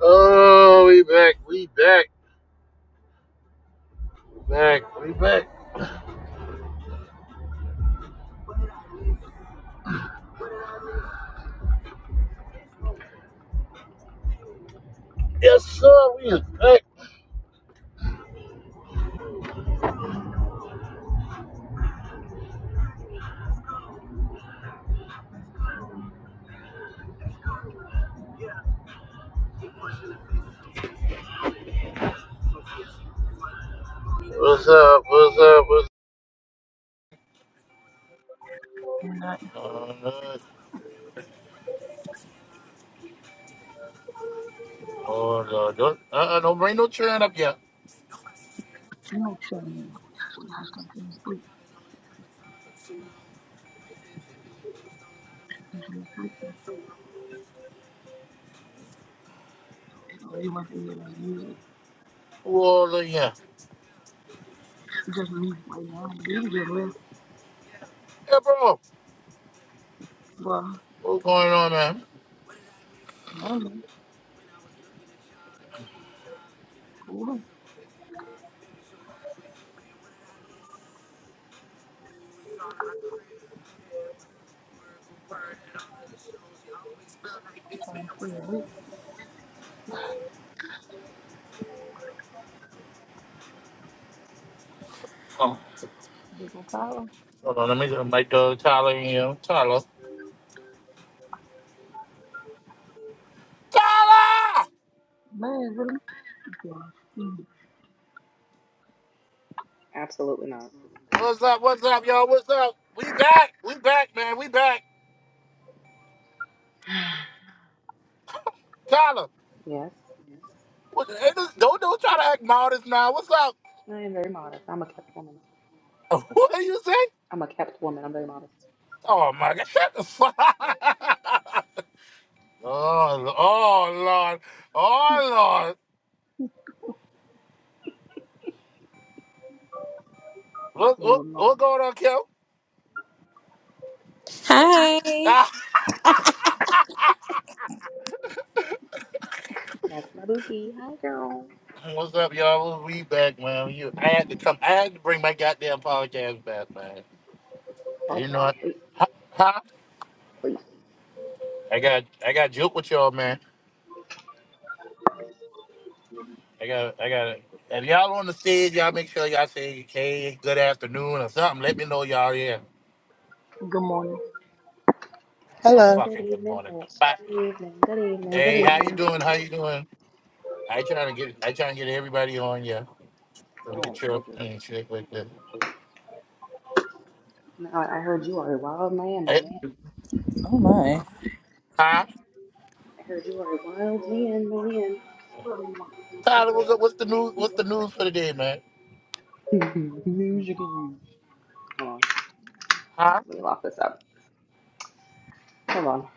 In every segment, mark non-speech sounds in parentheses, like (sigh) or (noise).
Oh, we back, we back, we back, we back. Yes, sir, we is back. What's up, what's up, what's That up? Oh, Lord, don't, uh-uh, don't bring no churn up yet. you know, shame. We just come to sleep. We should have sleep. No, he must be here music. Who all in here? It's just me right now. Baby just left. Hey, bro, But what's going on, man? man, cool. I'm trying to stay awake. Big old power. Hold on, let me get my dog Tyler in here. Tyler. Tyler! Man, really? God, Steve. Absolutely not. What's up, what's up, y'all, what's up? We back, we back, man, we back. (sighs) Tyler, Yes, what, hey, this- don't, don't try to act modest now. What's up? I am very modest. I'm a kept woman. (laughs) What do you say? I'm a kept woman. I'm very modest. Oh my God! Shut the fuck. (laughs) oh, oh Lord, oh Lord. What Oh what no. what going on, Kel? Hi. (laughs) That's my bookie. Hi, girl. What's up, y'all? We back, man. You, I had to come. I had to bring my goddamn podcast back, man. You know Podcast, what? please, Huh? please. I got I got joke with y'all, man. I got I got. If y'all on the stage, y'all make sure y'all say hey, good afternoon or something. Let me know y'all here. Good morning. So Hello. Good fucking good evening, morning. folks. Bye. Good evening. Good evening. Good Hey, how you evening. doing? How you doing? I try to get I try to get everybody on yeah, so we can cheer up and shit like that. No, I heard you are a wild man, my Hey, man. Oh my. huh? I heard you are a wild man, my man. Tyler, what's up? What's the news? What's the news for the day, man? (laughs) Huh? Let me lock this up. Hold on.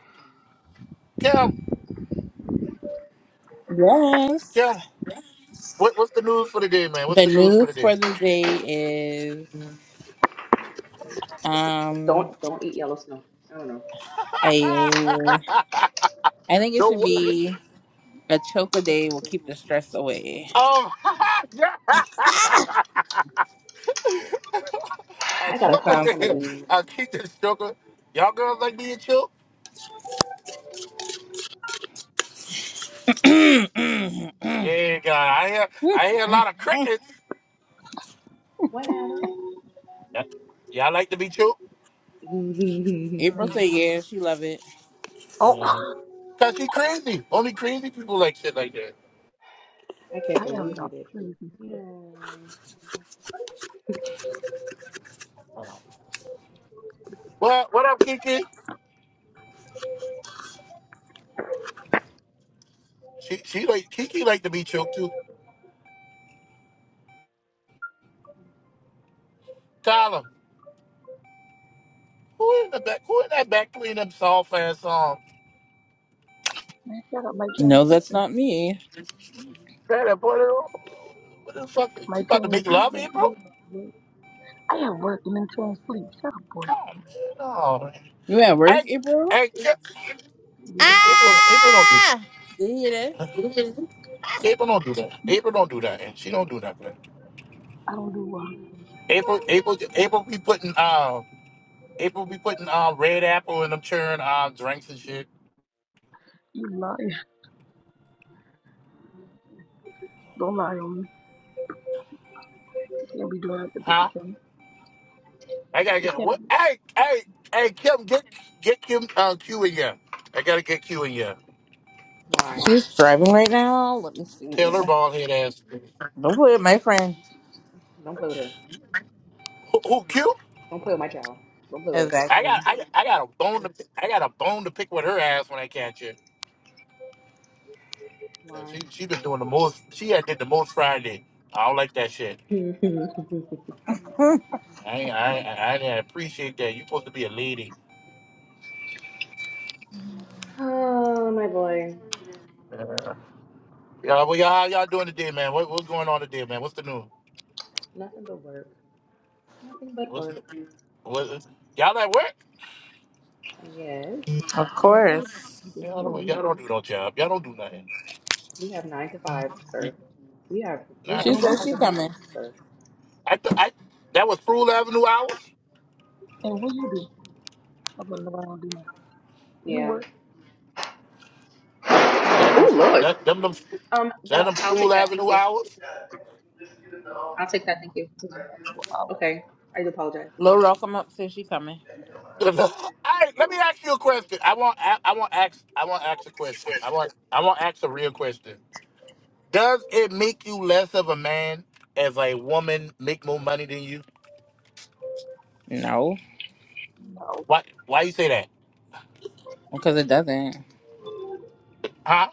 Kim, Yes. Kim, what, what's the news for the day, man? What's The the news for news the day? for the day is um Don't don't eat yellow snow. (laughs) a I think it no, should wo- be a choke a day will keep the stress away. um, (laughs) yeah. Let's see. I I gotta That choke a choker call sounds some of damn, good. these. I keep this choker. Y'all girls like being choked? (clears throat) Yeah, God, I hear I hear a lot of crickets. What? (laughs) I Yeah, Y'all like to be choked? April say yeah, she love it. Oh, (laughs) Mm. Cause she crazy. Only crazy people like shit like that. can't I am believe I not get you. crazy. sir. Yeah. Oh. Well, what up, Kiki? She she like Kiki like to be choked too. Tyler, who in the back? Who in that back playing them soft ass songs? Man, shut up. My child's No, that's sleeping. not me. Girl, what the fuck? My She about to child's make love, sleeping. Yeah, April? yeah. I am working and trying to sleep. Shut up, boy. Come on, man. No, man. You at work, I, April? I, yeah. Yeah, April, April don't do. Ah See you hear April don't do that. April don't do that. And she don't do that. Man. I don't do well. April, April, April be putting uh, April be putting uh, red apple in them churn uh drinks and shit. You lie. Don't lie on me. Can't be doing that to Huh? people, can I gotta It get can what? be Hey, hey, hey, Kim, get get Kim uh, Q in here. I gotta get Q in here. Why? She's driving right now. Let me see. Taylor bald head ass. Don't play with my friend. Don't play with her. Who, who Q? Don't play with my child. Don't play with her. I Exactly. (laughs) got I, I got a bone to pick- I got a bone to pick with her ass when I catch her. 'Cause Why? She she been doing the most. She had did the most Friday. I don't like that shit. (laughs) Hmm, I ain't- I I, I didn't appreciate that. You supposed to be a lady. oh, my boy. Yeah. Y'all, well, y'all, how y'all doing today, man? What, what's going on today, man? What's the news? Nothing but work. Nothing but What's, work. what's y'all at work? And yes, of in way course. you can Y'all say don't, y'all it. don't do no job. Y'all don't do nothing. we have nine to fives, sir. We have we Nine to She have And five. says what nine she you to do, coming. fives, sir. I, th- I that was Sproul Avenue hours. and what you do, I'm going to around doing that. You Yeah. work, Yeah, I do. Oh Lord. That them them Spru- Um, that that, them I'll take Sproul that. Thank Avenue you. hours. I'll take but that. you Thank you. have no hours. Okay. I do apologize. Lil Rock come up since she coming. (laughs) All right, let me ask you a question. I want I, I want ask I want ask a question. I want I want ask a real question. Does it make you less of a man if a woman make more money than you? No, No. Why why you say that? because it doesn't. Huh?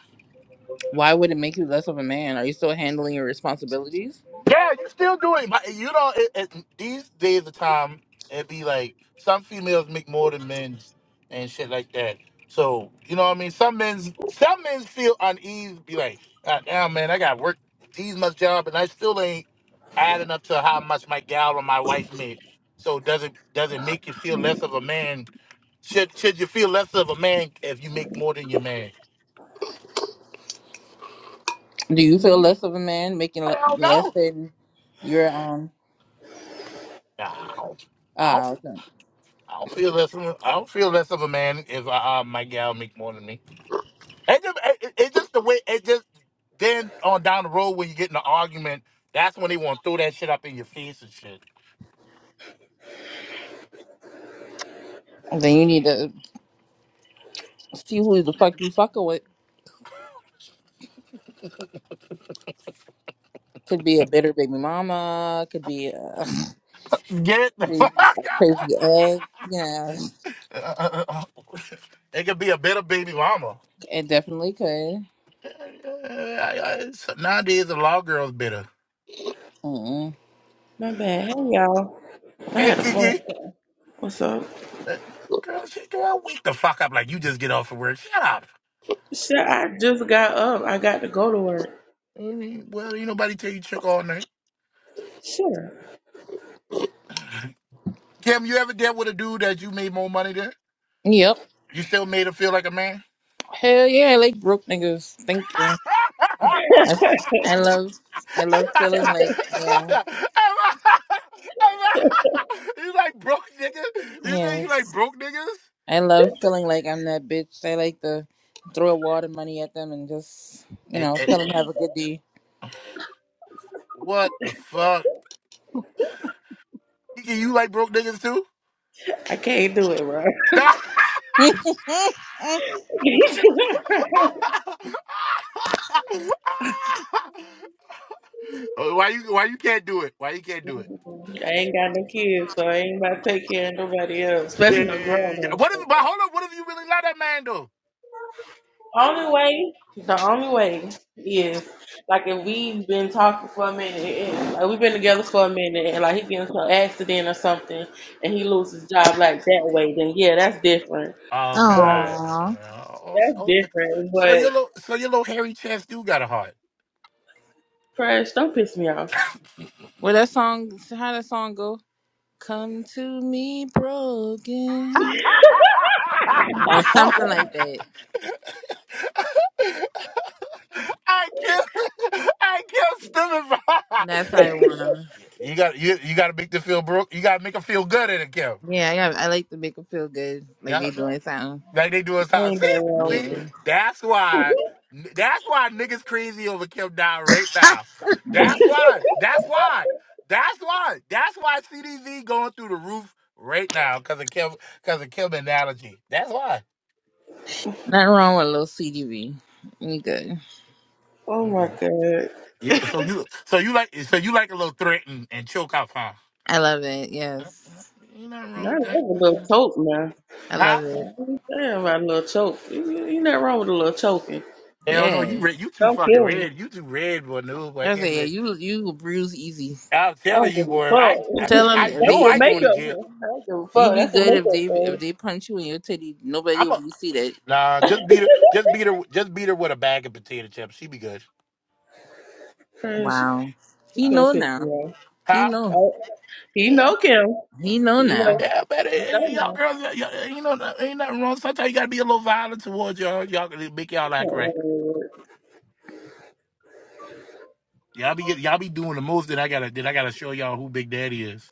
Why would it make you less of a man? Are you still handling your responsibilities? Yeah, you still do it. Like, You know, it, it, these days of time, it'd be like some females make more than men's and shit like that. So you know what I mean? Some men's some men's feel uneasy, be like, God damn man, I got work these much job and I still ain't adding up to how much my gal or my wife made. So does it does it make you feel less of a man? Should should you feel less of a man if you make more than your man? Do you feel less of a man, making le- Hell less no. than your um? Nah, I Ah, don't. okay. I don't feel less. Of, a- I don't feel less of a man if I, uh, my gal make more than me. It just, it, it- it's just the way. It just then on down the road when you get in an argument, that's when they want to throw that shit up in your face and shit. then you need to see who the fuck you fucking with. Could be a bitter baby mama. Could be a Get (laughs) the fuck crazy, a out. crazy (laughs) egg. Yeah, Uh, uh, uh, (laughs) It could be a bitter baby mama. it definitely could. (laughs) Uh, uh, uh, Nowadays, a lot of girls bitter. mm My bad. Hey y'all. I Hey, had a phone Kiki. call. What's up? Uh, Girl, she, girl, wake the fuck up like you just get off of work. Shut up. Shit, I just got up. I got to go to work. Well, ain't nobody tell you trick all night. Sure. Kim, you ever dealt with a dude that you made more money than? Yep. You still made him feel like a man? Hell yeah, like broke niggas. Thank you. (laughs) I, I love, I love feeling like yeah. you like broke niggas? You say you Yes. like broke niggas? I love feeling like I'm that bitch. I like to throw a wad of money at them and just, you And, know, and tell them have a good day. what the fuck? You, you like broke niggas too? I can't do it, bro. (laughs) (laughs) Oh, why you why you can't do it? Why you can't do it? (laughs) I ain't got no kids, so I ain't about to take care of nobody else, Yeah. especially no grown What if ups. but hold on, what if you really love that man though? Only way, the only way is like if we've been talking for a minute, and, like we've been together for a minute, and like he gets into an accident or something, and he loses his job like that way, then yeah, that's different. Oh, okay, all but. right. Aww. Uh, oh, so, That's oh, different, so your but little, so your little hairy chest do got a heart. Crash, don't piss me off. Well, that song, how that song go? Come to me broken. (laughs) I Or something like that. (laughs) I killed, I killed That's how stupid. (laughs) I want them. You got, you, you got to make them feel broke. You got to make them feel good in it, Kim. Yeah, I, got, I like to make them feel good, like Yeah. they doing something. Like they doing something. ain't See, nothing wrong see, with Yeah. that's why. That's why niggas crazy over Kim Down right (laughs) now. it. That's (laughs) why. That's why. That's why. That's why CDZ going through the roof right now because of Kim. Because of Kim analogy. That's why. Nothing wrong with a little CDB. You good. Oh my god. Mhm. I Yeah, so you, so you like, so you like a little threaten and and choke up, huh? I love it. Uh, uh, Yes. Ain't nothing wrong with love that, a little choke now. I huh? love it. Damn, I little choke. You, you you nothing wrong with a little choking. Hell no, Yeah. you red, you too Don't fucking kill me. red, you too red, boy. No, boy, I I can't say do yeah, that. you you bruise easy. I'm I telling don't you, give a boy, fuck. I, I, Tell them I (laughs) if they That's know what I if going to they makeup jail. is. I don't give a you fuck. be That's what good if they if makeup they punch you in your titty, nobody will be see that. Nah, is. just beat her. Just beat her. Just beat her with a bag of potato chips. She be good. (laughs) Crash, Wow, you he gonna know piss me now. off. He Huh? know. Oh, he Yeah, know Kim. He know You now. know. yeah, but eh, You know eh, y'all now. girls, y- y- you know, no, ain't nothing wrong. Sometimes you gotta be a little violent towards y'all. Y'all gotta make y'all Nothing act wrong right. with it. Y'all be get, y'all be doing the most that I gotta that I gotta show y'all who Big Daddy is.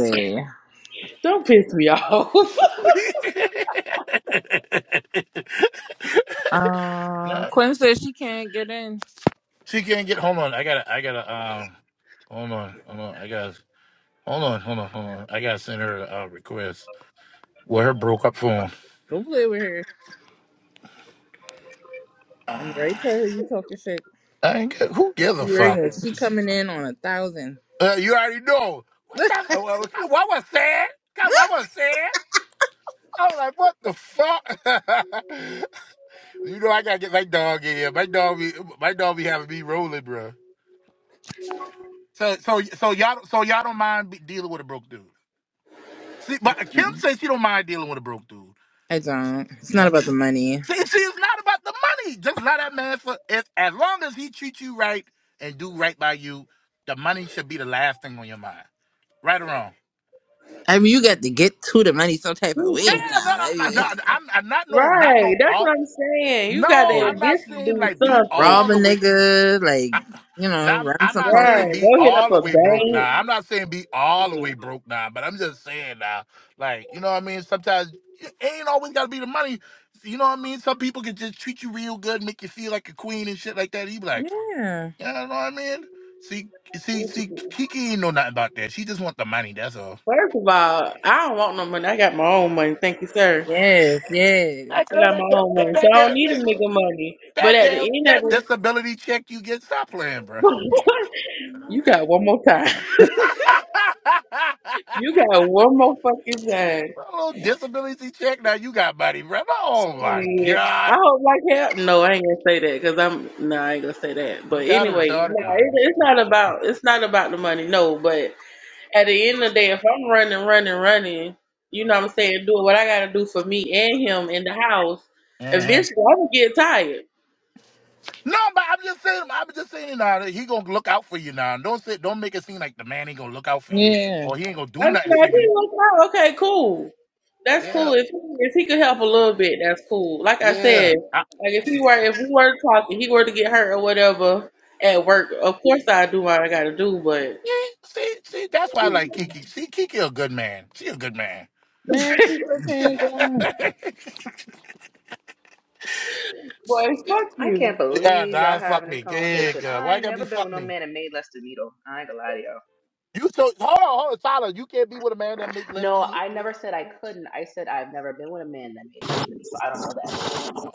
(clears throat) Don't piss me off. (laughs) right. (laughs) uh, no, Quinn says she can't get in. she can't get. Hold on, I gotta, I gotta. Um, hold on, hold on, I gotta. Hold on, hold on, hold on. I gotta send her a uh, request. Well, her broke up phone. Don't play with her. I'm right to her. You talking shit. I ain't get, who gives She a fuck? worrying. She coming in on a thousand. Uh, you already know. What (laughs) the hell? What was said? God, What was said? I was like, what the fuck? (laughs) you know, I gotta get my dog in here. My dog be, my dog be having me rolling, bro. So, so, so y'all, so y'all don't mind be dealing with a broke dude. See, but Kim Mm, says she don't mind dealing with a broke dude. I don't. It's not Yeah. about See, the money. see, see, it's not about the money. Just allow that man for as, as long as he treats you right and do right by you. The money should be the last thing on your mind, right or wrong. I mean, you got to get to the money some type of way Yeah, I'm not, now. I'm I not, I'm, I'm not no, not no That's what all. I'm saying. You got to No, mean, I'm not admit to saying do like be something. all rob a the way. nigga, like I, you know, I'm, run I'm some not pockets. saying Right. Go be hit up all the a way broke bank. now. I'm not saying be all the and- way broke now, but I'm just saying now, like you know what I mean. Sometimes it ain't always got to be the money. You know what I mean. Some people can just treat you real good, make you feel like a queen and shit like that. You be like, Yeah. yeah, you know what I mean. See, see, see, Kiki ain't know nothing about that. She just want the money. That's all. First of all, I don't want no money. I got my own money. Thank you, sir. Yes. Yes. That I girl, got that my girl, own money. So that I don't girl, need a that, nigga money. But That at the damn end that of disability check you get. Stop playing, bro. (laughs) the (laughs) you (sighs) got No. one more time. (laughs) You got one more fucking time. A little disability check now you got, buddy, bro. Oh my Shit. I god, hope like hell. No, I ain't gonna say that because I'm no, I ain't gonna say that. you But got a anyway, no, retarded. Nah, it, you- it's not about it's not about the money. No, but at the end of the day, if I'm running, running, running, you know what I'm saying, doing what I gotta do for me and him in the house, Mhm. eventually I'm gonna get tired. No, but I'm just saying. I'm just saying. Now that he gonna look out for you. Now don't say. Don't make it seem like the man ain't gonna look out for you Yeah. or he ain't gonna I do nothing mean, for I did you. work out. Okay, cool. That's Yeah, cool. If he, if he could help a little bit, that's cool. Like I yeah. said, I- like if he were if we were talking, he were to get hurt or whatever at work. Of course, I do what I gotta do, but. yeah, see, see, that's (laughs) why I like Kiki. See, Kiki a good man. She a good man. Man, people can't get on. (laughs) Boy, fuck I you. can't Yeah, believe y'all nah, fuck having this me. Good, conversation. good. Why I you ain't gotta be never been fuck with no me? man that made less than me though. I ain't gonna lie to y'all. You so hold on, hold on, Tyler. You can't be with a man that make less No, than you. I never said I couldn't. I said I've never been with a man that made less than me, so I don't know that. Oh,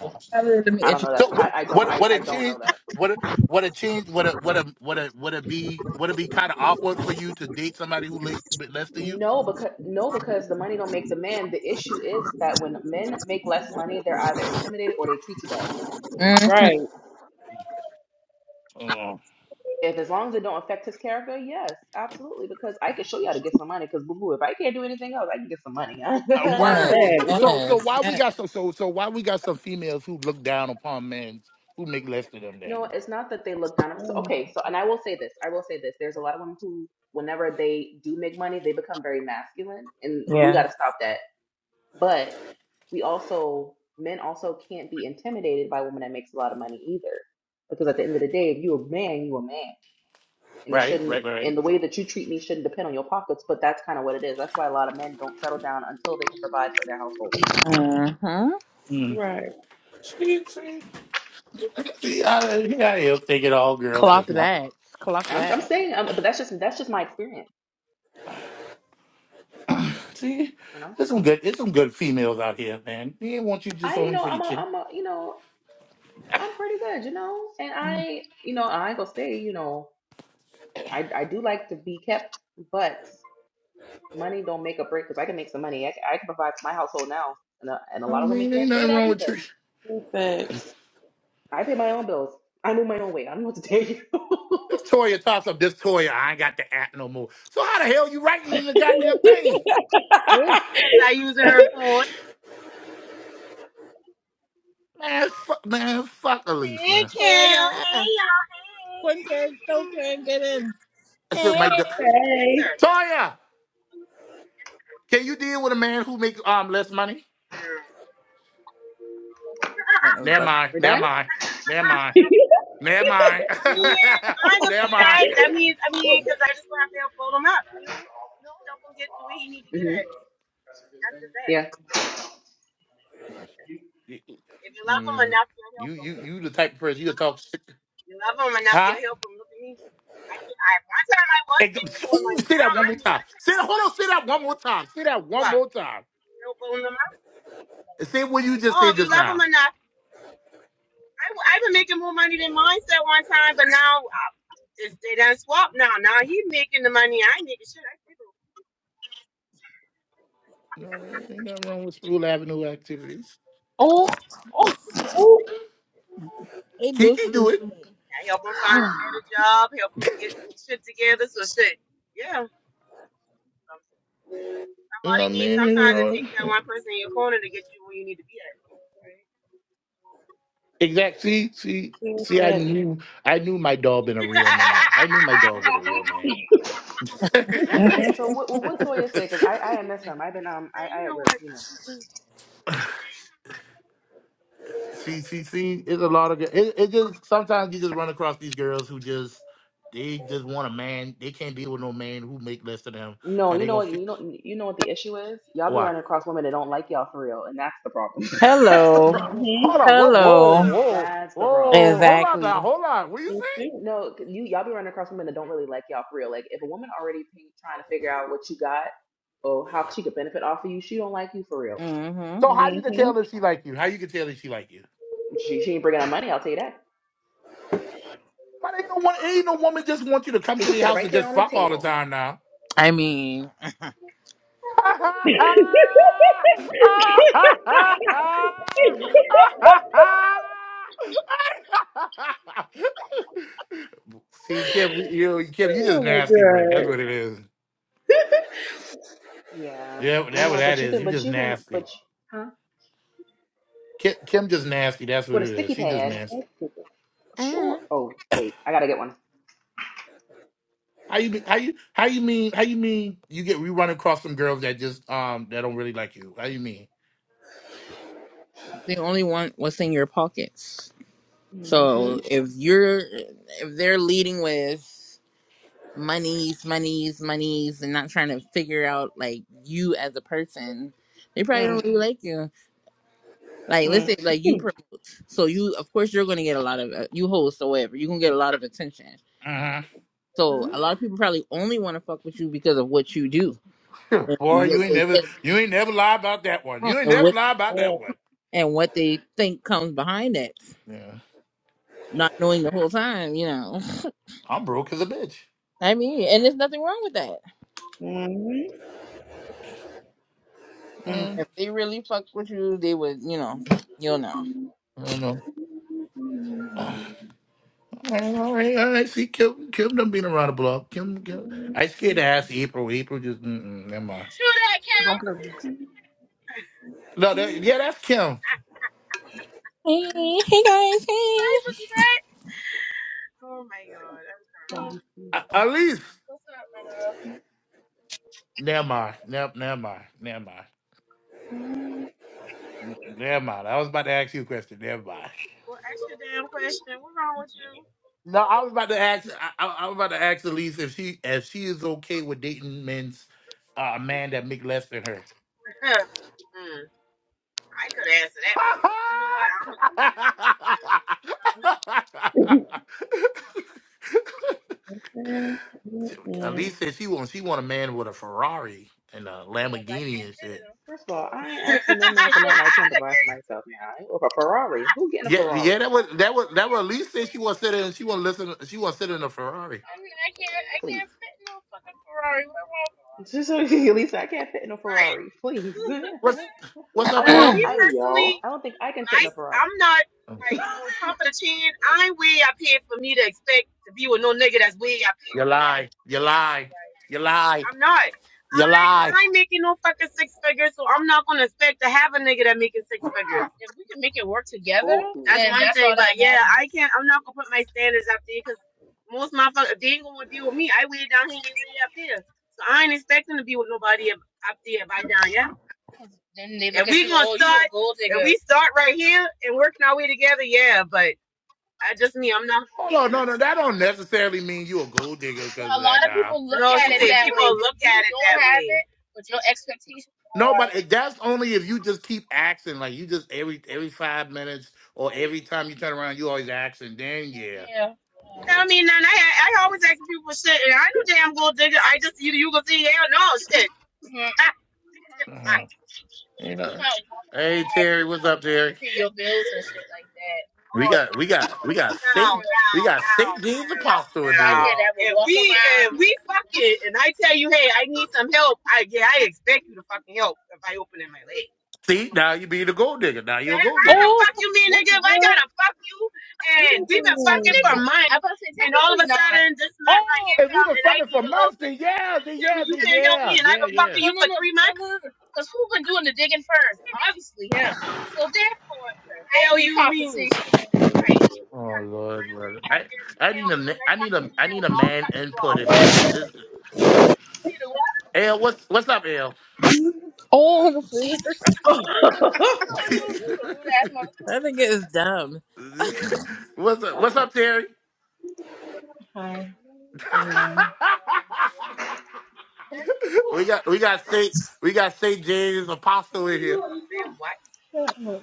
oh. I really let me I don't introduce. know that. So sh- I, what? I don't. What? I, What I it don't change? know that. What? it- What it change? What? It, what? It, what? It, would it be? Would it be kind of awkward for you to date somebody who make bit less than you? No, because no, because the money don't make the man. The issue is, is that when men make less money, they're either intimidated or they treat you bad. Mm-hmm. Right. Mm. If as long as it don't affect his character, yes, absolutely. Because I can show you how to get some money. Because boo boo, if I can't do anything else, I can get some money. (laughs) I A can Yes. hold word. That. you. So so Yes. why we Yes. got some? So so why we got some females who look down upon men who make less than them? No, Then it's not that they look down. on us. So Mm, okay, so and I will say this, I will say this. There's a lot of women who, whenever they do make money, they become very masculine, and we got Yeah. to stop that. But we also, men also can't be intimidated by a woman that makes a lot of money either, because at the end of the day, if you a man, you a man, and it right, shouldn't. right, right. right. And the way that you treat me shouldn't depend on your pockets. But that's kind of what it is. That's why a lot of men don't settle down until they can provide for their household. Uh huh. Mm. Right. See, see, see, I, I, I don't think it all girls Clock just want. that. Clock I'm, I'm that. saying, um, but that's just that's just my experience. See, You know, there's some good there's some good females out here, man. They ain't want you I just you only know for I'm your a chick. I'm a you know. I'm pretty good, you know. And I, you know, I ain't gonna say, you know, I I do like to be kept, but money don't make a break because I can make some money. I, can- I can provide for my household now, and a, and a I lot of women mean, ain't can't say nothing that wrong with either. you. True facts. I pay my own bills. I move my own way. I don't know what to tell you. (laughs) This Toya toss up this Toya. I ain't got the app no more. So how the hell you writing in the goddamn (laughs) thing? Oh. because I using her phone. Man, fuck man, fuck Elise, Hey, man. Kim. Oh yeah. Hey, y'all. Hey. One can still can't get in. I said Hey. my du- Yes, hey. sir. Toya, can you deal with a man who makes um less money? Mm. I That was Never like, mind, We're never done. mind, never mind, never mind, No. mean, I ain't (laughs) gonna never say mind. that. (laughs) That means, I mean, because I just gonna have to help fold him up. You know, you know, help him get to where he need to get hmm at. That's just that. Yeah. If you love him Mm, enough, you'll help you him. you you the type of person you talk shit, You love him enough, huh? you'll help him. Look at me. I, I one time I was And, taking more ooh, money. say Now that one I more need. to. time. Say that. Hold on. Say that one more time. Say that one Well, more time. help fold him up. And say what you just Oh, said if you just love him now. enough. I, w- I was making more money than mine at one time, but now uh, it's, they done swapped now. Now he making the money, I making shit. I, think No, man, ain't nothing wrong with Sproul Avenue activities. oh. Oh. Ooh. Hey, do. Kiki do it. (laughs) I help him find a better job, help him get shit together. So shit, yeah. Some- you know what Somebody I needs. mean? Ain't nothing Sometimes it takes that wrong. one person in your corner to get you where you need to be at. Right. Exactly. See, see, True see. I facts. knew, I knew my dog been a real man. I knew my What dog been a (laughs) happened? real man. (laughs) (laughs) Mhm. So what? Well, what Toya say? Because I I am him. I've been um Man, I you I at know work, what? you know. see, see, see. It's a lot of. girls. It, it just sometimes you just run across these girls who just. They just want a man. They can't deal with no man who make less than them. No, Cause you they know gonna what? fi- You know, you know what the issue is. Y'all be why? running across women that don't like y'all for real, and that's the problem. (laughs) That's the Hello. problem. Mm-hmm. Hold on. Whoa, whoa, Hello. whoa, That's the problem. whoa. Hold on now. Exactly. Hold on. What you You say? too. No, 'cause you y'all be running across women that don't really like y'all for real. Like if a woman already p- trying to figure out what you got or how she could benefit off of you, she don't like you for real. Mm-hmm. So how you can Mm-hmm. tell if she like you? How you can tell if she like you? She she ain't bringing out money. I'll tell you that. But ain't no one, ain't no woman just want you to come She to can their sit it house right and there just on the fuck all the table. time now. I mean, (laughs) hmm (laughs) See, Kim, you you- Kim, you just oh my nasty, bro. god. That's what it is. Yeah, Yeah, No, that what that but you is. can, You but just you can, nasty. but you- huh? Kim, Kim just nasty. That's what With a it is. sticky She just pad, nasty. That's stupid. eh, sure. Oh wait, I gotta get one. How you be, how you how you mean how you mean you get you run across some girls that just um that don't really like you? How you mean? they only want what's in your pockets. Mm-hmm. So if you're, if they're leading with monies, monies, monies, and not trying to figure out like you as a person, they probably don't Mm, really like you. Like let's mm, say like you promote, so you of course you're gonna get a lot of uh, you host or whatever. You're gonna get a lot of attention. Mm-hmm. So a lot of people probably only want to fuck with you because of what you do and (laughs) Boy, what you ain't they mm. never think you ain't never lie about that one. You ain't and never what lie about that Mm, one. and what they think comes behind that. Yeah, not knowing the whole time, you know. (laughs) I'm broke as a bitch. I mean, and there's nothing wrong with that. mm, mm, mm, mm, mm, Uh, If they really fuck with you, they would, you know, you'll know. I don't know. (sighs) Uh, all right, all right, all right. See, Kim, Kim done been around the block. Kim, Kim. I scared to ask April. April just, mm-mm, never mind. True that, Cam. don't play with me. No, that, yeah, that's Kim. I, Hey, hey guys, I hey. took that. Oh my god, I'm crying. Don't be A- scared. At least, What's up, my dog? never mind. Never, never mind. Never mind. Ne- Never mind. I was about to ask you a question. Never mind. Well, ask your damn question. What's wrong with you? No, I was about to ask. I, I, I was about to ask Elise if she if she is okay with dating men's uh, a man that make less than her. (laughs) Mm. I could answer that for you, but you know what? I'm gonna do it. (laughs) mm, mm. Elise said she want she want a man with a Ferrari and a Because I Lamborghini can't and fit in shit. them. First of So. all, I ain't (laughs) asking no man for nothing I I can't provide for myself now. I ain't- Or a Ferrari. Who getting a Yeah, Ferrari? yeah, that was that was that was Elise said she want to sit in she want to listen she want to sit in a Ferrari. mean, I can't, I Please. can't fit in no fucking Ferrari. (laughs) Ferrari? Just so at least I can't fit in a Right. Ferrari. Please. Well, (laughs) What's what's I up, don't Mhm. think L? me I Hey y'all. personally, I don't think I can fit in a nice. Ferrari. I'm not like (laughs) on top of the chain. I ain't way up here for me to expect to be with no nigga that's way up here. You Right. lie, you lie, you lie, I'm not. you I, lie. I ain't making no fucking six figures, so I'm not gonna expect to have a nigga that making six figures. Okay. I can't. I'm not gonna put my standards up there because most motherfuckers, if they ain't gonna deal with me, I way down here, they way up there. So I ain't expecting to be with nobody up, up there by down. Yeah, we start right here and working our way together. Yeah, but I just me. I'm not. Hold on, no, no, that don't necessarily mean you a gold digger because of that. Now, no, but it, that's only if you just keep asking, like you just every every five minutes or every time you turn around, you always asking. Then yeah, I mean, none. I I always ask people for shit, and I know damn gold digger. I just you you gonna see hell no shit. (laughs) oh uh, you know. Hey Terry, what's up, Terry? We got we got we got no Saint no we got Saint no. James Apostle in the room. If we fuck it, and I tell you, hey, I need some help. I yeah, I expect you to fucking help if I open in my leg. See, now you be the gold digger. Now you're a gold (clears throat) How the digger. oh, fuck you mean, What the nigga? If I hell? gotta fuck you and we been fucking Ooh. mine, and this night right Oh, here if we come were and I fucking need for a little months, then sister, yeah, you then tell me yeah, you then can't help yeah, me and I yeah, can fuck yeah. Hell right. Oh Lord, Lord. I Goddamn, you I can need help a me ma- when I I need fucking a me I need up. a I'll man fuck you input off. in this. Is L what's what's up L? oh, the flea. (laughs) (laughs) That nigga is dumb. what's up what's up Terry? Hi, everyone. Man, (laughs) we got we got Saint we got Saint James Apostle in here. Yeah, what? A look,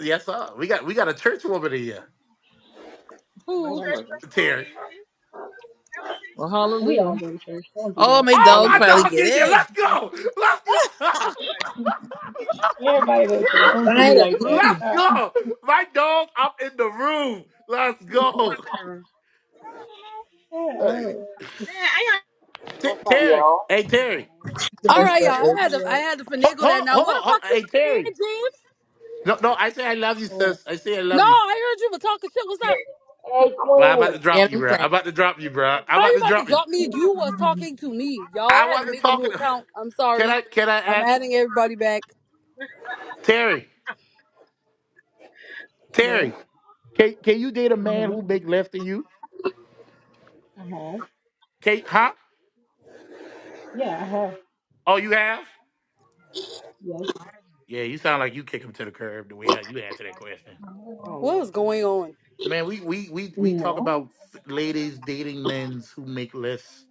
Yes sir. We got we got a church woman in here. Lord Who? have trash mercy. person on here, Terry. you see? Let me see. Well, we all hallelujah. go to church. Don't do Oh, that. my Oh All of dog my us finally go to dog get in here. church. in. Let's go. Let's go. Man, what's going Everybody go to church. Don't do me (laughs) like that. Finally. Let's Stop. go. My dog up in the room. Let's on up go. in the room? I don't know. Shut up. Man, I T- What's up, Terry, y'all? hey Wow. Terry, All right, y'all. I had to, What? I had to Ho- finagle hold that. on, Now, hold what on, the hold fuck on, you hey were saying, Terry. James? No, no, I say I love you, What? sis. I say I No, love you. I heard you were talking shit. What's up? Hey, Well, I'm about to Queen. drop Get you, in, bro. Fran. I'm about to drop you, bro. I'm How about you to about to drop you. drop me? You was talking to me, y'all. I I had want to to make a talk. new To- account. I'm (laughs) can sorry. I? Can I I'm ask adding everybody back. Terry? Yes. Terry, can can you date a Uh man huh. who make less than you? I have. Kate, huh? Yeah, I have. Oh, you have? Yes. Yeah, you sound like you kick him to the curb the way how you answer that question. I'm Oh What is Lord Jesus. going on? Man, we we we we talk No. about ladies dating men who make ain't less. (laughs)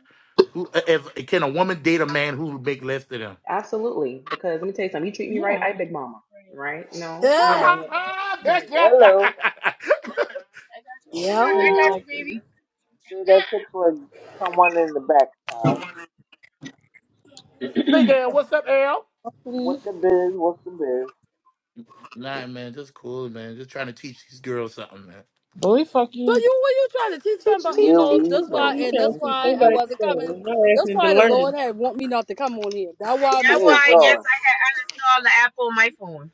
Who if can a woman date a man who make less than them? Absolutely. Because let me tell you something, you treat me right, Yeah. I big mama. Right? (laughs) No. Yeah, Ha Right. ha That's Right. right. Hello. yeah. Exactly. Say that shit for someone in the backside. (laughs) (clears throat) Big Al, what's up, Al? Please. What the biz? What's the biz? Nah, man, just cool, man. Just trying to teach these girls something, man. Boy, fuck you, So you were you trying to teach Teach, something about? You teach, Here know, teach we who that's what? why, go. you and Don't that's can't don't you see piss why me I somebody off man. wasn't say, coming. no That's asking to why the learn. Lord had want me not to come on here. That's why my That's why Yay, stuff I wouldn't guess work. God. I had uninstalled the app on my phone.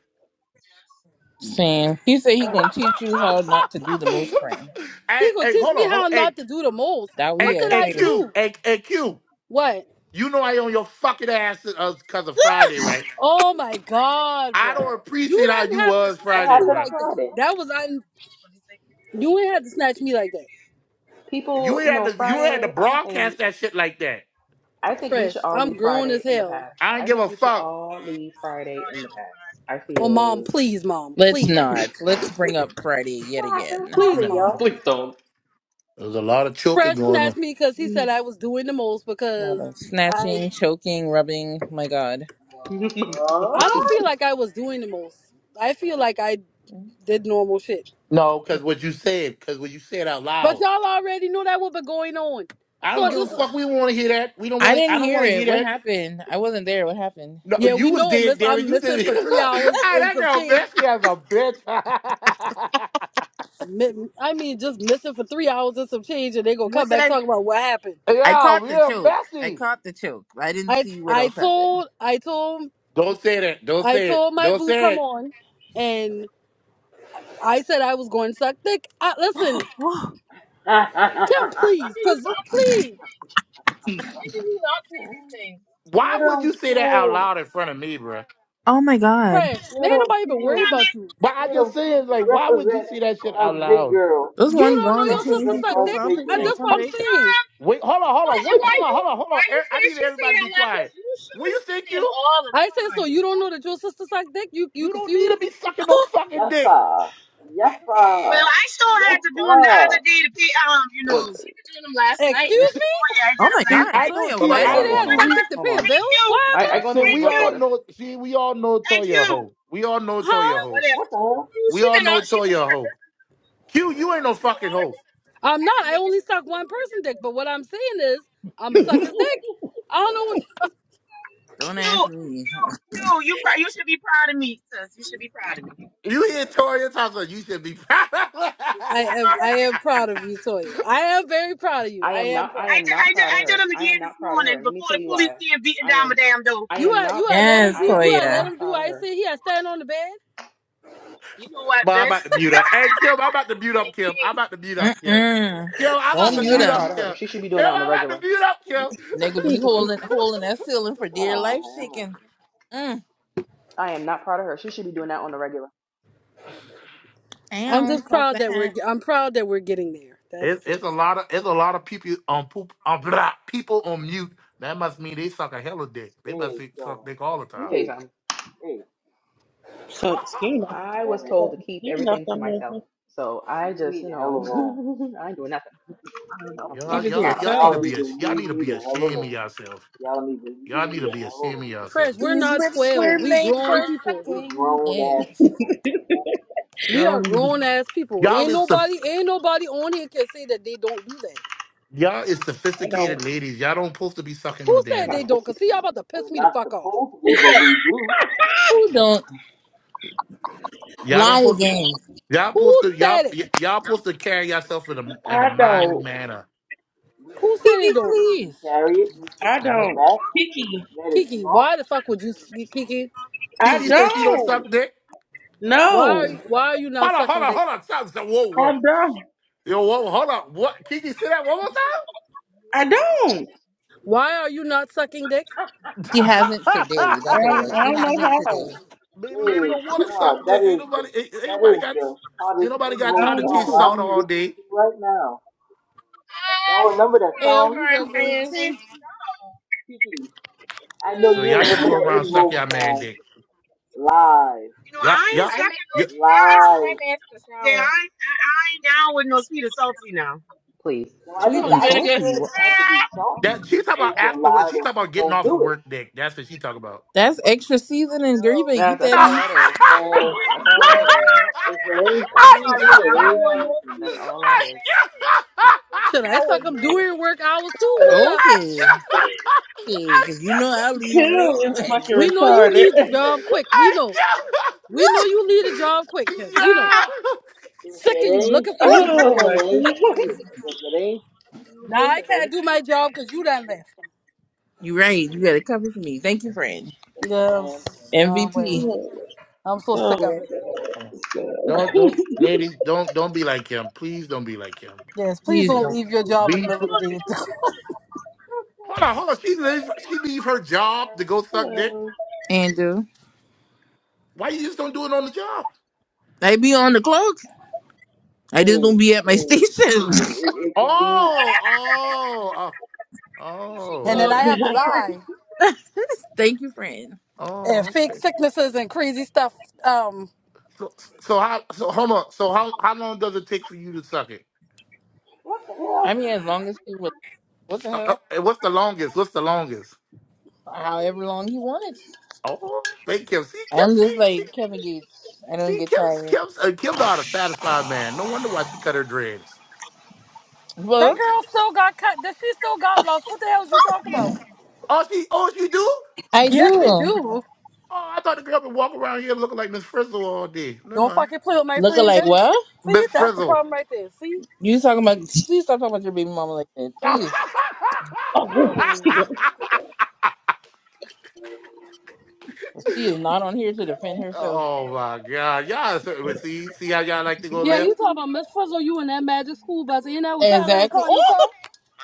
Sam. He said he gonna teach you how not to do the most, (laughs) Fran. He hey, gonna hey, teach hold me on, hold how on. Hey, not to do the most. That we What hey, did are hey, I saying. do? Q, hey, hey, Q. What? You know I own your fucking ass uh, cause of Friday, right? Oh my God, I bruh. don't You appreciate how didn't you have to was What snatch Friday, me happened bro. like that. Friday? That was I. You ain't had to snatch me like that. You People, you ain't had know, to, you ain't had to Friday, I don't think broadcast that shit like that. I think we should Fresh, all I'm leave grown as Friday in the hell. past. I don't I give think a we should fuck. all leave Friday in the past. I Oh, mom, feel please, mom, Let's please, not. Let's bring up Friday yet What happened again. please, Nah. Friday, mom. y'all? There Please don't. was a lot of choking Fresh going on. snatched me (laughs) because he well, said I was doing the most A lot because of I snatching, choking, rubbing. My God. I don't What? feel like I was doing the most. I feel like I did normal shit. No, cause what you said, cause what you said out But loud. y'all already knew that what been going on. I don't So Oh, give a this, damn. (laughs) fuck. We don't want to hear that. We don't I want to. didn't I don't hear want to it. hear What that. happened? I wasn't there. What happened? No, yeah, you we was know. dead, Miss, Derek. I'm You missing did for three it. (laughs) hours Ah, and that some girl change. messy as a bitch. (laughs) mi- I mean, just missing for three hours and some change, and they gonna come What did back I? talking about what happened. I yeah, caught the we're choke. I messy. caught the choke. I didn't I see what I else happened. told I told Don't say that. Don't I say it. told my Don't boo come say on, and I said I was going to suck dick. I, listen, (gasps) Kim, please, cause please, it. Get (laughs) Why would you 'em say that out killed. loud in front of me, bruh? Oh my God. fresh. Get Ain't 'em nobody even worried killed. about you. But I Get 'em just saying, killed. like, why would you Represent say that for shit us out big loud? girls. Those You one don't know gone and your sister change your Represent suck for us dick. profile big I, picture and girls. that's come what I'm back. saying. Wait, hold on, hold on, wait, hold on, hold on, hold on. Er- I need everybody to be quiet. Will you think you? I said so. You don't know that your sister suck dick. You you You don't need to confused. be sucking (gasps) no fucking Yes, dick. sir. Yes, sir. I still had Yes, to do them the sir. other day to pay. Um, you know, (laughs) Excuse See, me. oh yeah, I did Oh them my last see, God, I night. don't Toya, it's a see. Somebody what? said lot I they going had see. What's suck on. We dick that? to pay Hold a on. Thank bill. you, What I, happened? I going through So these thank we work you, all orders. know. See, we all know thank Toya a you. hoe. We all know Oh Huh? Toya a well, hoe. whatever. What the hell? We all know Toya a hoe. Q, you ain't no fucking hoe. I'm not. I only suck one person dick. But what I'm saying is, I'm gonna suck his (laughs) dick. I don't know what. Don't Q, ask me. Q, Q, you pr- you should be proud of me, sis. You should be proud of me. You You hear Toya talking? You should be proud. (laughs) (laughs) I did am. all I that shit am this week. proud of you, Toya. I am very proud of you. I I am am not. I I proud. am did, I not did, proud of I did her. them I again am this not proud of her. morning And let me before tell the you police why. came beating I down my am. damn door. I You am are. You not. are. Let him Yes, I do. You am are. Let Toya. not him do. proud what of I her. say he. I stand on the bed. You know what, but I'm bitch? about to mute (laughs) up. Hey, Kim, I'm about to mute up, Kim. I'm about to mute up, Kim. Mm-mm. Kim, I'm I about Don't to am mute mute not him. proud up, of her. Kim. She should be Kim, doing that on the I'm about regular. to mute up, Kim. Nigga be (laughs) holding holding that ceiling for dear Oh, life hammer. shaking. Mm. I am not proud of her. She should be doing that on the regular. I'm Down, just clock proud that we're. that. I'm proud that we're getting there. it, That's it's it. a lot of it's a lot of people on poop on blah, people on mute. That must mean they suck a hell of dick. They There must you suck go. dick all the Let me time. tell you Hey, something. hey, So skin (laughs) off. I damn was it. told so to keep skin off. everything to some of myself. this. So I Leave just, me you the hell know, alone. (laughs) I ain't doing nothing. No, no, Y'all, Keep it to y'all, no, no. y'all need yourselves. to Y'all be need a, to y'all leave need to me be the hell ashamed of alone. yourself. Y'all need to leave Y'all need me to the be ashamed of hell alone. yourself. Fresh. We're These not lips twelve. were We made for grown people. We sucking. grown ass. Yes. We Y'all are don't need to be. grown ass people. Y'all Ain't is the nobody. Ain't nobody on here can say that they don't do that. y'all is I sophisticated don't. ladies. Y'all don't supposed to be sucking Who no I said damn they gotta dick. don't? post Cause this see, y'all payment, about to piss We're me the not fuck off. supposed to be, Who but said it? we do. Who don't Y'all don't lie supposed to. again? Y'all supposed Who to said y'all it? y- y'all supposed to carry yourself in a in a I manly don't. manner. We Who can, said they Kiki, don't? we can please. carry it. We can I bring Y'all don't- it don't. back. We Picky. can let it Kiki, drop. why the fuck would you Kiki? I Kiki Kiki, says she don't don't. suck dick. why are No. you why are you not Hold on, hold sucking on, dick? hold on. Stop, stop. Whoa, I whoa, don't. yo, whoa, hold on. What Kiki said that one I don't. I Why are you not sucking dick? more She hasn't today. That's what it don't, was. I She don't know hasn't time? (laughs) how. today. Baby, she Hey, don't want to suck God, that dick. Ain't is nobody, the ain't, ain't that nobody is got, the ain't hottest nobody got I invoke time don't to want song teach salt to. I'm all listening day. to right now. Y'all remember that Hell, song? you got Kiki, going Yeah, yeah. on. you Kiki. I know So you y'all just remember go that around suck invoke y'all man song. dick. Live, know Yup, I ain't, yup. yup. I, live. ain't- I ain't down with no sweet and salty now. please. No, I Sweet didn't. and I didn't say salty. it Wha- had to be salty. That It she just talking about it's a afterwards. lie She that talking she about getting don't off of do it, work dick. That's what she talking about. That's extra seasoning. Girl, you better No, eat That's (laughs) that's that I all beef. that is. man. That's please. all that is. If it ain't I'm sorry. I season, can't. it ain't was season. I sweet That's and can't. all that salty I is. that can't. your your Should I towel suck is them Mm-hmm. ready. during work hours too? Towel. What's up? Okay. I Because you know can't. I'll leave Kill You're real not (laughs) is trying to quick. tell fucking me. We know you retarded. leave the job quick. We I know. can't. We know you leave the We job quick, Kim. (laughs) We know. Yeah. If Sick of it you ain't looking (laughs) for you. season, oh my it ain't season. If it ain't season, Nah, I it can't ain't do my season. job because you done left. you right. You got to cover for me. Thank you, friend. That's a Yeah. damn thing. Nah, MVP. whatever. god. I'm (laughs) so sick of Oh my it. god. Don't don't ladies, don't don't be like him. Please don't be like him. Yes, please Please Would- don't don't. leave your job in the Be middle of the on the day. (laughs) phone. hold on, hold on. She leave she leave her job to go suck dick. Hello. Andrew. Why you just don't do it on the job? I be on the clock. I just don't Hey, be at my hey, station. it can it, it can be Oh, oh, oh, oh, and then I okay. (laughs) have to lie (laughs) Thank you, friend. and Oh, fake okay. sicknesses and crazy stuff. Um, So so how so hold on. So how how long does it take for you to suck it? what the I hell? mean, as All long as Right? he was. okay, what the Uh, uh, hell? and what's I the can do longest? What's the longest? However long he wanted. Oh, they Kim. See Kim. I'm just See see like Kevin Gates. I don't see get Kim. tired. Kim. Uh, Kim not a satisfied man. No wonder why she cut her dreads. That Well, girl still got cut. That she still got lost. What the hell is you talking about? Oh, she, oh, she do? Oh, I Yes, we do. do. I thought the girl could walk around here looking like Miss Frizzle all day. Never Don't mind. fucking play with my Looking friend. like That- what? see, Miss that's the Frizzle. problem right there. See? You talking about? Please stop talking about your baby mama like that. (laughs) Please. Oh, (laughs) that's She is not on here to defend herself. oh my God, y'all so- well, see see how y'all like to go Yeah, you left. talking about Miss Frizzle, you in that magic school bus, and that was Tyler and Exactly. call your Oh, car? (laughs)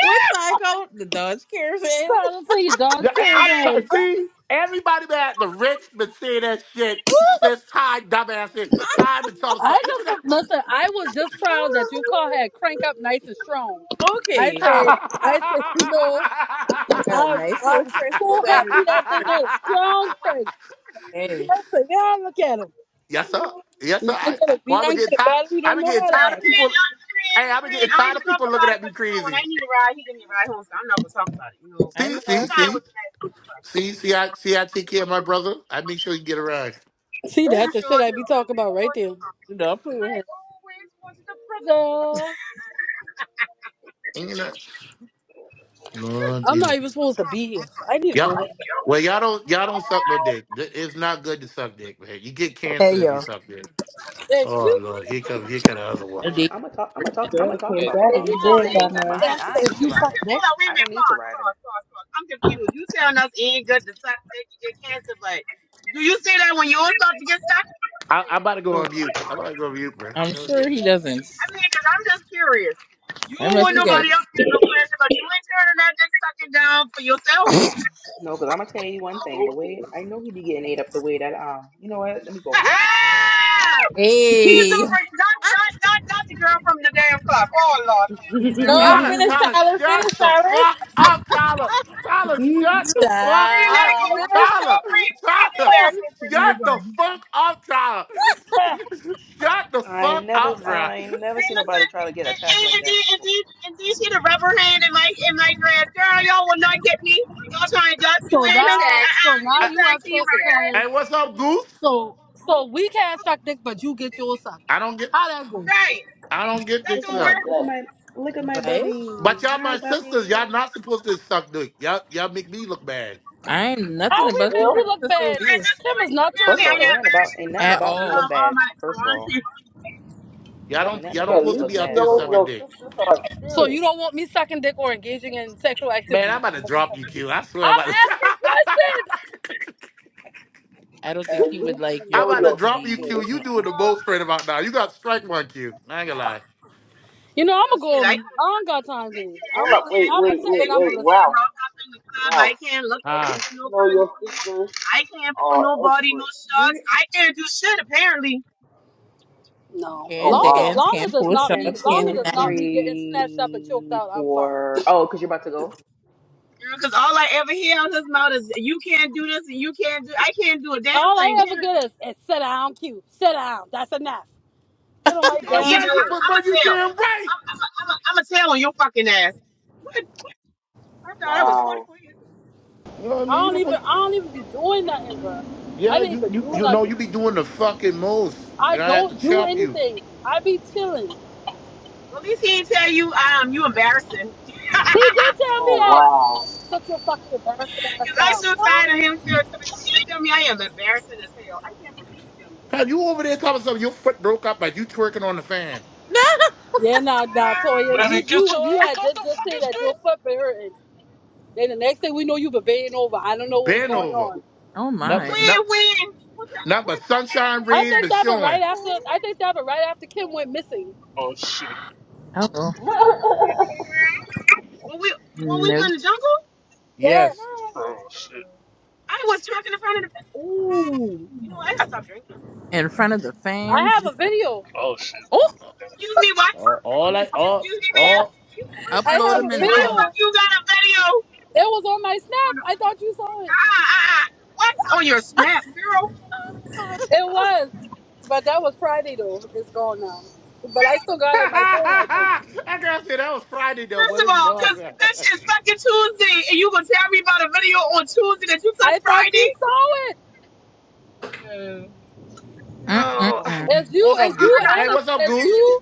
what psycho? The Dodge Caravan. Trying to see your Dodge Yeah, I- I'm that. sorry. Caravan. See, everybody that the rich been saying that shit since Ty dumbass shit. Ty been telling us so I ain't you just, listen, I was just proud that your (laughs) car had crank up nice and strong. Well, I okay. said, I said, you know, I got a I'm, nice I'm little crystal little so battery. happy that thing had a strong got crank. (laughs) Hey, I said, yeah, look at him. Yes, sir. Yes, He sir. didn't I, get a, I, he well, I've been didn't getting get a tired. battery, I've don't been know getting how to Fred, tired act. of people. I- Fred, Hey, I've been Fred, I getting ain't tired of gonna talk people looking about it at me because you know when I crazy. need a ride, he give me a ride home, so I'm not gonna talk about it. You know, I See, I, know. I'm see, that's fine right. see, with that. see, see. I, see, I take care of my brother. I make sure you get around. (laughs) You See sure Oh, that the shit I do. be talking You about right sure there. do. Dude, I'll play with her. You know, Lord I'm not Jesus. even supposed to be here. I need to go. Yep. home. Well, y'all don't, Man, y'all don't suck no dick. Th- It's not good to suck dick, man. You get cancer Hey if you yo. suck dick. Oh Excuse me. Lord, here come, here come the other one. I No, date. I'm gonna talk. I'm her. gonna talk. I'm gonna the talk case. about the car If I'd you be because let Oh, just me it dead say tell you by ain't good. To, something. I now. ain't, Santa, I ain't if need to you hold- ride I'm in fuck it. confused. Hold next on, wait a I minute. don't need to Pause, ride in it. pause, pause, pause. I'm confused. You telling us it ain't good to suck dick to get cancer, but do you say that when you was about to get stuck? I, I'm about to go on mute. I'm about to go on mute, I'm sure bro. he doesn't. I mean, i I'm just curious. You I don't must want have He's, got nobody he's else getting no pleasure, but you ain't turning that dick sucking down for yourself. no, because I'm gonna tell you one thing. The way Okay, I know he be getting ate up the way that um, you know what? Let me go. (laughs) please Hey, don't bring not not not not the girl from the damn club. Oh Lord, please see now we no, about to Tyler, see. finish (laughs) Tyler, Tyler, shut finish the Tyler, fuck up, Tyler. Tyler, shut the fuck Please let it up. go. child. No, finish. no, Tyler, free, free, no Tyler, (laughs) embarrassment for shut the everybody. fuck up, Tyler. so Shut the I fuck ain't never, up, bro. I ain't never Hey, seen nobody listen. try to get And, and, attacked like and, that then, and, before. then, and then see the rubber hand in my in my dress, girl. Y'all will not get me. Y'all trying to you now, so uh, you now know I, you tag team upset right? because Hey, what's up, Goose? so so we can't suck dick, but you get your suck. I don't get, How that go? Right, I don't get That Look dick at don't work. my, sucked. look at my, exactly. look at my Tyler. What? bubby. Well, But y'all, Hi, my sisters, bubby. y'all not supposed to suck dick. Y'all, y'all make me look bad. I ain't How nothing What the we about make your hell? you fucking look sister you with bad? know, at you this Kim point, is not your apparently First of I all, ain't sister, got nothing about, embarrassed you ain't for nothing the at about for, me all. um look all bad. my so I First of don't all. care. Y'all Not, Ain't don't, nothing y'all you, don't about at me supposed to least look be you out bad there for know sucking one. your dick. sisters are so you experienced. don't want me sucking dick or engaging in sexual Man, activity. is I'm about to what you're drop you, saying. Q. I swear, I'm I'm about asking questions. to. (laughs) I don't think At he would least like you your I'm know about throat to your to be. drop you, You Q. sisters. You know, doing the Uh, most right about now. You got strike one, Q. I ain't gonna lie. You know, I'ma well, go shit, on I me. I don't got time today. I'ma Hold I up, just, wait, can't I'ma suck wait, sit wait, and dick. I'ma wait, I listen. can't Wow, rock up in the club. I wow. can't look at At Ah, least people you no know kind of your way. sisters I can't pull are nobody no experts. shots. We're I can't do shit apparently. No, Oh can't long as wow, dance, long as can't it's pull not ten, me, shots, long can't as do two, it's not nothing. me getting snatched up and choked three, out, I'm fine. four. Oh, because you're about to go? Because all I ever hear out his mouth is you can't do this and you can't do I can't do a damn All thing, I ever period. get is, is sit down, cute, sit down. That's enough. Get on You my Or damn damn either right. You nerves. I'm put, bro. I'ma You tell. damn right. I'm I'm a, I'm a, I'm gonna tell on your fucking ass. What? I thought I was forty wow, four years old. You know what I I mean? You don't don't. That's how even want- you I treat me. don't even be doing nothing, bruh. I Yeah, didn't you even you do you know nothing. you be doing the fucking most, I and I had to don't do chop you. anything. I be chilling. Well at least he didn't tell you um you embarrassing. He did tell (laughs) me oh Lord, that. wow. Shut your fucking embarrassing ass Cause I'm down. so Huh? tired of him still. to He tell me I am embarrassing as hell. I can't believe he tell me that. Cause you over there talking something. Your foot broke up, but you twerking on the fan. Yeah, now, now, Toya, Lenny, you, get you, your you ass had off to the just say fucking that street! your foot been hurting. Then the next thing we know, you were baying over. I don't know what was Bend going over. on. Oh Not but my! When not when what the, not what but sunshine I rays, think but that happened showing. right after. I think that happened right after Kim went Fancy. missing. Oh shit, Oh (laughs) when we when we was no! in the jungle? Yes, Yes. No. oh shit, I was talking in front of the. Ooh. You know what? I gotta stop drinking. In front of the I fans. have a video. oh shit. Oh, Excuse me, what? All, all I all Excuse me, ma'am. all. I upload have a them in the comment. video. Fuck you got a video on It was on my snap. the, I thought you saw ah it. ah ah. What's on your snap, girl? It was, but that was Friday though. It's gone now. But I still (laughs) got it in my phone. I think. I gotta say that was Friday though, First but of it's all, cause gone. bitch it's fucking Tuesday, and you gonna tell me about a video on Tuesday that you took I thought Friday? you saw it. No. (laughs) Mm-mm-mm. Mm-mm. As (laughs) you, what's I, as up, I, Goose? you, I got Hey, and as, what's up, third as Goose? you,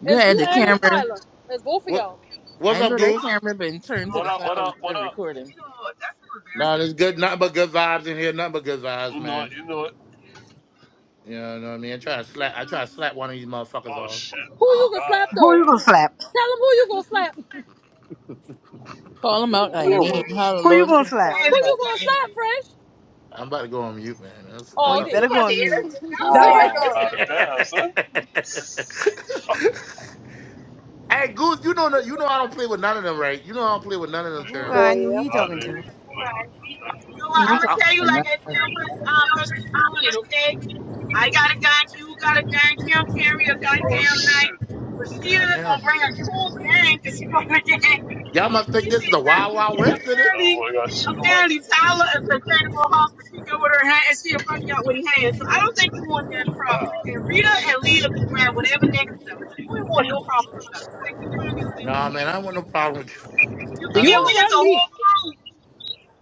You as had you, the and as camera. Tyler, as both of What y'all. what's I up, know that Goose? oh, camera been turned oh to What the my up, side. what god. We've up, what been up? recording. You know what? That's so Nah, embarrassing it's as good. hell. Nothing but good vibes in here. Nothing but good vibes, You know it, man. you know it. You know what I mean? I try to slap. I try to slap one of these Man, motherfuckers Oh off. shit. Who you gonna Ah slap though? damn. Tell them who you gonna slap. Call them what out by year name. was it? How the Lord can call Who them let me by you gonna tell slap, name. you. Fresh? I'm about to go on mute, man. That's Oh, Oh, that's you up. (laughs) okay. hey, better go on mute. That's what I Wow. thought. Ah damn, son. Fuck. Goose, you know that- you know I don't play with none of them, right? You know I don't play with none of them, turn Who Oh right? I knew he yeah. Ah, talking to? hey. You know what? You I'm I, talking gonna I, tell you like about I tell Fr- uh, first this morning, okay? I got a guy, you got a guy, Kim carry a Oh goddamn shit. night. But she God gonna damn, bring a whole gang 'cause she part of the gang. (laughs) y'all must think You this see, is the Wild Wild West, is it? Oh apparently, boy, I gotta shoot him up. apparently Tyler is a incredible hawk, but she go with her hand and she'll fuck you out with her hands. So I don't think you want that problem. Ah. And Rita and Leah can grab whatever next to them. So you ain't want no problems with us. Like, keep your hand to yourself. Nah, man, I don't want no problem with you. You I You don't forget want we don't no is run a me. whole crew.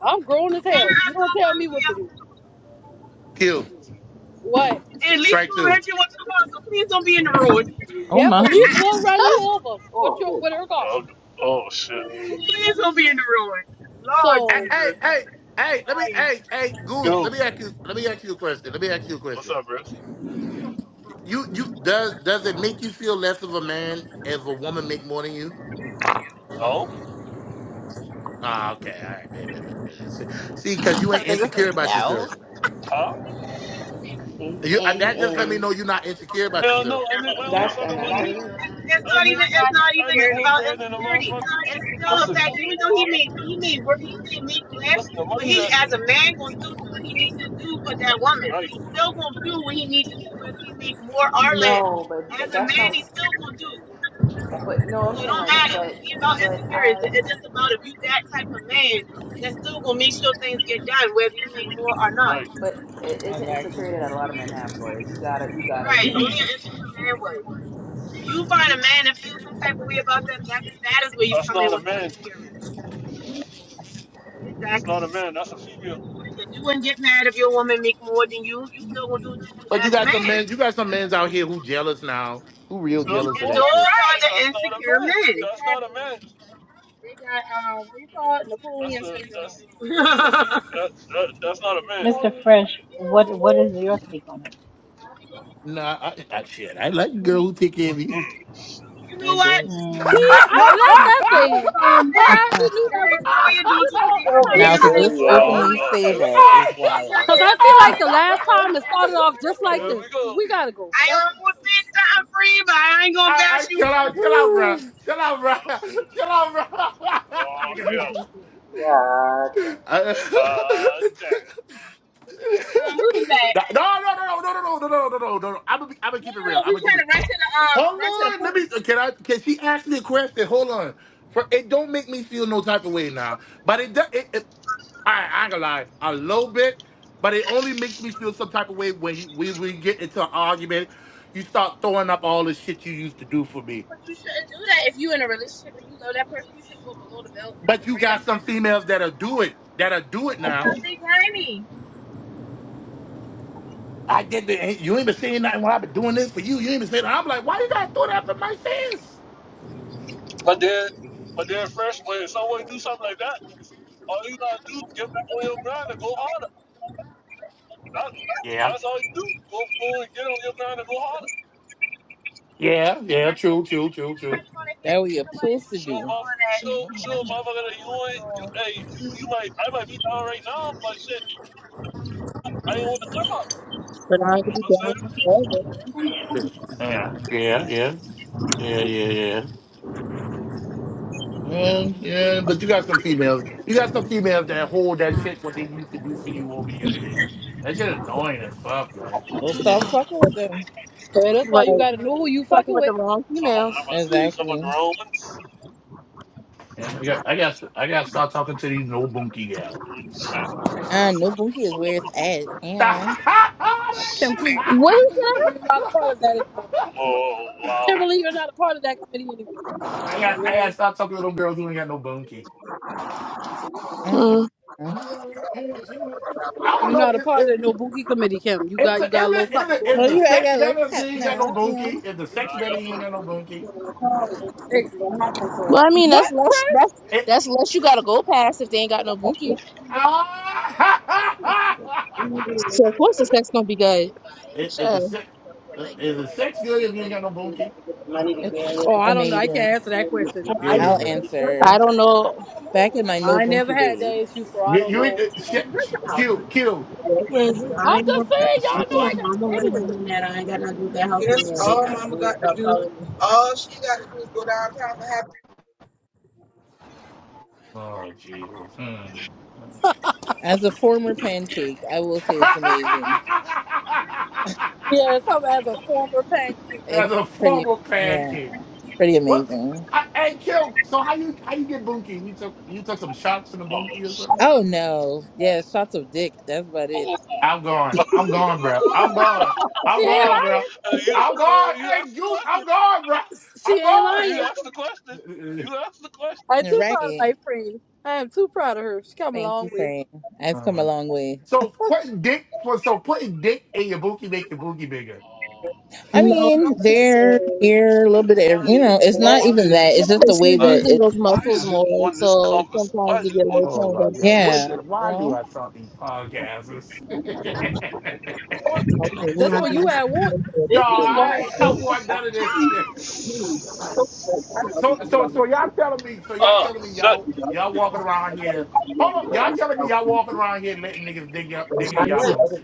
I'm grown as None hell. of You us so don't tell fuck me what to here. do. kill. What? And at least Strike we'll two. hit you with the car, so please don't be in the road. Oh Yep, my. Elise (laughs) will run you over Oh with your shit. with her car. Oh, oh shit. Please don't be in the road. Lord Hey, So hey, Jesus. hey, hey, let me, hey, hey, Goose, Yo, let me ask you, let me ask you a question. Let me ask you a what's question. up, Rich? You, you, does, does it make you feel less of a man if a woman make more than you? Oh? Ah, okay, all right, baby, baby, baby. See, see, cause you ain't Nigga insecure said about no. yourself. Huh? And, You uh, and, that just let me and. know you're not insecure about Hell no, yourself. I make my own That's, and fucking And that's money. what he it just- is. it's, it's not I even make I make more about bread than a insecurity motherfucker. and still a fact, Listen, even though he may he may work he may make less, listen, the but money he that. as a man gonna still do what he needs to do for that woman. Right, He's still gonna do what he needs to do, whether he make more or less. No, but th- As a that's man, not, he's still gonna do. but no, I'm So it saying don't like, matter. but, He about but insecurity. It's as, it's just about if you that type of man that's still gonna make sure things get done, whether you make more or not. right. but it is an Exactly. insecurity that a lot of men have, for Toya. You gotta, you gotta Right. admit Only that. an insecure man would. If you find a man that feels some type of way about that, that that is where you That's come in not a with the man. insecure man. It's not Exactly. a man. That's a female. Because you wouldn't get mad if your woman make more than you. You still gonna do what you do But you as a got some man. men, you got some men's out here who jealous now, who real That's jealous And of that what? shit. they're That's not a insecure man. men. That's not a man. That's a that's (laughs) that's a female. That, that, that's not a man. Mr. Fresh, what what is your take on Nah, I, I shit, I like a girl who take care of me. you I know what? do. it? I see, I, no I, that's comment. that No thing. Cause comment. I Mhm. already knew that Damn, was coming. Toya, You don't you Shut know, see it's a your time to Now big damn go. to thing, just belly Toya? Oh Why openly ass you Lord, say here we Toya? that go. is Don't see wild. Cause I feel like the last nothing. time it started off just like Here this. we go. We gotta go. I That's almost said something free, but I ain't gonna bash I you chill in (sighs) front of out, chill Toya. out, bro. Whew. Chill out, bro. Oh shit. Chill out, bro. There we Oh go. Here we yeah. go. You gotta read. Yeah, (laughs) no, that's Ah damn. no, no, no, no, no, no, no, no, no, no, no. I'm gonna, I'm gonna keep it real. I'm gonna keep it. Hold on, let me. Can I? Can she ask me a question? Hold on. For it don't make me feel no type of way now, but it does. It, it, I, I ain't gonna lie, a little bit, but it only makes me feel some type of way when he, we we get into an argument. You start throwing up all the shit you used to do for me, but you got some females that'll do it, that'll do it now. I did the, hey, you ain't been saying nothing when I've been doing this for you. You ain't been saying. I'm like, why you gotta throw that up in my face? But then, but then, fresh when someone do something like understandable. that, all you gotta do is get back on your grind and go harder. That, Yeah, that's all you do. Go go and get on your grind and go harder. yeah, yeah. True, true, true, true. Nobody hear. that what you're Nobody supposed to wanna Show a hear do. motherf all that. show, show motherfucker that you ain't, you, hey, you, you might, I might be down right now, but shit, I ain't on the come up. But I You ain't know gonna what be I'm down saying? to all this. Yeah, yeah, yeah, yeah, yeah. Man, yeah, but you got some females. You got some females that hold that shit what they used to do for you over your head. That shit annoying as fuck, man. Well stop fucking with them. enough. And that's why you Right. gotta know who you Fucking fucking with with. the wrong So I'm, females. gonna I'm gonna see some of the Exactly. Romans. Yeah, I got, I got, I got to start talking to these no bunky gals. Mm, Shit. I know Bunky is where it's at. (laughs) Ew. I, Kim, Shit. please, What is that? Kim, you're not a part of that anymore. Oh, wow. Kimberly, you're not a part of that committee anymore. I What? got, I got to Right. start talking to them girls who ain't got no bunky. Mm. I Mm-mm. don't You're know. not a Is, part is, of the no bookie committee, Kim. You is got the, you is, got a the, little is, something the, going is Well the you on. right, I sex got a little better if cup they ain't got no now. bunky? Ew. Is the sex I better if got you this. ain't got no bunky? Hey, Well, I mean, that's what, less. Chris? That's that's less you gotta go past if they ain't got no bunkies. (laughs) So of course the sex gonna be good. is, is Sure. the sex uh, is the sex good if you ain't got no booty? It's Oh, I don't know. I amazing. can't answer that question. You I ain't don't I'll even know. good. I answer. don't know. Back in my no I ain't never Bunky had days. that issue, so I You, don't you ain't know. uh, sh- sh- Q Q. Well, I I'm ain't gonna- just saying, I y'all know feel like I got. mama was Anyway, doing that. I ain't got nothing to do with that house. Yes, all mama got to do, all she got to do is go downtown and have. Oh Jesus. Hmm. As a former pancake, I will say (laughs) it's amazing. yeah, something as a former pancake. As It's a pretty formal yeah. pancake. Pretty What? amazing. I, hey kill. So how you how you get bunky? You took you took some shots in the bunky Oh, or shit. something? Oh no. Yeah, shots of dick. That's about it. Oh, I'm gone. oh. I'm gone, bro. (laughs) I'm gone. She I'm ain't gone, lying. bro. Hey, you I'm asked, the, gone. you Hey, asked the Goose, question. I'm gone, bro. She I'm ain't gone. Hey, you lying. asked the question. You (laughs) asked the question. I'm You're too proud of right. my friend. I am too proud of her. She come a Thank long you, way. Fran. I've come a Um, long way. so putting dick, so putting dick in your bookie make your bookie bigger. Oh, I No, shit. not mean, there, necessarily. here, a little And bit of you why? know, it's But not Exactly. even why? that. It's just the Because you're way that Like, using it's those why muscles is you more, on this so convers? sometimes Why you is you get a on little this Oh kind my god! What? yeah, conversation? The, you why do know? I start these podcasts? (laughs) What the That's what fuck? you had want. no, It's a squat I ain't, (laughs) I too. don't want none of this shit. So, so, so y'all telling me? So y'all Oh, telling me shut. y'all y'all walking around here? Hold on, y'all telling me y'all walking around here letting niggas dig y'all digging in y'all of yeah. boots?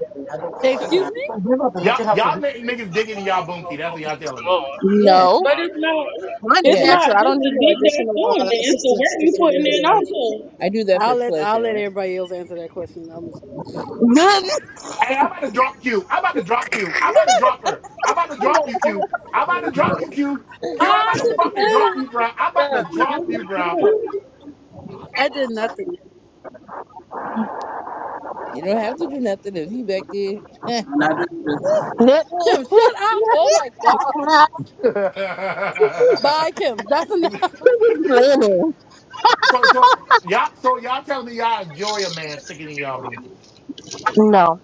Excuse me? probably Y'all, looking out for y'all you. letting niggas dig in y'all Oh bunkie. That's what y'all telling me. God. Yes, No, But My it's not God. mine is it's yes. not natural. I just don't need the no dick that's additional doing uh, it, it's the work assistance to you get away putting in with. also. I do that I'll for let I'll let pleasure. (sighs) everybody else answer that question. I'm just, (laughs) No, Hey, I'm about to drop Q. I'm about to drop Q. I'm about to drop her. I'm about to drop you, Q. I'm about to drop you, Q. Q, I'm I about to never fucking did Ah, drop you, bro. I'm about nothing. to bruh. drop you, bro. Yeah. I did nothing. you don't have to do nothing if he back there. Kim, shut up. Oh my God. (laughs) Bye, Kim. That's (laughs) enough. so, so y'all, so y'all telling me y'all enjoy a man sticking in y'all bunkies?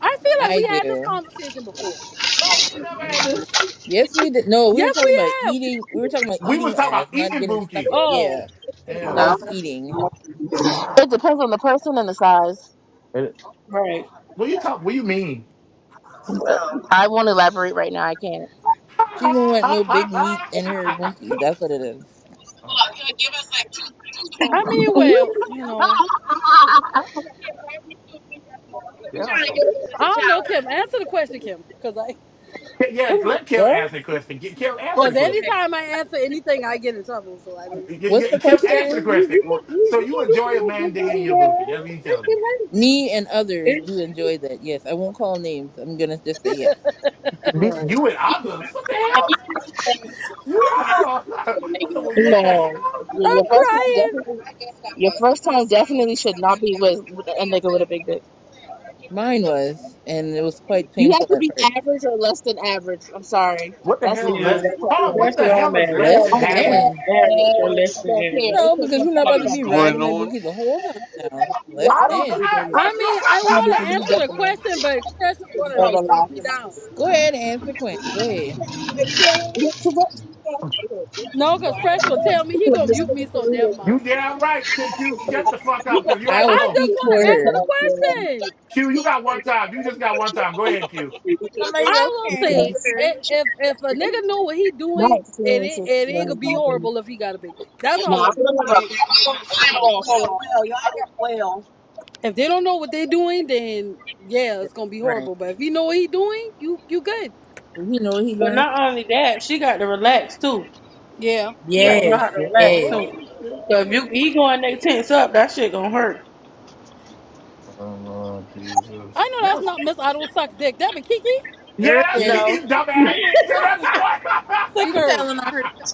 I (laughs) feel like I we had this do. conversation before. No, we ain't never had this. Yes, we did. No, we were Yes, talking we about have. eating. We were talking about We eating was talking ass, about not eating getting stuck bunkie. in. Oh, Yeah, Yeah. that was eating. it depends on the person and the size. And, Right. What you talk? What you mean? (laughs) She don't want no big meat in her bunkie. That's what it is. oh, I mean, well, you know, yeah, so I don't know, Kim. Answer the question, Kim, because I, Yeah, What is it? let Kev What? answer the question. Ke- Kev answer the because question. anytime I answer anything, I get in trouble. So I don't. What's the Ke- Ke- Kev answer the question? question. So you enjoy a man digging in your booty? No, That's what you telling me. Me and others It, do enjoy that. Yes, I won't call names. I'm gonna just say yes. Bitch, right. you and others? What the hell? You are. (laughs) What the, what the your hell? your I'm first time crying. definitely, first time definitely should not be with, with a nigga with a big dick. Mine was, and it was quite You have painful to at be first. average or less than average. I'm sorry, What the that's the hell is Yeah. only less? that's all Hold on. it What is. That's the where hell I'm at. is You less Less than gotta be Uh, average? than. aver- average or less What? than don't care. average. No, They take because we're it not What like about to is that. be going riding my on? bunkie the whole time now. Well, Less I I don't don't know. than. Hey, think I bro, mean, I want to answer the it is. question, but Fresh is My gonna drop me down. Go ahead and answer Quinn. Go ahead. No, because Fresh gonna tell me he gonna mute me, so never you, (laughs) mind. you damn right. Q, Q, shut the fuck up because you I already will I know. just speak want for to answer the her. question. Q, you got one time. You just got one time. Go ahead, Q. Somebody I else will can answer say for her. i- if if a nigga know what he doing, it ain't, experiences. it ain't Nah. gonna be horrible You're if he got a big dick. That's all I'm. out here. Well, If they don't know what they doing, then yeah, it's gonna be Right. horrible. But if you know what he doing, you you good. Does he know what he's But doing? not only that, she got to relax too. Yeah, She got Oh, to know Yes. how to shit. relax Yes. too. Oh, shit. So if Oh. you he going they tense up, that shit gonna hurt. Oh, Lord I Jesus. know that's Yes. not Miss. I don't suck dick. That be Kiki Yeah, Her that's yes. No. (laughs) Kiki, you dumbass. Sit on the soil. (laughs) She's sicker. telling on herself.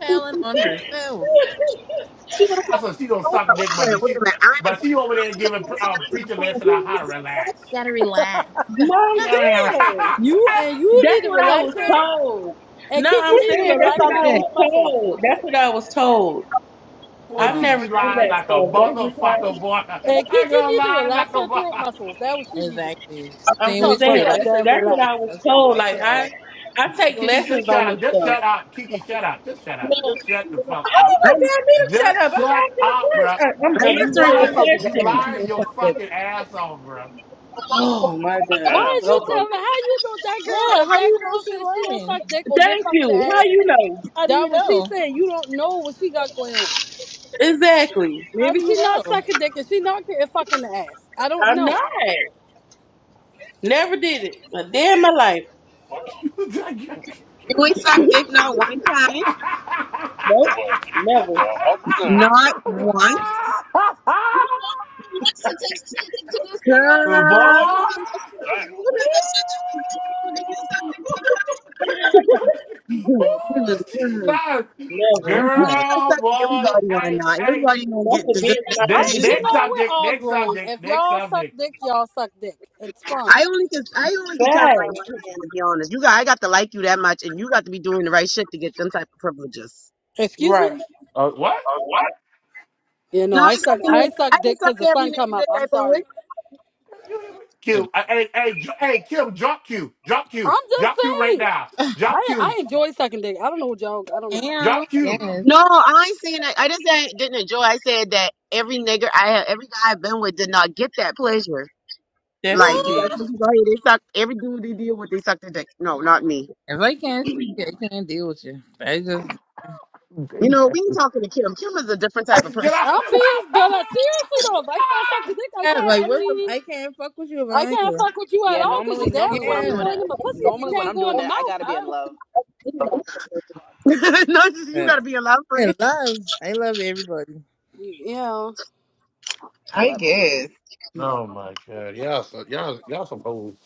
telling on herself. she don't say. That's she don't suck dick, but she, but she over there giving um, preacher lesson on how to relax. Gotta relax. No, Yeah. I'm (laughs) saying. how she say? You and you That's need to what How I she relax was her, say? told. and No, Kiki I'm need to saying that's relax what her I was throat muscles. told. That's what I was told. Boy, I've Oh, never Kiki done lying that like a stuff. That's just motherfucker, how, boy. And (laughs) I Kiki girl need to lying like relax a her throat mother. muscles. That what she needed. exactly. The I'm thing we just Talk should saying. about something relax That's, her that that's too. what relax. I was Relax told. Like her. ass. I, I take Kiki, just lessons shut on up. this Just stuff. shut up. Kiki, shut up. Just shut up. Just shut the fuck How you up, I bro. gonna tell me to Just shut up? I'm shut asking a up, bro. question. Uh, I'm I Cause missed you the answering whole part, lying. You but I could a question. lying feel your something. fucking ass off, bro. Oh my A Why damn is god. you son. Okay. telling her? How you know that Yeah, girl? If how that you know girl says she she don't lying? suck dick or get Thank fucking you. ass, How you know? How do that you what she know? saying. You don't know what she got going on. Exactly. How Maybe do you she not know? sucking dick and she not getting fucking ass. I don't I'm know. not. Never did it a day in my life. Well, (laughs) We sucked it now one time. Nope. well, Never. well, I'll be damned. Not once. You don't know how many licks it takes to get to this Girl, You know how Boy. much Damn. you know Ooh. how much shit you can get through to use something sometimes. (laughs) Ooh, Mhm, mhm, Jesus. mhm. Never. Oh you my. don't have to Girl, suck boy. everybody or Hey, not. hey, Everybody gonna That's get a deserved. big different amount I, of Next, you next business. know, we're subject, all next grown. If subject, next y'all suck subject. dick, y'all suck dick. It's fine. I only can I only can count on my Fast. one hand to be honest. You got I got to like you that much, and you got to be doing the right shit to get them type of privileges. Excuse me. Right. Uh, What? You know, No, I I suck suck. in I every, suck I done dick suck because the every sun come nigga up. dick I I'm been with. sorry. You hear me? If- Q. uh, Hey, hey, J- hey, Kim, drop Q. Drop I'm Q. just Drop Q right saying. now. Drop I I Q. enjoy sucking dick. I don't know what y'all. I don't know. Damn. Drop Q. Yes. No, I ain't saying that. I just say I didn't enjoy. I said that every nigga I have, every guy I've been with did not get that pleasure. Definitely Like you got did. What? some people out here, they suck every dude they did. No, not me. If I can't fuck you, I can't deal with you. I just You know, we ain't talking to Kim. Kim is a different I- type of Get person. out. I'm being, but uh, seriously though, if I can't suck the dick, I yeah, can't. like I what the mean. I can't fuck with you if I I ain't can't you. fuck with you at Yeah, all because you normally, damn normally when sure I'm ain't Yeah. doing it, going in my pussy if you normally when can't I'm go in doing my it, I mouth. gotta be in I, love, (laughs) (laughs) no, you Yeah. gotta be a lot of And friends. love. I love everybody. yeah. in I love to do it. guess. oh my god. Y'all so y'all y'all some old.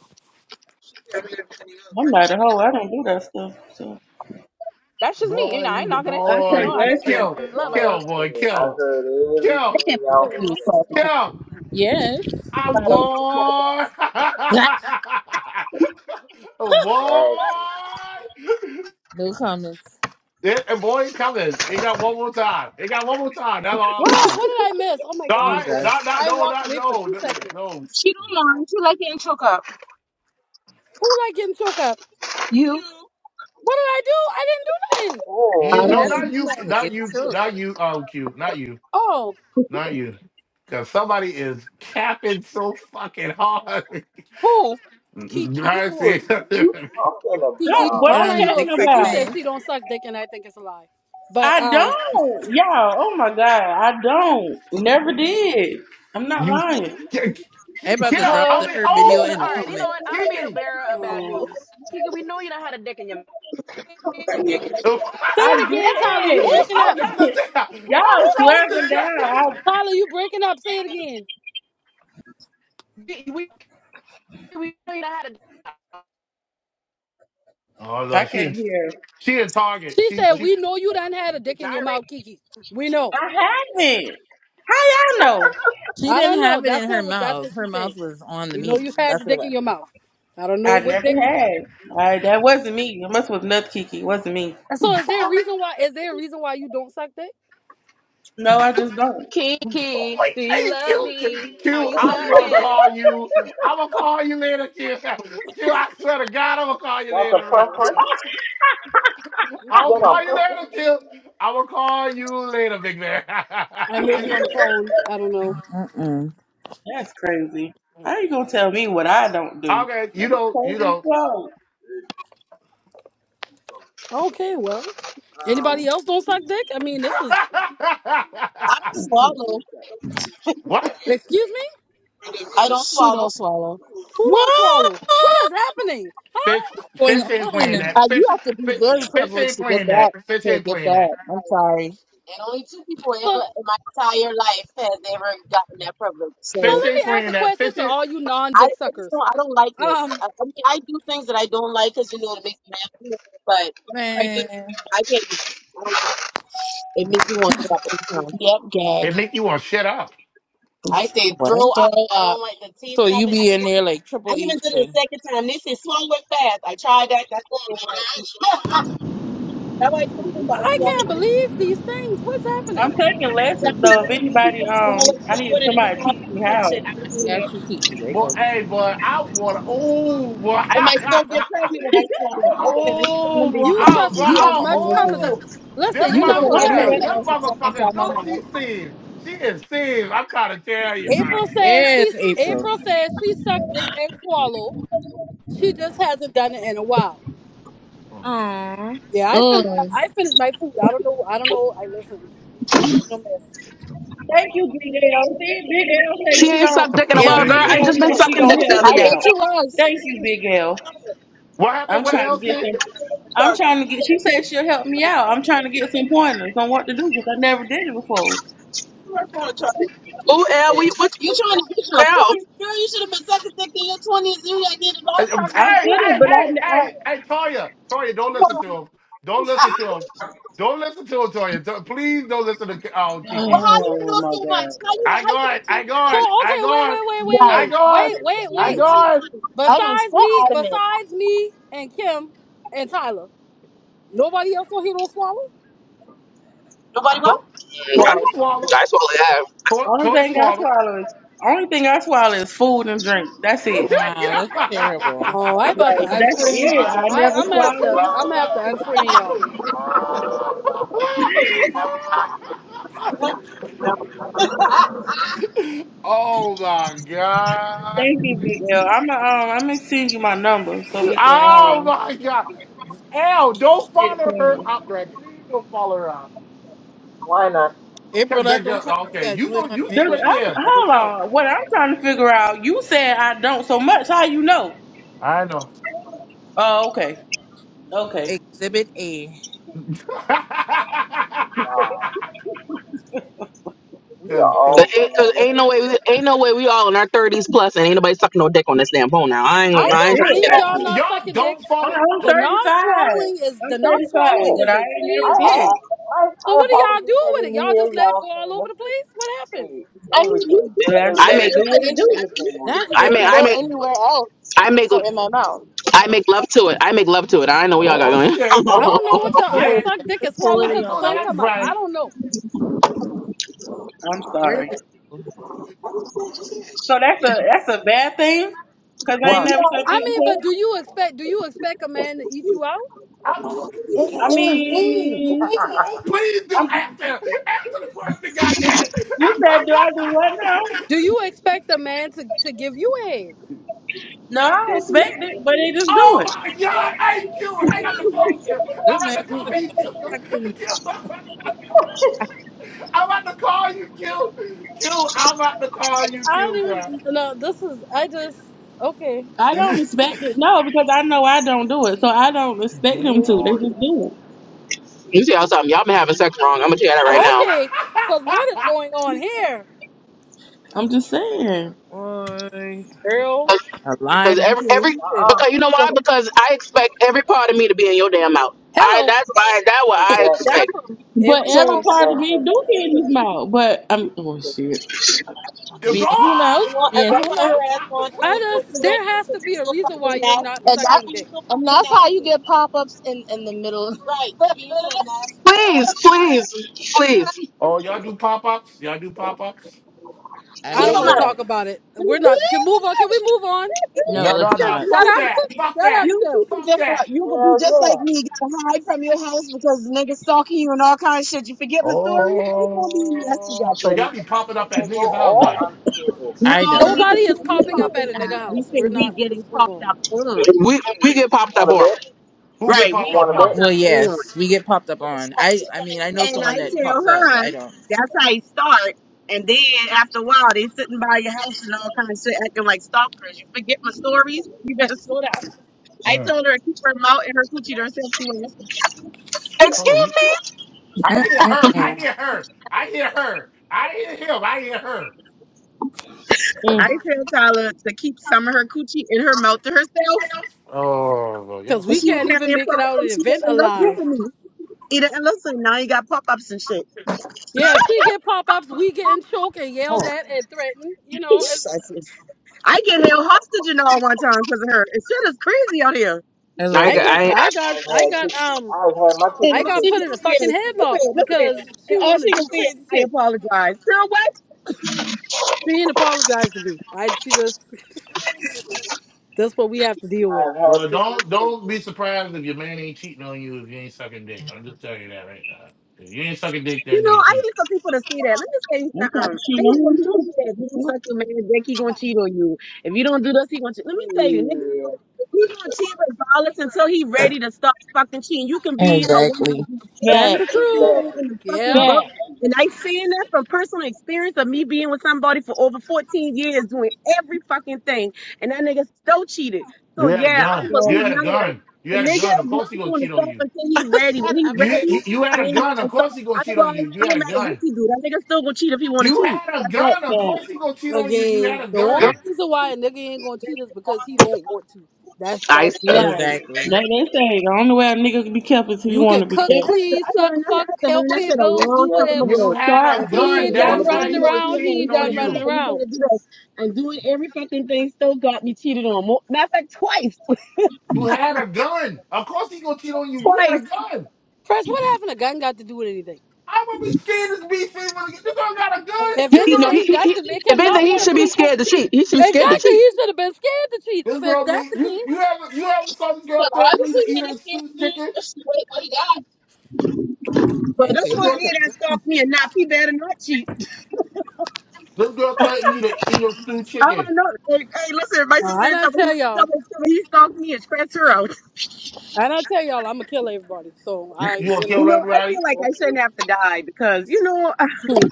I'm not a hoe. I don't do that stuff. So That's just me. You know, Boy, I you ain't the knocking it. I You take know, boy. I just, lessons. That's Kill. I'm a in love. I, you damn Kill boy. shame. I Kill. heard Kill. everything y'all been know, saying. Kill. Yes. I'm boy. (laughs) no (laughs) boy. Exactly. comments. Yeah, and boy, he coming. He got one more time. He got one more time. That's all I'm gonna What? do. What did I miss? Oh my No, god. I- I Jesus. not, not, I no, walked not, away for no, two seconds. no. Who like getting choked up? What did I do? I didn't do nothing. You I You Oh, ain't- didn't No, have to not don't. do you, that to not get you, shook. not you, um, Q, not you, Oh, not you. Because somebody is capping so fucking hard. who? (laughs) Kiki, I who is see. you talking Kiki, Don't about? what all I'm I um, know is dick casting Kiki sucking about. says ass. she don't suck dick, and I think it's a lie. But I um, don't. Y'all, oh my god, I don't. Never did. I'm (laughs) not you, lying. K- I K- about (sighs) Kim, to drop Uh, I the, mean, her me, video no, oh, in the all right, oh, you know comment. what? I'm gonna be the Kiki. (laughs) bearer of bad oh. news. Kiki, we know you know how to dick in your. I I'm say I it again, Tyler. You did. Oh, breaking I up? trying to did. tell. What is Y'all wrong with swerving this guy? down. Tyler, you breaking up? Say it again. We, we we know you know how to Oh, I no, I she can't in, hear. she in Target. She She said, she "We know you done had a dick in your gyrate. mouth, Kiki. We know." I haven't. How y'all know? She I don't didn't know. have it That's in her what that's mouth. what she Her said. mouth was on the We know meat. you had That's the what it dick in was. your mouth. I don't know I what never dick. had. I, that wasn't me. It must was Nut Kiki. It wasn't me. So is there a reason why? Is there a reason why you don't suck dick? No, I just don't. Boy, Kiki, do you hey, love Q, me? Are Q, you That's a I'm gonna preference? sucking? call you. I'm gonna call you later, Q. Q, I swear to God, I'm gonna call you That's a later. bro. preference? You do I'm that gonna on call you purpose? later, Q. I'm gonna call you later, big man. I may be on (laughs) the phone. I don't know. Mm-mm. That's crazy. How you gonna tell me what I don't do? okay, you don't, you Crazy don't. show. Okay, well, anybody Um, else don't suck dick? I mean, this is. don't (laughs) do swallow. what? Excuse me. I don't swallow. Hmm. She don't swallow. Who don't What swallow? What is happening? Fish, going fish ain't playing on, that. Uh, you Fish, have to be fish, very fish privileged ain't to get playing that. that. Fish To ain't get playing that. that, I'm sorry. And only two people So ever in my entire life has ever gotten that privilege. so Fish So ain't let me ask playing a that. question Fish to ain't. all you I, non-dick I just suckers. don't. I don't like it. Um, I, I mean, I do things that I don't like because you know it makes me happy. But right there, man? I can't. do it. I don't like it It makes me want to throw up every time. Yep, gag. It make you want to shut up. I say What? throw up. Throw I don't up. like the taste So of you it. I be in even there did, like Triple I H even did it a thing? second time. They said swallow it fast. I tried that. That's all. (laughs) I like something about I can't believe these swallowing. things. What's I'm happening? taking That lessons though. If was anybody, people um, swallow I need liquid and somebody to all teach me that how. shit. I'm doing it. Got you, Kiki. I Boy, got you. hey, boy, I want to. Oh, boy. (laughs) I might still get pregnant if (laughs) I swallow it. Fuck it. I'm putting them oh, boy. babies You out. Oh, trust boy. You me don't as have Oh, much to cum as I. listen. oh. Them Listen, You you're can not put gonna it get What? pregnant. anywhere motherfucker, them else except inside motherfucker, my no, she mouth. seen. She is seen. I'm trying to tell you, bro. April says she Yes, April. April says she sucked dick and swallow. She just hasn't done it in a while. Aww. Yeah, I finished I finished my food. I don't know. I don't know. I listen. We don't leave no mess. Thank you, Big L. See, Big L say She she ain't sucked dick (laughs) in a gonna. while, Um, girl. Big I Nigga. L just been say she sucking gonna dick the help I other me day. bet out. you was. Thank you, Big L. what happened I'm with trying to get Elsie? some. I'm Charge, trying to get. She said she'll help me out. I'm trying to get some pointers on what to do because I never did it before. her phone charge. Ooh, L, we what You trying to get the some hell? points, girl? You should have been sucking dick in your twenties. You ain't need a lot of Hey, um, hey, practice. I should before you have, hey, but know. hey, I, I. hey, hey, Toya. Toya, don't listen to him. Don't listen to him. Don't listen to him, Toya. To- Please don't listen to oh, (sighs) Well, Kiki. how you Oh know my so much? How God. you I how you got know it. she I So got ain't it. I okay, wait, got wait, it. wait, lying? wait, I wait, Right. How got wait, it. you know wait, she I wait. ain't she ain't got it. lying? I mean, Besides so me, adamant. besides me and Kim and Tyler, nobody else on here don't swallow. Nobody what? Toy, toy Well, and swallow. Toy, Only toy and thing I swallow. swallow is only thing I swallow is food and drink. That's (laughs) it. Check it Wow, out. that's terrible. Oh, I about to right. That's unfriend it. I people. I never I'm gonna have to swallow. I'm gonna have to unfriend y'all. Oh my god. Thank you, Big L. I'm um I'm gonna send you my number so we can Oh um my god. Al, don't get follow her clean. out right Why not? April, that that girl, don't count. You okay, gotta you do it go, on you This sit regular right April. there. I'm That don't hold count. on. What I'm trying to figure out, you said I don't so much. How you know? I know. Oh, okay. Okay. Exhibit A. (laughs) Wow. We are cause, cause But all ain't, cause grown ain't no adults. way, we, ain't no way we all in our thirties plus, and ain't nobody sucking no dick on this damn phone now. I ain't, I gonna- That's I ain't can't trying it. to believe get it. y'all Okay. not y'all sucking dick. don't I- follow. I'm The Don't, non 35. swallowing is the I'm not 35, swallowing Oh, but is I ain't I insane never to me. did. have. My, So my what do y'all apologies. do I with didn't it? Y'all hear just let it y'all go all saying over let's the just, place? What happens? hey, I mean, you, everything, you can you Just I can let do everything make, it you do what do, it. it In, I do. mean, everything with it. That's a I good you make, question. can I go make, anywhere else I make, for MMO. I make love to it. I make love to it. I know we all got oh shit! going. I Oh (laughs) don't know what y'all. So I shit! suck that dick is and swallow I quality because the on know sun earth. that's come up. I right. don't know. I'm Where did sorry. it go? So that's a that's a bad thing, cause I ain't Why? never sucked I dick mean, before. but do you expect? Do you expect a man to eat You you out? i know, ooh, I ooh, ooh, ooh, mean, ooh, please do I'm after, after the question, goddammit. (laughs) you said do I do what now? Do you expect a man to to give you a head? No, I don't expect it, but they just do oh it. my God, hey Q, hang up the phone, Q. I'm This about man to call you, Q. fucking (laughs) Q, I'm about to call you, Q. Q, I'm about to call you, I don't Q, bro. even. No, this is. I just. Okay. I (laughs) don't expect it. No, because I know I don't do it, so I don't expect them to. They Boy. just do it. You see something. Y'all been having sex wrong. I'm gonna tell you that right (laughs) now. Okay. Because what is going on here, I'm just saying. boy. girl? I Because lied on every every him. uh-uh. because you know so, why? Because I expect every part of me to be in your damn mouth. I Hello. that's why that what I Exactly. That expect. from But every every so part. part of me Exactly. do get in his mouth. But I'm oh shit. The- Being who knows? Being who knows? I just. There has to be a reason why you're not and that, sucking dick. and that's how you get pop ups in in the middle. Right. Please, please oh, y'all do pop ups? Y'all do pop ups? I I don't don't Hell do want to yeah. talk that. about it. (laughs) We're not. Can move on. Can we move on? No, No, let's no, Kim, no. not. You shut Fuck up. people, that. Fuck Shut up, that. you Kim. people Fuck get that. out. You gonna be Hell just yeah. like me. Gotta hide from your house because niggas stalking you and all kind of shit. You forget my story. You gonna be nasty, Oh, so goddamn it. y'all be popping up at niggas' Schedule or houses. unscheduled I papa. No, we don't. Nobody think is we popping up popping at a up. nigga We house. say We're we not. getting Let's move popped on. up on. She, she. pop that Wanna horn. bet? Who get Don't popped we up get wanna popped on? bet? Well, up on. yes, we get popped up on. I, I mean, I know And I someone that tell pops up, but her I don't. that's how it starts. And then after a while, they sitting by your house and all kind of shit, acting like stalkers. You forget my stories. (laughs) You better slow down. I Mm. told her to keep her mouth and her coochie to herself. She would Hold on, Excuse he- me. I hear her. I Mm-mm-mm. hear her. I hear her. I hear him. I hear her. Mm, I tell Tyler to keep some of her coochie in her mouth to herself, Oh, well, y'all Because so and we she good. can't wouldn't have even any make it out of problem. the She event didn't listen alive. to me. He didn't listen. Now you got pop ups and shit. Yeah, she get pop-ups. We getting choked and yelled at and threatened. You know, it's, I get held hostage and all one time because of her. It's shit is crazy out here. I I love I get, it. I I got, I've I had got, pic- um, I've had my And I picture all got she put could taken. in a say fucking is, look at headlock it, look at it. because she And all want to she could do say is, crazy I shit. apologize. Girl, why She didn't apologize to me. I, she just, that's what we have to deal with. I've had Well, pictures don't don't taken. be surprised if your man ain't cheating on you if you ain't sucking dick. I'm just telling you that right now. If you ain't sucking dick, You that know, nigga I cheat. hate for people to say that. Let me tell you I'm kind of something. I shitting hate on when him people too. say that. if you don't suck your man dick, he gonna cheat on you. If you don't do this, he gonna cheat. Let me tell you, nigga, She, he gonna cheat regardless until he ready to stop fucking cheating. You can be a woman Exactly. that do That's every Back, the fucking truth. thing in the exactly. Yeah. fucking back, book. And I saying that from personal experience of me being with somebody for over 14 years doing every fucking thing. And that nigga still cheated. You So had a yeah, I gun. don't You back, believe had a none of that. gun. You The had a nigga gun. Of is course he not gonna going to cheat on stop you. until he ready. Shut When he up, You Chris. ready, he- you had a gun. Of then course he gonna cheat on Otherwise, you. it You had don't a matter what gun. he do. That nigga still gonna cheat if he wanna You cheat. had a That that gun. Of fact. course he gonna cheat on you. You had Again, a the only gun. reason why a nigga ain't gonna cheat that's is it. all because he he don't does. want to. That's I. that's I Right. Exactly. Like they say, the only way a nigga can be kept is if you You want can to be cook, kept. Yeah, I had to- clean, I suck, learned I fuck, had to help learn that pay shit a bills, long do time whatever. Exactly. You ago. So, had I, a If Listen, If he gun. they ain't yeah, you wanna done That's be gotta why running kept, do he that was to your around, they'll man. he You cheating ain't be on gotta done do running you. that. You around. gotta do that. And doing every fucking thing still got me cheated on. Mo- Matter of fact, twice, (laughs) You had a gun. Of course he gonna cheat on you. You had a twice. gun. First, what happened? A gun got to do with anything? I would be scared this beef is gonna get this girl got a gun. If This you know, girl he, anything, he, that should he, make if him anything, not he want to should be cheat. scared to cheat. He should be scared to Exactly, cheat. (laughs) he should have been scared to cheat. this If, if girl that's me the you case, you ever you ever saw this girl threaten me to eat her stew chicken? But Yeah, so this This you one girl have a here that stalked me and not he better not cheat. this girl threatened me to eat her stew I chicken. don't know. Hey, hey listen, my Now, I sister not told me, tell told y'all. me, told me he stalked me and scratched her out. I not tell y'all. I'm gonna kill everybody. So You, I, you gonna you You kill know, know, I feel everybody? like I okay. shouldn't have to die because you know I hmm,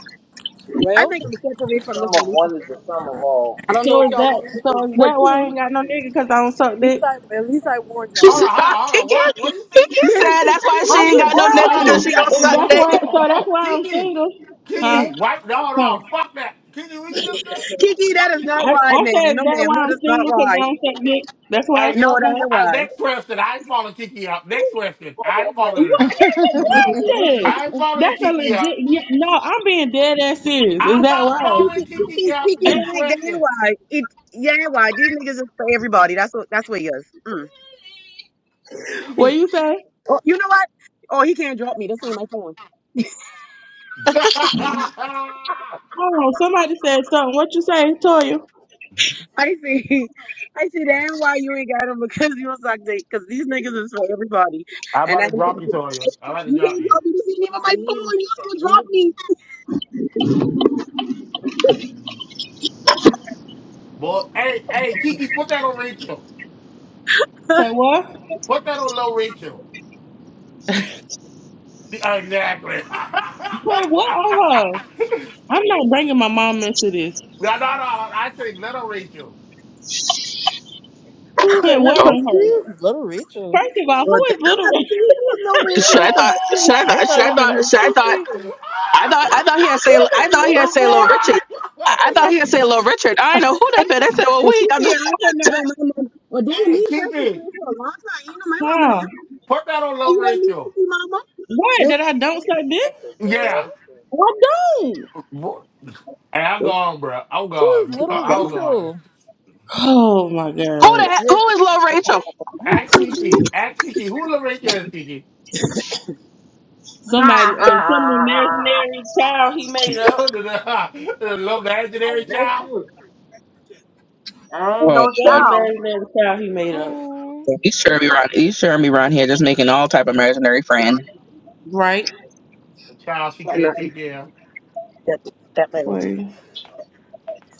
I well, think I'm The separated from this sum of relationship. one is the sum of all. I don't know so what is y'all that want me to so do. is What that why I you? ain't got no nigga? Cause I don't At suck dick. least I, at least I warned She y'all. Hold said, on, hold on, hold on. What? What Kiki, are you Kiki thinking? said that's why she I'm ain't just got no nigga that asking. Hold on, she don't fuck, Is suck that's hold on, dick. hold why? on, So that's hold on. why I'm Kiki, single. you Huh? Kiki, right? No, huh. no, fuck that. Kiki, what you just say? Kiki, that is not I, why, I ma'am. said is No, that ma'am, why that I'm is not single? Cause why. I don't suck dick. That's why. Hey, No, y'all that move. ain't I, next question. I ain't following Kiki up. Next question. I ain't why. following her What? up. That's a question. I ain't following That's a Kiki legit. up. yeah, No, I'm being dead ass serious. Is I'm that not why? following Kiki up. Kiki, Next that ain't, that ain't question. why. It, yeah, ain't why. These niggas is for everybody. That's what. That's what he is. Mm. What Kiki. you say? Oh, you know what? Oh, he can't drop me. That's in my phone. (laughs) Hold on. Somebody said something. What you say, Toya? (laughs) I see. I see. That ain't why you ain't got him because you don't suck dick. Because these niggas is for everybody. I'm And about I, to drop you, you Toya. I'm about to drop can't you. drop me. This ain't even my CD, phone. You also drop me. community, Boy, hey, hey, Kiki, put that on Rachel. Say what? Put that on low Rachel. Exactly. Put what on (laughs) her? I'm not bringing my mom into this. No, no, no. I said little Rachel. who's Put that? Her what Oh, on her? pussy? Little Rachel. First of all, Well, who is little? (laughs) should I thought? Should I I thought? Should thought I it been thought? her Should I thought? pussy. (laughs) I thought I thought he had say I thought he had say little Richard. I, I thought he had say little Richard. I know who that been. They said, well, we I'm just, (laughs) hey, keep it. Huh? Put that on little Rachel. What? It was, That I don't suck dick? that's a Yeah. damn thing. I don't. Boy, Hey, I'm gone, bro. I'm who's gone, bro. (laughs) Little I'm gone. Rachel? Oh my who the god. heck- Your who is little Rachel? her Ask coochie. Kiki. Ask Kiki. Who little Rachel is, Kiki? (laughs) Somebody, um, some imaginary child he (laughs) made up. the, the little I imaginary bet child? you. I ain't Oh no Some Lord, child. imaginary child he made up. Um, you sure be around you sure be around here just making all type of imaginary friend. Right? The child she can't take care Wait.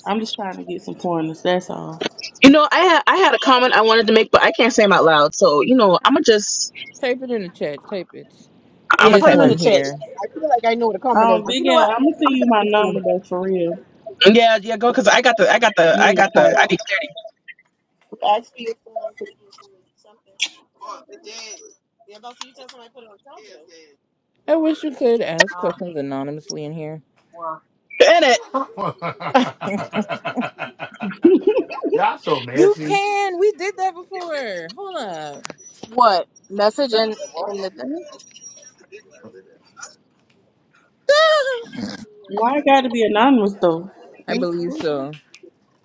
I'm just trying to get some pointers. That's all. You know, I had I had a comment I wanted to make, but I can't say them out loud. So you know, I'ma just type it in the chat. Type it. I'ma This type one them. here. Um, Big L, I'm gonna send I'm you my number back though, for real. Yeah, yeah, go because I got the I got the You I need to got the talk. I need clarity to phone. Oh, the dead. Yeah, but see, you tell somebody put it on top of you. Yeah, yeah. I wish you could ask Ah, Uh, questions anonymously in here. well, in What's the it. big door? of. (laughs) (laughs) Y'all so you messy. can. We did that before. Hold up. Nothing yeah, what? in the thing. The- Why it gotta be anonymous though? (laughs) I That's believe stupid. so.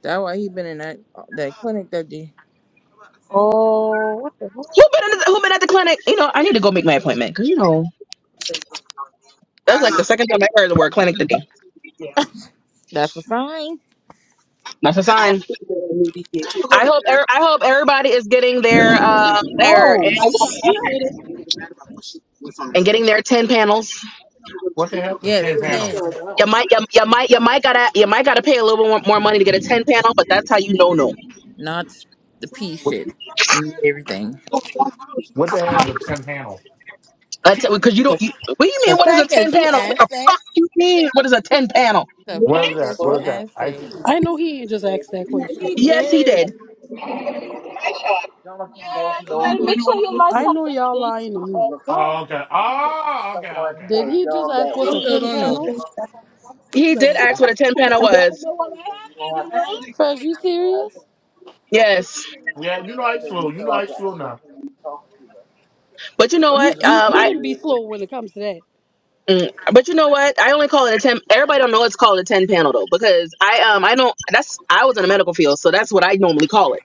That why he been in that that Uh, clinic that day. Oh, what the Who hell? been in the, who been at the clinic? You know, I need to go make my appointment because you know I that's don't like the know. second time I heard the word clinic today. That's a sign. That's a I think sign. I'm gonna go I to hope er- Jerry. I hope everybody is getting their uh their Oh My son annuals updated. shit. They were mad about what she was on her and feet. getting I their think ten panels. I'm gonna go to What the Jerry. hell? The Yes, What chance are you handle. ten. feeling You now? might you, you might you might gotta you might gotta pay a little bit more, more money to get a ten panel, but that's how you know no. Not the pee Dang, Yeah. shit. you out You did here. Go Everything. to the house. You What cannot the come out. hell is a ten panel? You can't hide. Because you The, don't. You, what do you the mean? What is a fact ten that you panel? What the asked that. fuck you mean? What is a ten panel? The What is fact that? that What you What? is that? asked He, Ice? that. I he's know he ain't just great asked that You can't hide. You question. He Yes, he did. did. too. Jonathan must know that I know y'all lying to he me. Oh, referring okay. Oh, okay, okay. All someone right. Did for a he just job ask that He what's a was still tin don't know. panel? up He He still did don't know. ask what a ten there, panel never was. know what. and you don't have to put Crash, you uh, no serious? address People's little Yes, secrets. That's Yeah, why you you know ice until don't flow. you You fill know out ice the flow now. until you talk to the but you know what? You person who you is Um, I. giving shouldn't be you. slow the when it comes to that. mm, But you know what? I only call it a ten. Everybody don't know it's called a ten panel though, because I um I don't. That's I was in the medical field, so that's what I normally call it.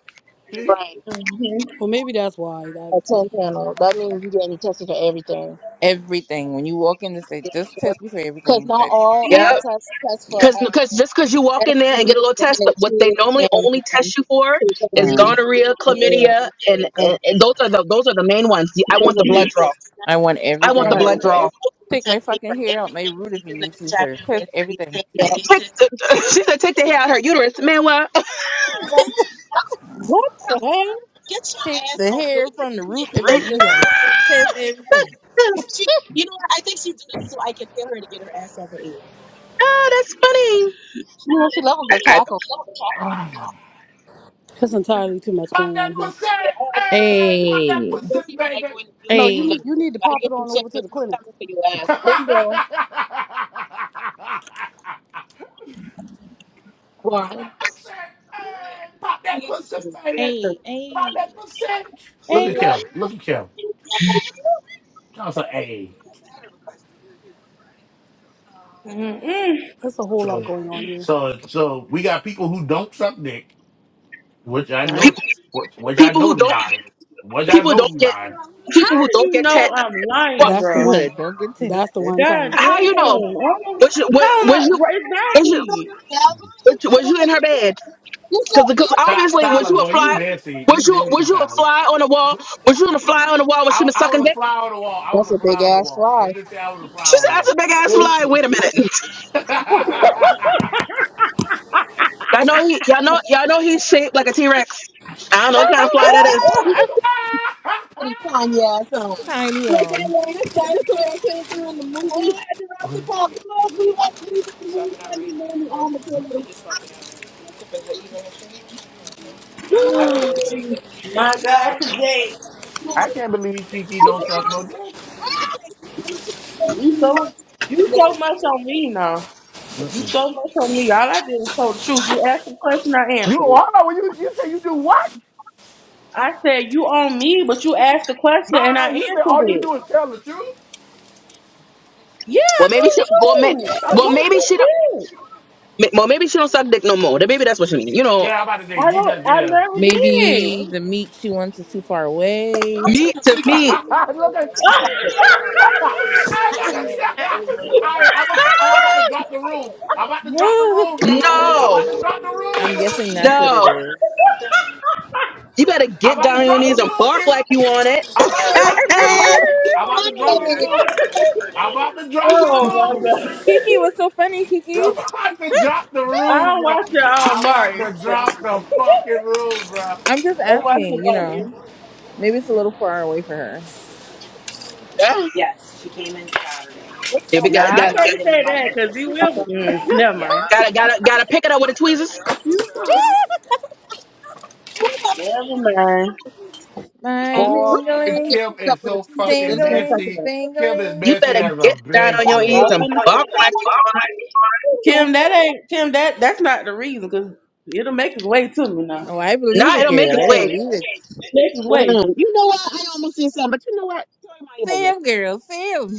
See? (sighs) Right. Mhm. Well, maybe that's why. That, A 10 panel. That means you getting tested for everything. Everything. When you walk in to say, just test me for Because everything, not sis. all Yep. Yep. um, tests test for Cause, uh, cause just cause you walk in there and STD, get a little 1 test, and but what they 2, normally and only um, test you for is Uh, HIV, gonorrhea, and, chlamydia, and, and and, and those are the those are the main ones. The- I those want are the blood draw. basics. I would want I want the Right. everything. blood draw. you Take my test me for fucking hair out my everything, root if you even the need to, HIV sir. Test test, we everything. take the Yep. Take test. the, (laughs) she said, take the hair out her uterus, man. What? (laughs) What the heck? Get your Take ass the off your hair ear. from the root Yeah, I'm if sick you of need this ah, them. shit. Test everything. She, you know what? I think she do this so I can tell her to get her ass off her ear. that's funny. I, Ah. that's entirely too much Pop going that on here. pussy! Hey, pop that Hey, pussy, baby! No, you hey, need you need to pop it on over to the clinic. (laughs) pop that pussy! Hey, pop that pussy, baby! hey, Pop hey, that pussy! Look hey. at Kim. Look at Kim. That's an A. Mm-mm. There's a whole lot So, going on here. so, so we got people who don't suck dick. Which I Right. know, people, which which I people who know is don't lying. Which I people know don't is get lying. How people who do don't you get know tested. I'm Well, lying, That's the you bro? People one. that don't get That's the tested. one, God damn. Tyler. how you know? I don't, Was you was, how am I? Right, was you exactly. was you was you in her bed? You so Cause, cause adamant Ty- that obviously, you're was Tyler, you a boy, you fly? messy. You Was you messy, was you a Tyler. fly on the wall? Was you a fly on the wall when she I, was I sucking was a dick? fly on the wall. I was a fly on the wall. Let's just say I was a fly She's on said, the "That's a wall. big (laughs) ass oh, fly." Wait a minute. (laughs) (laughs) Y'all know he. Y'all know. Y'all know he's shaped like a T Rex. I don't know what kind of fly (laughs) that is. That's tiny. Like that Um, last guy, that's what I came through in the movie. Oh, I want to to We want to move the movie. Sunday morning on the toilet. Woo! I, can't- Jesus. My God, today. I can't believe Kiki don't suck no dick. I'm going to You so, teach you you. so much on me now. You Mm-mm. so much on me. All I did was tell the truth. You asked the question, I You answered hold it. on. When You you say you do what? I said, you on me, but you asked the question No, and I no. answered You say all you it. do is tell the truth. Yeah, I Well, maybe told the she. Well, may, truth. I well don't maybe she think don't. it. may- Well, maybe she don't suck dick no more. Then maybe that's what she means. You know, Yeah, I'm about to I say you don't, meant I yeah. never maybe the meat she wants is too far away. I'm me trying to to (laughs) figure out me. how he look did that. at you. She stopped it. Look at you. I look at you. Ah, All right, did. I'm about to, I'm about to ah, drop the (laughs) room. I'm about (laughs) to drop the woo. room, bro. I'm about to no, drop the room, I'm bro. guessing that's what it no. is. You better I'm get about down to on your drop the knees and room, bark kid. like you want it. I'm about to drop the room. (laughs) You I'm about want to drop the it. room. Prophet, you want I'm about to drop baby. the oh my room. god. Kiki, what's so (laughs) funny, I'm Kiki? about to drop the I room, don't bro. watch your um, I'm Mari. about to drop the fucking room, bro. I'm just I watch the asking, you Mari. know. Maybe it's a little far away for her. (laughs) yeah, we got Nah, I got got can't say that because he will. Mm, never mind. gotta gotta gotta pick it up with the tweezers. Never mind. My You're phones. just going Boy, to dingling, get Kim picked up is with a so tweezer fucking dingling, messy. Kim is dingling. You messy better as a get down on bitch, your I bro. knees was and finna bark like say- Kim, that ain't Kim. That that's not the reason because it'll make its way to me now. Oh, I believe nah, Yeah, it, it'll make girl. it I wait. believe it. it makes its way. soon. You know what? I almost said something, but you know what? Sorry, mind your business. Sam, girl, Sam.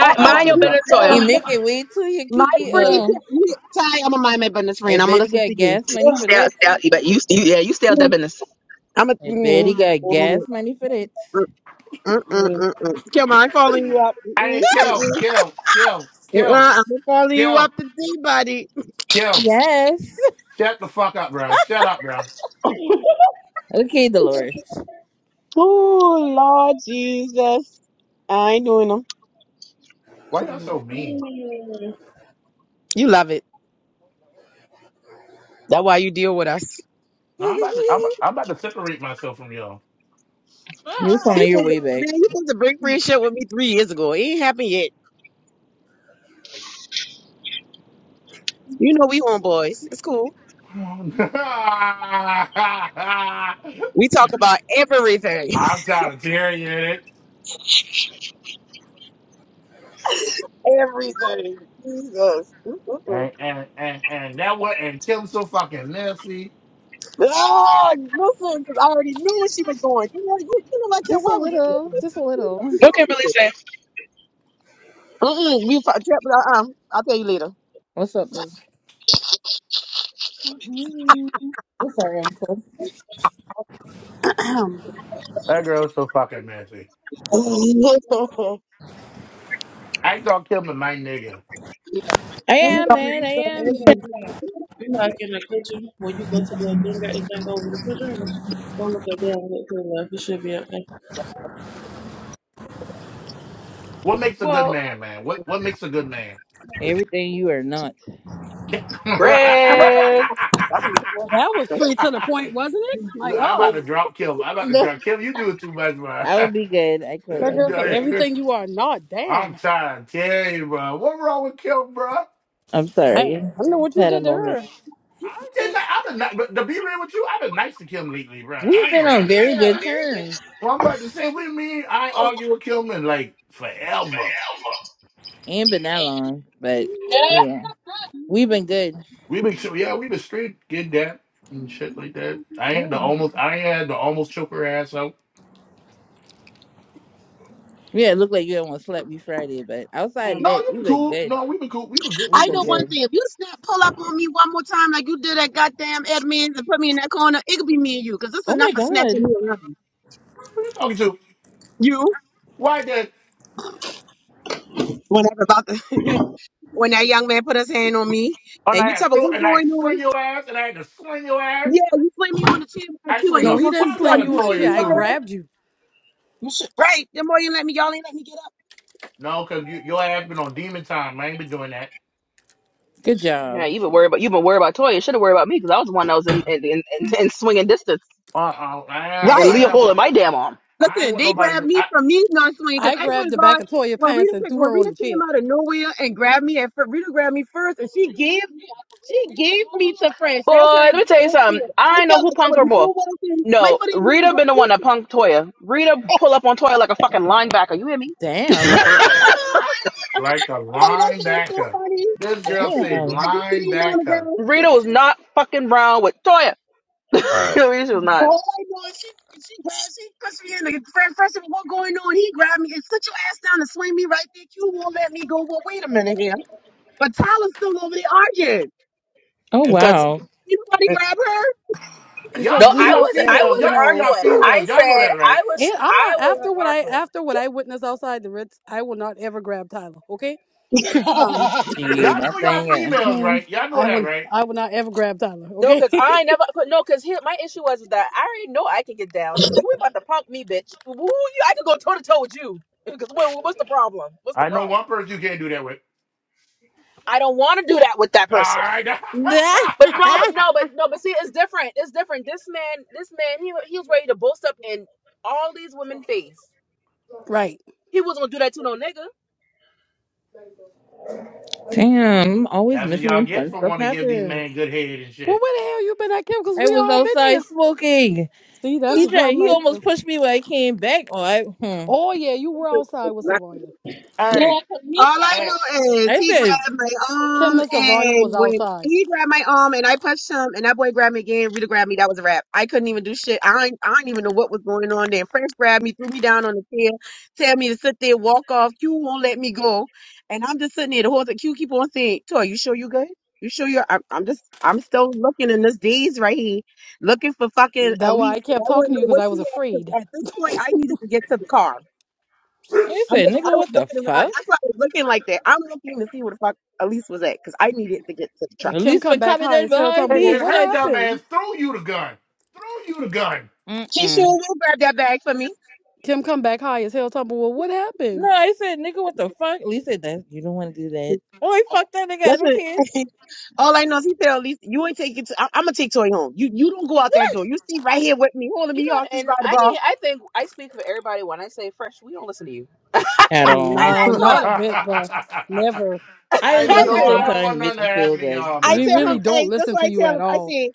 I I'm have to mind about to your be, drop. business or He Ugh, make it way to you, my Kiki. friend, Oh, yeah, Ty, I'm going to mind my business, I friend. I'm going bet to he listen got to you. gas money for ugh, stay that. out, stay out. You, bet- you, you- yeah, you stay out that business. I bet he got gas money for that. ugh. Hey, kill, kill, kill, kill, kill, kill. Yes. Shut the fuck up, bro. Shut up, bro. Okay, Dolores. Oh, Lord Jesus. I ain't doing them. Why y'all so mean? Mm. You love it. That's why you deal with us. (laughs) No, I'm about to, I'm, about- You'll I'm about to separate myself from y'all. find your People, way back. man, you supposed to break friendship with me three years ago. It ain't happened yet. You know we homeboys. It's cool. (laughs) We talk about everything. I'm trying to tear you in it. (laughs) Everything. Yes. And, and, and, and that what, and Kim so fucking nasty. Oh, listen, 'cause I already knew where she was going. You know, you, you know, like, yeah, Just a why would you? little. Just a little. What can really say? Uh, What's up, boo? What's up, That girl's so fucking nasty. I thought Kim and my nigga. I Only thing, am, man. I only am. thing is that you know, like in the kitchen, when you go to the thing, got anything over the kitchen, go look up there and get clean up. It should be okay. What makes a good Well, man, man? What, what makes a good man? Everything you are not. Greg. Well, that was straight to the (laughs) point, wasn't it? My Look, I'm about God, to drop Kim. I'm about to No. drop Kim. You doing too much, man. (laughs) I would be good. I could. that I'd girl be said good. everything you are not. I'm Damn, trying to tell you, bro. What wrong with Kim, bro? I'm I, I sorry. don't know what you Had a did to moment. her. I did not. I did not. But to be real with you, I've been nice to Kim lately, bro. We I have ain't been gonna on lie. very good terms. Well, I'm about to say, we mean I ain't argue with Kim in like forever. Ain't been that long, but yeah, we've been good. We been, sure, yeah, we been straight, get that and shit like that. I had the Yeah. almost, I had the almost choke her ass out. Yeah, it looked like you almost slept me Friday, but outside of No, Um, that, you we've been been cool. good. No, we been cool. We been good. We've We I been been know one good. good. thing. If you snap, pull up on me one more time like you did that goddamn Edmonds and put me in that corner, it could be me and you, because this is Oh enough my for snatching God. me around. Who you talking to? You? Why that? when I was about to, (laughs) when that young man put his hand on me, And and I you tell had me threw, what's and I going swing on. your ass, and I had to swing your ass. Yeah, you slam me on the chin by I Q, and swing No, he's the he gonna keep didn't fuck sling out telling you, of you you on the sure chair. Toya you I all too. right? grabbed you. You sure? Right? The more you let me, y'all ain't let me get up. No, cause you, your ass been on demon time. I ain't been doing that. Good Yeah, job. you've been worried about you've been worried about Toya. You should have worried about me because I was the one that was in in, in, in, in swinging distance Uh, uh I, I, and Leah I, holding my damn arm. ain't want nobody I, I grabbed the back of Toya pants and threw her on the chair But let me tell you something. I know who punked her more. Hey, My No, foot ain't on the Rita been the one ground. that punked Toya. Rita pull up on Toya like a fucking linebacker. You hear me? Damn. (laughs) like a Hey, that's the linebacker. way. This That was girl the said Damn. linebacker. Rita was not fucking around with Toya. (laughs) All right. Your issue is (laughs) not. whole way going. She, she grabbed, she pushed me in. The first, first of all, what's going on? He grabbed me and sit your ass down and slam me right there. Q won't let me go. Well, wait a minute here. But Tyler's still over there arguing. Oh Because wow. You already grab because Y'all no, know we I y'all know wasn't. if I females. you wasn't Y'all know know. y'all arguing. I females. Y'all know said that, right? I Yeah, was. I'm I not after wasn't what I arguing. after what I witnessed outside the Ritz. I will not ever grab Tyler. Okay. Um, Y'all Shit, that know y'all thing. females, Uh, right? Y'all know I that, will right? I will not ever grab Tyler. No, Okay. because I never. But no, because here my issue was that I already know I can get down. So you ain't about to punk me, bitch. Woo, you, I could go toe to toe with you. (laughs) Because what, what's the problem? What's the I know problem? one person you can't do that with. I don't want to do that with that All person. right. (laughs) But no, but huh. no, but no, but see, it's different. It's different. This man, this man, he wa- he was ready to boast up in all these women' face. (laughs) right. He wasn't gonna do that to no nigga. (laughs) Damn. I'm always That's what missing y'all when get fun for stuff want to give these happens. men good head and Well, shit. where the hell you been at, Kim? Because I we was all been there. outside smoking. See, that's He the tried. problem He right there. almost pushed me when I came back. Oh, I, hmm. Oh yeah, you were outside with her? (laughs) Savonia. Hey, All I hey, know is I he said, grabbed my Kim arm, and Savonia was and when outside. he grabbed my arm and I punched him, and that boy grabbed me again, Rita grabbed me. That was a wrap. I couldn't even do shit. I ain't, I didn't even know what was going on. Then French grabbed me, threw me down on the chair, tell me to sit there, walk off. Q won't let me go, and I'm just sitting there. The whole time, Q keep on saying, "Toy, you sure you good? You sure you're?" I'm, I'm just, I'm still looking in this daze right here, looking for fucking That's why I Elise. I kept talking wouldn't to you know because what I she was had afraid. 'cause at this point. I needed to get to the car. I I'm, said, I nigga, was what the looking around. fuck? That's why I was looking like that. I'm looking to see where the fuck Elise was at because I needed to get to the truck. And At Kim least come been back coming high in as hell. Talking, behind about, and well, me. then what her Shit. dumb happened? ass threw you the gun. Threw you the gun. Keisha, Mm-mm. will you grab that bag for me? Kim come back high as hell. Talking, about, well, what No, happened? I said, nigga, what the fuck? At least said that you don't want to do that. Oh, I fucked that nigga. I don't Listen, care (laughs) all I know is he said, Elise, you ain't taking. To, I, I'm gonna take Toy home. You you don't go out that door. You stay right here with me, holding You me off know, this and by the I ball. need. I think I speak for everybody when I say fresh. We don't listen to you. (laughs) I, at all. (laughs) I No, just not wanna. a bit, bruh. I Never. I (laughs) just said, I, no, I listen just Listen, I don't sometimes want to nothing make to him feel happen to that y'all, I We man, for tell really him, real. don't hey, that's listen why to I you tell at him. I all. said,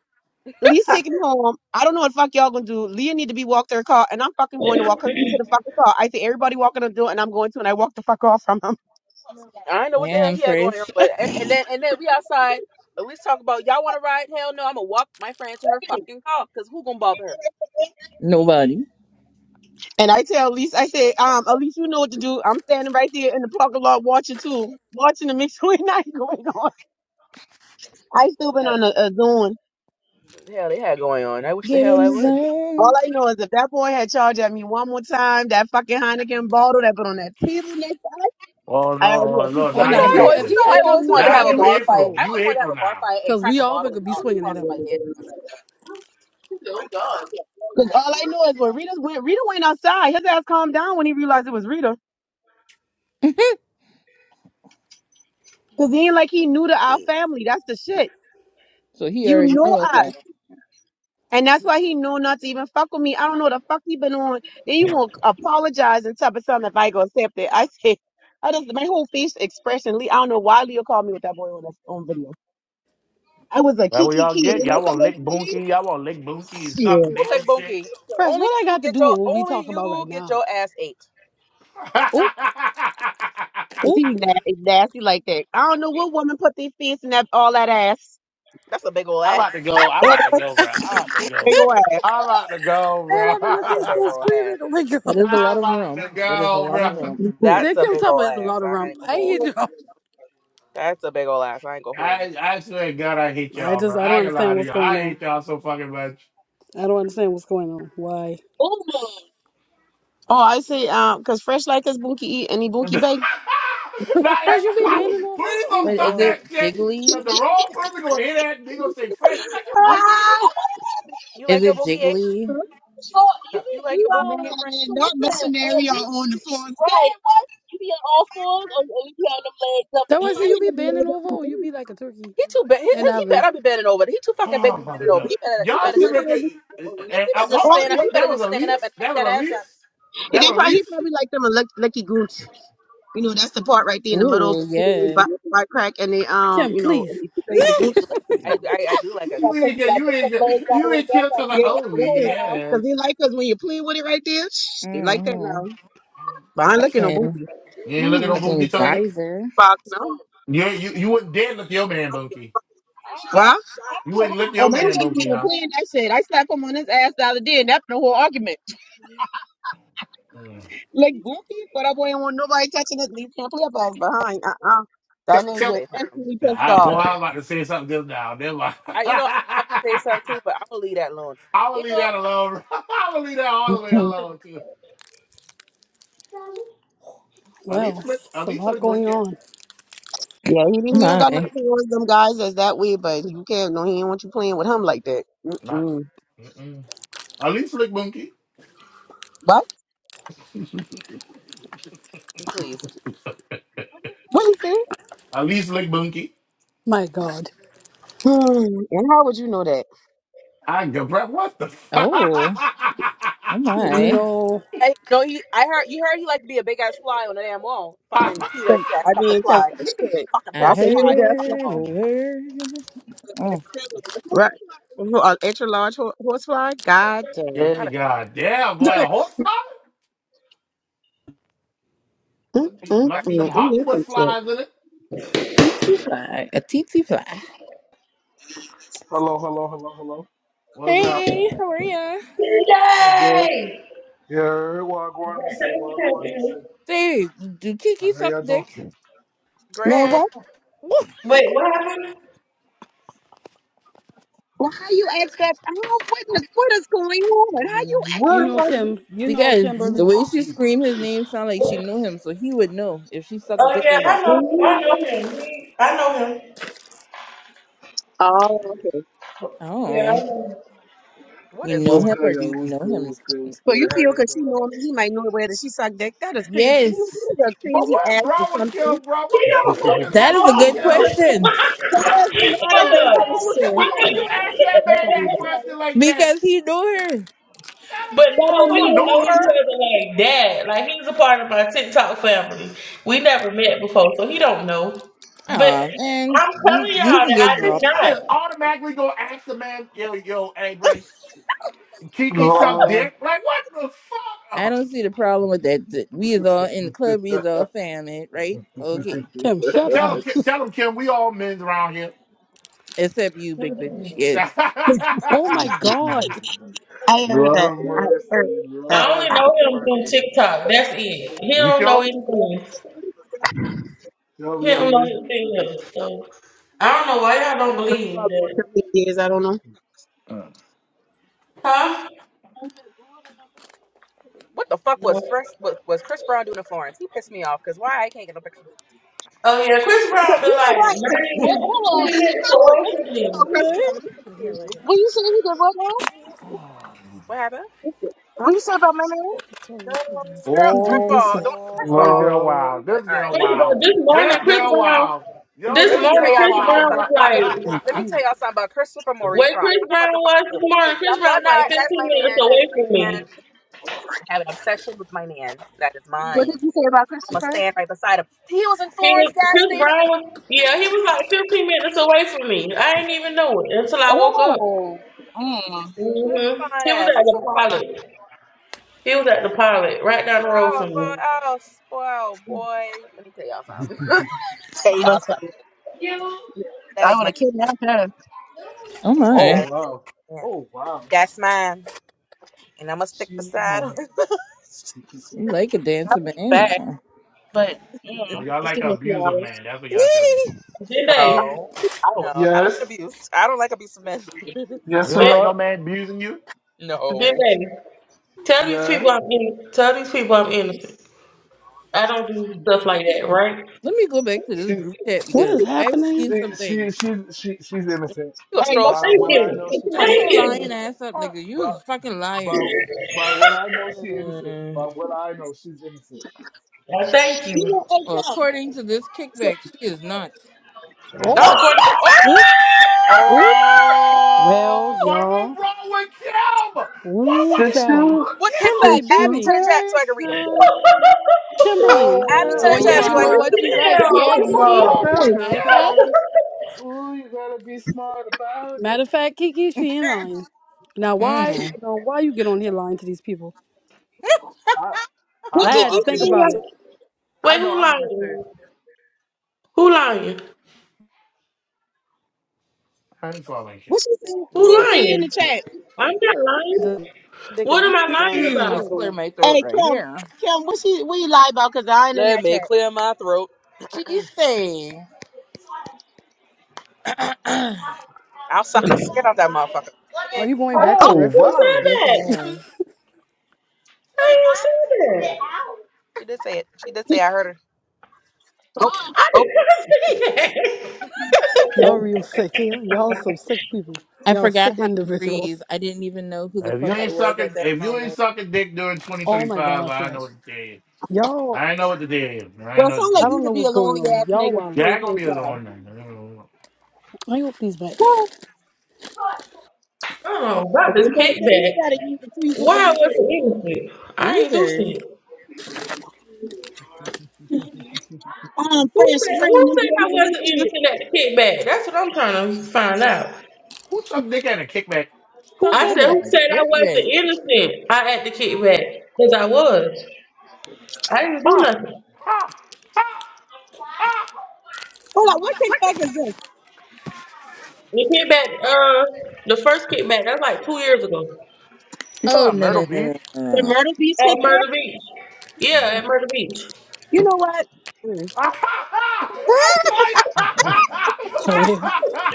Elise wanna. taking me home. I don't know what the fuck y'all gonna do. Leah need to be walked to her car, and I'm fucking going to walk her to the fucking car. I said, everybody walking the door, and I'm going to, and I walk the fuck off from him. I don't know what the hell Damn, he had fresh. going on, but and then and then we outside. At least talk about y'all want to ride. Hell no, I'm gonna walk my friend to her fucking car because who gonna bother (laughs) (laughs) Nobody. And I tell Elise, I say, um, Elise, you know what to do. I'm standing right there in the parking lot watching too, watching to make (laughs) sure it's not going on. I still her? a doing. Yeah, the hell they had going on. I wish the Get hell in I the would. All zone. I know is if that boy had charged at me one more time, that fucking Heineken, that table next to Oh no, oh, look, the Oh, You now know, now if you bottle he I always, if you April. he know, I had come always and through wanted to them, Now I have a would go you everything. bar let you fight. April. go, I You always wanted to have April a bar now. fight and cause crack we a all bottle would be uh, swinging at across him. somebody's head. Cause all I know is when Rita went, Rita went outside. His ass calmed down when he realized it was Rita. Cause he ain't like he knew to our family. That's the shit. So he You already know knows us. that. And that's why he knew not to even fuck with me. I don't know what the fuck he been on. Then you won't apologize and tell me something if I go accept it. I said, (laughs) I just, my whole face expression, Lee, I don't know why Leo called me with that boy on this own video. I was a That what kiki y'all kid. get? And Y'all that's want all lick I bunky? Y'all want lick bunky and said. suck Shit. Who's dick like and shit? Bunky? Fresh, Only what I you got to get do your, with what we talk only about you right get now? your ass ate. (laughs) Oop, 'Cause oop, he nasty, nasty like that. I don't know what woman put their face in that, all that ass. That's a big old I'm ass. about to go. I'm And- about to go, bro. (laughs) I'm about to go. I'm about to go, man, bro. I'm in this That's here a big still ol' (laughs) screaming. ass. Oh my (laughs) god, That is a lot I'm of about rump. to That is a go, lot of Mm. bro. rump. they That's kept a big talking ol' about it's a ass. lot of I rump. ain't gonna I hold hate you. you. (laughs) all That's a big ol' ass. I ain't gonna hold you. I I swear to God, I hate I y'all, just bro. I I don't ain't gonna lie understand to what's y'all. going I on. hate y'all so fucking much. I don't understand what's going on. Why? oh, I say, um, cause fresh like this, Bunky eat and he (laughs) Bunky bake. now, Fresh, you be bending everybody, over? please Oh don't my But is stop god. it that shit. jiggly? 'cause the wrong person gonna hear that, they gonna say, "Fresh, you like your booty?" You Is like your it boogie eight? jiggly? You like your boogie eight friend? That why I say you be bending over, or you be like a turkey He too bad. He, in he oven. better be bending over. He too fucking big Oh to be my (laughs) He bending over. lord, He better. He y'all better should just. make probably- it. And He I, better hold just Oh, on, stand he up. He what? better That probably, was just a stand up and lease. take That that was a ass up. lease. That They was a probably, he lease. (laughs) probably like them a lucky, lucky goon You know, that's the part right there in the middle Ooh, between yeah. the butt crack and the um, Kim, you know, and please. the thing, the I gooch. do like. I I, I do like a You Gotta group. push, ain't get. gotta You push the ain't blades get. all You the ain't way back kill up. till like, Yeah, oh Flexible listen, now. because they yes, like us when you play with it right there. Shh, they like that Mm-hmm. now. But I ain't yes. looking no And booty. You ain't looking on Mm, Boogie, fucking Toya. geyser. Fuck no. You you you wouldn't dare look your man, Boogie. You wouldn't lift Oh, your my man, nigga ain't don't you? even Huh? playing that shit. I slapped him on his ass the other day, and that's the whole argument. (laughs) Mm. Like booty, but it- uh, that Tell, Let tell, me Say something. Yeah, I I, boy, uh, no. I was about to say something just now. Never mind. (laughs) I you know I want to say something too, I but I'm gonna leave that alone. will You know leave that I, alone. (laughs) I will leave that all the way I'm gonna leave alone too. At well, least flick, it's at a least lot flick going bunky. on. Yeah, he Oh didn't. He don't got nothing my. towards them guys that's that way, but you can't. No, he ain't want you playing with him like that. Not. Mm-mm. Mm-mm. At least flick bunky. What? (laughs) that alone, please. What is it? At least flick bunky. My God, Hmm. And how would you know that? I can breath. What the? Fuck? Oh, oh you my. know. I, no, he. I heard you heard he like to be a big ass fly on the damn wall. Fucking T 'Cause, Rex I ass (laughs) fucking mean, 'cause fly. shit, fucking I that's horse a fly huge on the ass fly. fucking heard a wall. word. Oh, Right. An extra large ho- horse fly? God damn. yeah, Not a god damn not (laughs) boy, an a excellent horse fly? Mm, Must be, mm, shot. must be them mm. It is Hollywood some shit. flies in it. tsetse fly. A tsetse fly. Hello, hello, hello, hello. What's up? Hey, how are ya? I'm good. Yay! Yeah, what going me say? What going me say? Dude, do Kiki How suck y'all doing? dick? Man, Greg, what? Woo! Wait, what happened? Well, how you ask that? How, what, in the, what is going on? How you ask You What? know somebody? Kim. You know Because Kimberly. the way she screamed his name sounded like she knew him, so he would know if she sucked Oh dick yeah, or not. I know, Mhm. I know him. He, I know him. Oh, Yeah, I Oh, know him. what you is know What's going him on? good, or do y'all? you What's know good? him? What's good? What's so you good? How feel? Cause she know y'all him, he might know whether she sucked dick. That is crazy. You Yes, know, a But crazy what's ass or wrong with Kim, something. bro? He What the don't. (laughs) fuck is that is wrong a with Oh, good Kim? doing? question. (laughs) That's not a hold What is good up. wrong with Kim? question. Why He would you ask that man that That question like that? Because he knew her. That But don't mean you no, don't we don't mean don't know know each nothing. her. other like that. Like he's a part of my TikTok family. We never met before, so he don't know. But Oh man, I'm you telling you y'all can that I I get mean, dropped. she just automatically gonna ask the man, yo, yo, hey, bro, (laughs) Kiki suck Lord. dick? Like, what the fuck? I Oh, don't see the problem with that. Th- We is all in the club. We is all family, right? Okay, Kim, shut tell up. him, tell him, Kim, we all men's around here. except you, do not. big bitch. (laughs) Yes. Oh my God. Lord have mercy. I only Lord I, I, know have him through mercy. TikTok. That's it. He you don't know sure? anything. Y'all, He be on don't know anything the else. So I don't know why y'all don't believe that. Huh? What the fuck No. was fresh was, was Chris Brown doing in Florence? He pissed me off because why I can't get no picture. Oh yeah, Chris Brown been like not even twenty minutes away from me. What? Right here, right here. Mm. What happened? what you say about my man? It's all right here. Girl, I first think of this is all, don't all Oh, first of but this all, girl Lord. wild. This all right, girl let Chris me tell y'all Brown, wild. this morning, This something. Chris girl Brown, wild. Yo, this Let me this morning, tell girl y'all Chris something. wild, Brown Let me tell y'all something about bro. was Christopher it. like, let me Dang (laughs) tell y'all something about Christopher Maurice where Brown. Chris Y'all not Brown about to was fucking do this it. morning, Okay, Y'all, Chris Brown y'all was like not that's 15 my man. minutes That is away my from man. me. I have an obsession with my man. That is What mine. did you say about I'ma Christopher? stand right beside him. He was in He Florence was, gas Chris Brown station. was, yeah, he was like 15 minutes away from me. I didn't even know it until I woke up. Oh, What his hmm fine He was ass. at He's so the fine. pilot. He was at the pilot, right Boy, down the road from boy, me. oh, spoiled boy. Let me tell y'all something. (laughs) tell y'all something. That is my man. Oh Oh That my, is wow. my man. Oh wow. That's mine. And I'm gonna stick beside him. (laughs) Jesus. you like a dancer, man now. so y'all just like give an me a few abusive hours. man. That's what y'all telling me. Yee. Did they? no, no, I don't get Yes, abused. I don't like abusive men. (laughs) yes, You don't Did, like no sweetheart. man abusing you? did no, they? Tell these Yeah, people I'm in. Tell these people I'm innocent. I don't do stuff like that, right? Let me go back to this she, group chat it. What because is I've happening? seen she, something. she, she, she, she's innocent. you gonna All right, stroll? let's She, By Thank what I you. know, take she it on. Shut Thank your innocent. you. lying ass up, What? nigga. You is But, a fucking liar. by, by what I know, she innocent. Mm. By what I know, she's innocent. Oh, thank you. Well, according to this kickback, she is not. Oh, Not according. Oh, oop, oop. Well, Oh, boy, y'all. what's wrong with Kim? Boy, Ooh, what is child. wrong Situ, with what kickback? Kim? Kimberly, Add me situation to baby. the chat so I can read them. Kimberly. Add me to Oh Oh, the will what yeah, chat you so happened? I know can wild read what? them, You Kim. right. Hell Yeah, Bro, what's What Kiki. no. wrong with happened? Matter of Kim? fact, sacrifice. Ooh, you gotta be smart about matter it. of fact, Kiki, she ain't lying. Now, why, you Mm. know, why you get on here lying to these people? I, I I know had to I'm think innocent. Who about it. li- I Wait, know who I'm innocent. lying? Who lying? I ain't following Kim. What she saying? What Who you Lord, see in the lying? chat? I'm not lying. The dick What and am I (clears throat) lying lying. Let What about? me is going clear on? my throat Hey, right Kim, here. Kim, what she what you lie about? Cause I ain't in let that me chat. clear my throat. She (clears throat) say. (clears throat) I'll who suck the skin off that motherfucker. Are Yeah, you going back Oh, for Oh reference? said wow. Yes, I that? am. I ain't who said that. she did say it. She did say I heard her. I oh. did not (laughs) say that. Y'all real sick here. Y'all some sick people. I Y'all sick forgot how to breathe. individuals. (laughs) I didn't even know who the If fuck you I ain't was at sucking, that if you ain't moment. sucking dick during Oh my 2025, gosh, I Reg. know what the day is. Y'all, I ain't know what the day is. I ain't know what the I day is. don't know what's going on. Y'all wild. Yeah, I'm gonna be alone now. I hope he's back. Oh, about this kickback. Why I wasn't innocent? I ain't do Weezer. shit. (laughs) um, Who friends, said friend, who I'm said I'm I trying to wasn't see it. innocent at the kickback? That's what I'm trying to find out. Who took dick at a kickback? Who Fuck I said dick said at that? who a said I dick wasn't pic. innocent? I at the kickback because I was. I didn't do Ha nothing. ha ha ha! Hold on, what kickback is this? The kickback, uh, the first kickback, that's like two years ago You talking Oh, about no, Myrtle no, no, no, Beach? no, no. at Murder Beach. Uh. Yeah, at Murder Beach. You know what? Ah, ha, ha! I saw you! Ha, ha, ha! Oh Ah, yeah. ha, ha,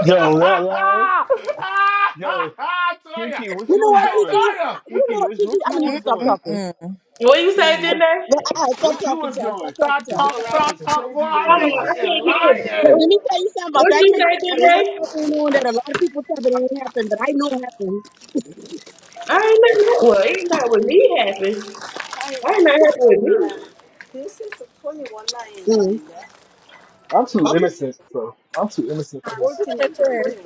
Yo, that live. ha! Ah, ha, Yo, ha! I saw ya! Kiki, what You you know was what, I Kiki? doing? You saw you! Kiki, know, what Kiki, what I'm you gonna need you to Mm, was stop doing? mm, talking. mm. What you say, Kiki, did what Ah, ah, stop what you talking, was child. Stop doing? talking, Stop Cause child. that talk, Stop laugh stop is talking. talk. Boy, crazy I they Hold on, mean, doing. she I is can't hear. you. 'Cause lying. let me What tell you something about what that you say, kickback. A did lot of stuff going on that a lot of people tell it ain't happened, but I know it happened. I ain't nothing. Well, ain't nothing with me happen. I ain't nothing happen with me. I'm too Okay, innocent, so I'm too innocent for this. Take care.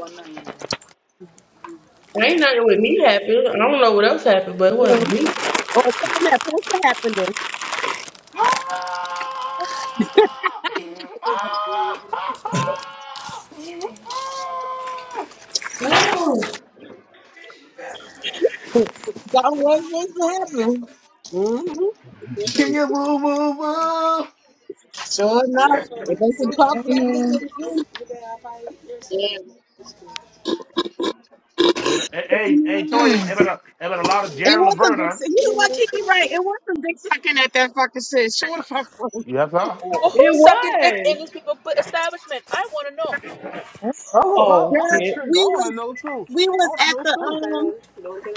Ain't nothing with me happen. I don't know what else happened, but it well, wasn't with me. or something that's supposed to happen though. Ah! Ah, ha, ha! Ah! No, Something was supposed to happen. Can you woo, woo! move? Sure enough, it was some car blockers Mm, in the room. Hey, but- hey, But hey, you hey, know what? Toya, mm. hey, but, uh, hey, but a lot of It Jared was some dick Laverna. sucking. You know what, Kiki? Right? It was some dick sucking at that fucking shit. Sure the fuck. was. Yes, sir. Well, Oh, it who's sucking dick was. in these people put establishment? I want to know. Oh I, am Girl, shit. intrigued. I we want to was know too. we I was want to at know the too. um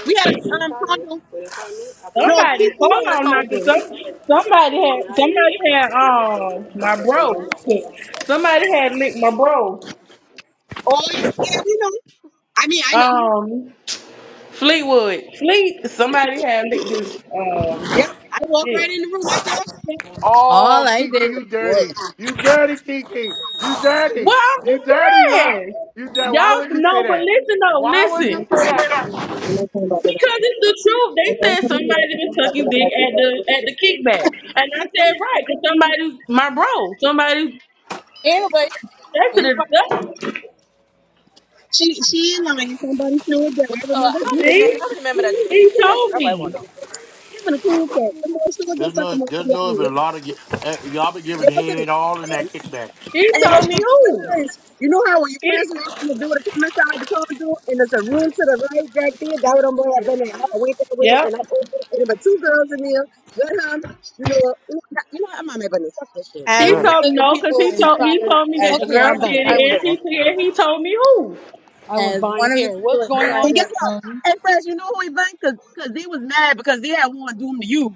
we had a um condo. No, Somebody, Kiki hold had a on, knocking. condo. Some, somebody had, somebody had, um, my bro. Somebody had licked my bro. Oh yeah, yeah, we know. I mean, I know. Um, Fleetwood, Fleet. Somebody had licked his, um, Yep, I walked dick. right in the room. I saw shit. All Oh, I did Kiki, you was dirty. work. You dirty, Kiki. You dirty. Well, I'm You just dirty, bro. saying, You dirty. Why y'all would you say know, but that? listen though, Why would listen, you You say know, that, Kiki? I'm not talking about that. because it's the truth. I'm They not said talking somebody about that. been I'm sucking dick not at the talking at the kickback, and I said right, cause somebody, my bro, somebody, Anyway, that's about that. it. She she ain't lying. Somebody showed that. What, I uh, remember. how her. many Having men? See, How many men that just got a he cool kickback? told That's cat. what I me. want to know. Having a cool cat?" And then she was There's just like a no, there's no, but a motherfucker. lot of y- uh, y'all been Hey, giving listen. head all in Hey, that kickback. He hey, told listen. me Hey, who. friends. You know how when you He, first walk in the door to come inside the car door and there's a room to the right back there? That would have boy have been there. I had to wait that way yep. and I opened And there were two girls in there with him. You know, you know, you know, I might have been there. fuck this shit. He as You know, Amen. one told me of the no, cause people he told inside he of, told me that as the Okay, girl one I'm of the back. did it, I was and people, he and he told me who. I was as one buying of the hair. people What's going inside and on? guess that what? room. Hey, friends, you know who he blamed? Because they was mad because they had want to do him to you.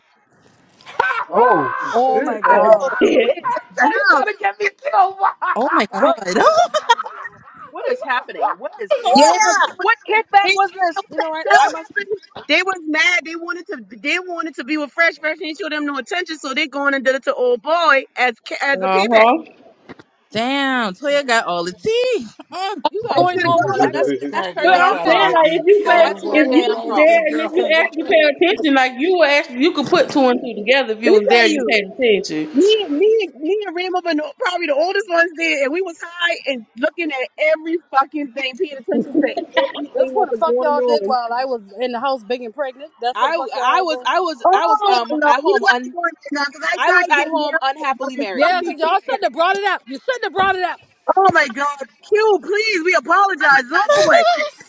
(laughs) Oh I Oh told my shit. I Oh god. He shit. went down told you the house. trying to get me killed. Oh my god. What's (laughs) What is (laughs) happening? What is Oh, Yeah, they was, Toya! what kickback they, that, was this? was, You know what? that I what must. happened. They was mad. They wanted to. They wanted to be with Fresh. Fresh did show them no attention, so they going and did it to old boy as ca- as a Uh payback. huh. Damn, Toya got all the tea. You (laughs) got. going on You while know I was that's that's That her But girl I'm y'all damn trying had to saying all get problem. this like if me you going pay, on? killed. That's What her if was you damn wrong was with this there problem. and girl? if (laughs) you What? actually pay attention, like you were actually you could put two and two together if you was there, you paid attention. Say, That's what the fuck y'all did while I was in the house big and pregnant. That's what I the fuck y'all I had was going I on. was I was oh, um at home un I was at home but unhappily the married. Yeah, fucking cause y'all shouldn't payback. have brought it up. You shouldn't have brought it up.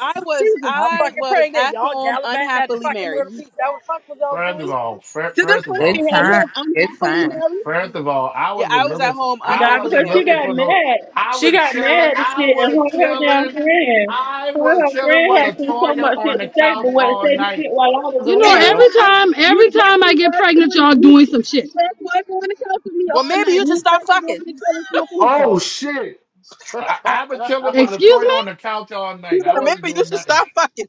I was Jesus, I'm I fucking was pregnant. at Y'all home gallivanting at the unhappily fucking married. murder piece. That what the fuck was y'all First of doing? all, fir- to this first of point they Good all, had first, time. him Good unhappily fir- time. married, first of all, I Yeah, wasn't I was at looking for. home I Nah, unhappily wasn't because married. she looking got for no. mad. I She was got chilling. mad and I shit, and was her her damn chilling. friend, I was her her chilling friend with had some so Latoya much on shit the to say, couch but what all say the night. shit while I was You and know, you around. every was time, you every time I definitely get pregnant, y'all doing some shit. was Well, all maybe night. you should stop fucking. (laughs) oh shit. (laughs) I, I was chilling with Excuse Latoya me? on the couch all You night. I Or was. wasn't maybe you doing should nothing. stop fucking.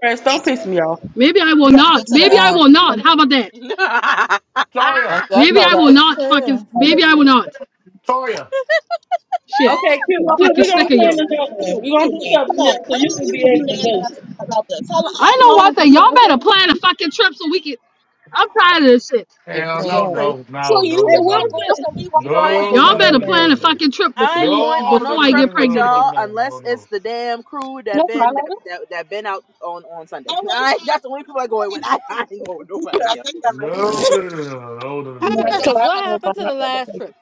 Chris, don't That's it. piss me off. Maybe I We will got to go not. to the Maybe I will not. um. How about that? (laughs) you know what? Toya, Done got Maybe I about will six not fucking. times. Maybe I will not. Toya. Shit. Okay, Q, No, I Q, Fucking we're gonna sick of can't. plan y'all. another one. We're gonna do Come something on, else so how you long can you be gonna be able to mad at go. us about this? How, I how know long? one thing. Y'all better plan a fucking trip so we can. I'm tired of this shit. If you Hell no, ain't Right. crazy. no, So no, you Hey, no, no, could get no, what no, was both and the we wondering what where was the no, you no, no, no, Y'all no, at. girl better plan a name? no. fucking trip I ain't before going No, on no, no, no, no before no, no, no, no, no, I trip get with pregnant again. y'all unless it's no. the damn crew that That's my been that letter. that, that been out on on Sunday. I (laughs) wasn't I, trying that's the only people I going with. (laughs) to I, I ain't going with I nobody else. i think that might be her. No, no, no, no, no, no, no, no, No, no, I no. don't. Cause I what don't know if I'm happened to not the gonna last take trip? it.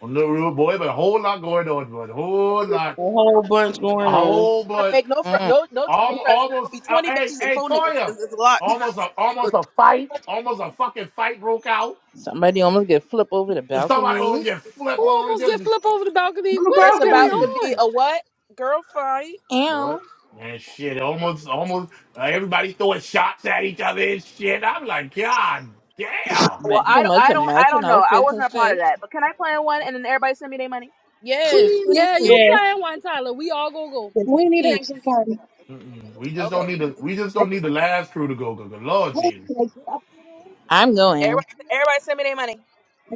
I'm no rude boy, but a whole lot going on, bud. Whole lot, A whole bunch a going on. whole, but make no fr- Mm. no no triple al- threat. There's will almost. be Uh, twenty hey, bitches and hey, four niggas. Toya, It's, it's a lot. (laughs) almost a, almost a fight, almost a fucking fight broke out. Somebody almost get flipped over the And somebody almost balcony. get Who flipped almost get over. flipped over the balcony? From the What It's is going about to balcony. be on? a what girl fight? Boy, Ow. that shit almost, almost uh, everybody throwing shots at each other and shit. I'm like, God damn. Well, Ma- So I don't much I of don't I matching don't know. I outfits and wasn't a part of shit. that. But can I plan one and then everybody send me their money? Yes, Yeah, please, you Yeah. playing one, Tyler. We all gonna go. We need to please. have some fun. I can Mm-mm. We just Okay. don't need the. We just I don't need the last crew to go. Go, go. Lord Jesus. can get up there though? I'm I going. Everybody everybody send me their money.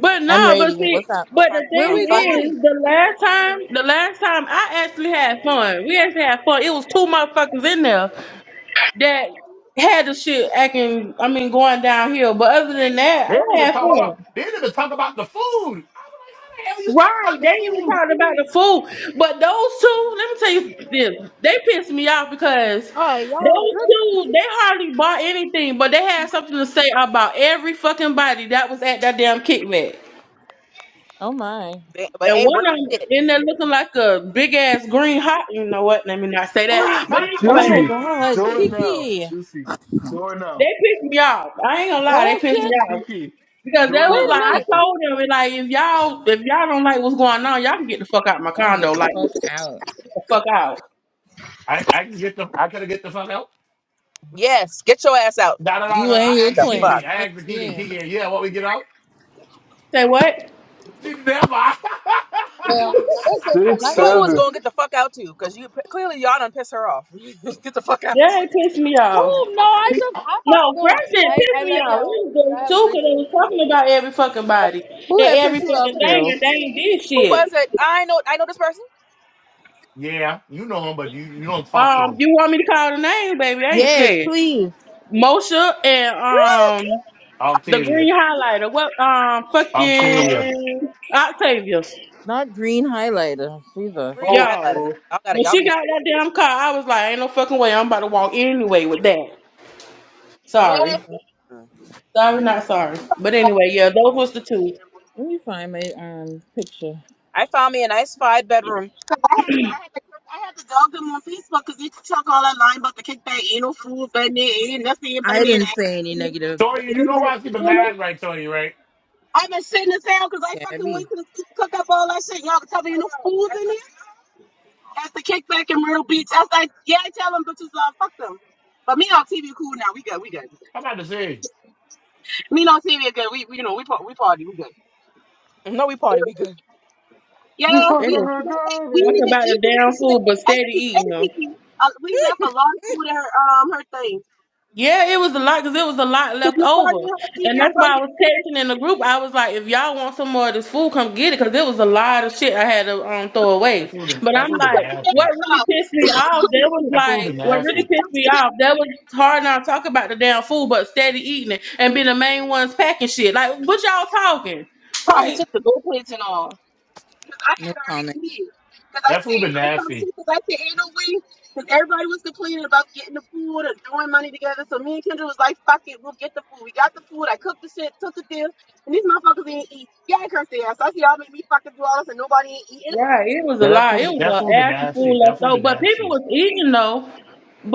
got it. I'm no, but ready. What's see, up? Or but find the Where um (laughs) we thing find me, going? is, the last time, the last time I actually had fun. We actually had fun. It was two motherfuckers in there that had the shit acting. I mean, going downhill. But other than that, They didn't I even had talk about. fun. They didn't even talk about the food. I was like, how the hell you Right, they even talking talked about the food, but those two, let me tell you this, they pissed me off because All those right, y'all. Good. two, they hardly bought anything, but they had something to say about every fucking body that was at that damn kickback. Oh my. but And ain't one bring of them shit. in there looking like a big ass green hot, you know what? Let me not say about the food? that. (gasps) But Oh my Juicy, anyways, god, (laughs) do it now. Kiki. Juicy, do it they now. pissed me off. I ain't gonna lie, they Oh pissed me shit. off Kiki, because do that it was Wait a like now. I minute. Kiki. told them like if y'all if y'all don't like what's going on, y'all can get the fuck out of my Y'all can get condo, the like fuck out. get the fuck out. I I can get the. I could get the fuck out. Yes, get your ass out. No, no, no, no. You and I your asked the The twin. Kiki. fuck. I Heck asked the Kiki. yeah. Kiki, yeah, what we get out? Say what? (laughs) Never. (laughs) Well, that's been fun. Six, I gotta You was go. seven. gonna get the fuck out too, cause you clearly y'all done piss her off. (laughs) get the fuck out. That pissed me off. Oh no, I He, just I'm about to No, go. first it I I pissed me love off. y'all. It Y'all was just have a two great because they day. was talking about every fucking body and Who had every pissed you fucking off, thing, girl? and they ain't did Who was shit. it? I know I know this person. Yeah, you know him, but you, you don't talk to Um, him. you want me to call the name, baby? I ain't Yes, scared. please. Mosha and um the Octavia. green highlighter. What um Octavia. fucking Octavius, Not green highlighter. Jesus. Green Oh, highlighter. y'all. Now well. y'all got it. When Y'all she be. got that damn car, I was like, ain't no fucking way. I'm about to walk anyway with that. Mm, Sorry, mm, mm. sorry, not sorry. But anyway, yeah, those was the two. Let me find my um picture. I found me a nice five bedroom. (laughs) I had to, I had to, I had to dog them on Facebook because they talk all that line about the kickback, ain't no food, but there ain't nothing, but I there didn't that. say any negative, Tori, you know why she been mad, right, Tori, right? I've been sitting this down because I fucking Gabby. went to the school cook up all that shit. Y'all can tell me ain't no food in there. That's the kickback in Myrtle Beach. I was like, yeah, tell them bitches, uh, fuck them. But me and on TV cool now. We good. We good. I'm about to say, Me and on TV good. We, we, you know, we, par- we party. We good. No, we party. We good. These Yeah, fucking we her we Talk didn't dirty. even about the eat all that damn shit. food, but And steady Kiki, and eating them. Kiki, uh, we left a lot of food at her um her thing. Yeah, it was a lot because it was a lot Cause left nobody over, knew how to eat. and that's Everybody, why I was- was texting in the group. I was like, "If y'all want some more of this food, come get it," because it was a lot of shit I had to um, throw that away. food been But that I'm food been like, what nasty. really pissed me off? That was That food like, been what really nasty. pissed me off? That was hard not talk about the damn food, but steady eating it and be the main ones packing shit. Like, what y'all talking? Like, I No had her. comment. Because I That say food been I come nasty. too, because I say ain't no way. Because everybody was complaining about getting the food or throwing money together. So me and Kendra was like, fuck it, we'll get the food. We got the food. I cooked the shit, took it there. And these motherfuckers ain't eat. Yeah, I cursed their ass. I see y'all make me fucking do all this and nobody ain't eating. Right, it was a Yeah, that lot. food It was that an food been after nasty. food That left food over, been but people nasty. was eating though.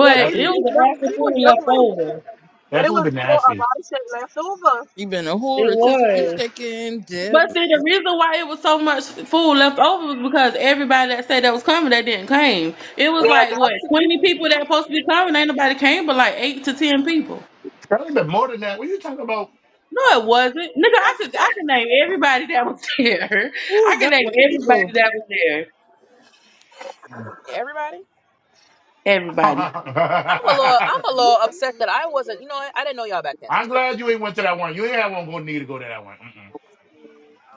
Yeah, That they it food did was an never, after food never. left over. But that it food was been still a nasty. lot of shit left over. You been a whole It rotisserie was. chicken dip. But see, the reason why it was so much food left over was because everybody that said that was coming, they didn't came. It was Yeah, like that's what twenty people that supposed to be coming, ain't nobody came, but like eight to ten people. That food been more than that. What you talking about? No, it wasn't, nigga. I Yes. could I could name everybody that was there. Who (laughs) I is could that name white everybody people? that was there. Everybody. Everybody. I'm a little. I'm a (laughs) little upset that I wasn't. You know, I, I didn't know y'all back then, but I'm you know. glad you ain't went to that one. You ain't have one go need to go to that one. Mm-mm.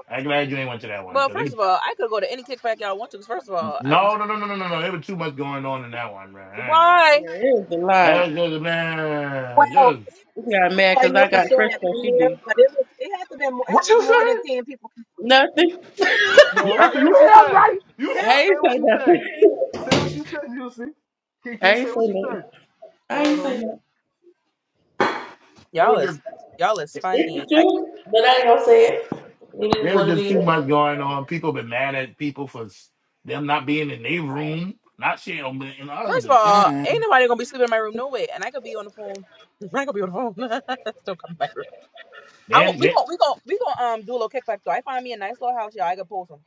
I'm glad you ain't went to that one. Well, because first of all, I could go to any kickback y'all want to. Cause first of all, I, No, no, no, no, no, no, no. There was too much going on in that one, man. I ain't gonna why lie. Yeah, it was a That lot. was just man, well. just We got People mad I because knew I for got sure that Fresco. been She there, did. but it was it had to be more. It What was you more than say? ten people. Nothing. (laughs) No, I say what you say. you hear? Say ain't what say you say. nothing. Say what you say, Juicy. I Kiki, ain't say say what you nothing. say. I Uh ain't say huh. nothing. There y'all was just is y'all is It's the funny. I. truth, but I ain't gonna say it. It is there was what it just is. too much going on. People been mad at people for s- them not being in their room, not sharing on the- and other First of than that. all, ain't Mm. nobody gonna be sleeping in my room no way, and I could be on the phone. (laughs) I ain't gonna be on the phone. (laughs) Still coming back. I won't- Then we gon' that we gon' we gon' um do a little kickback though. I find me a nice little house, y'all. I could post them.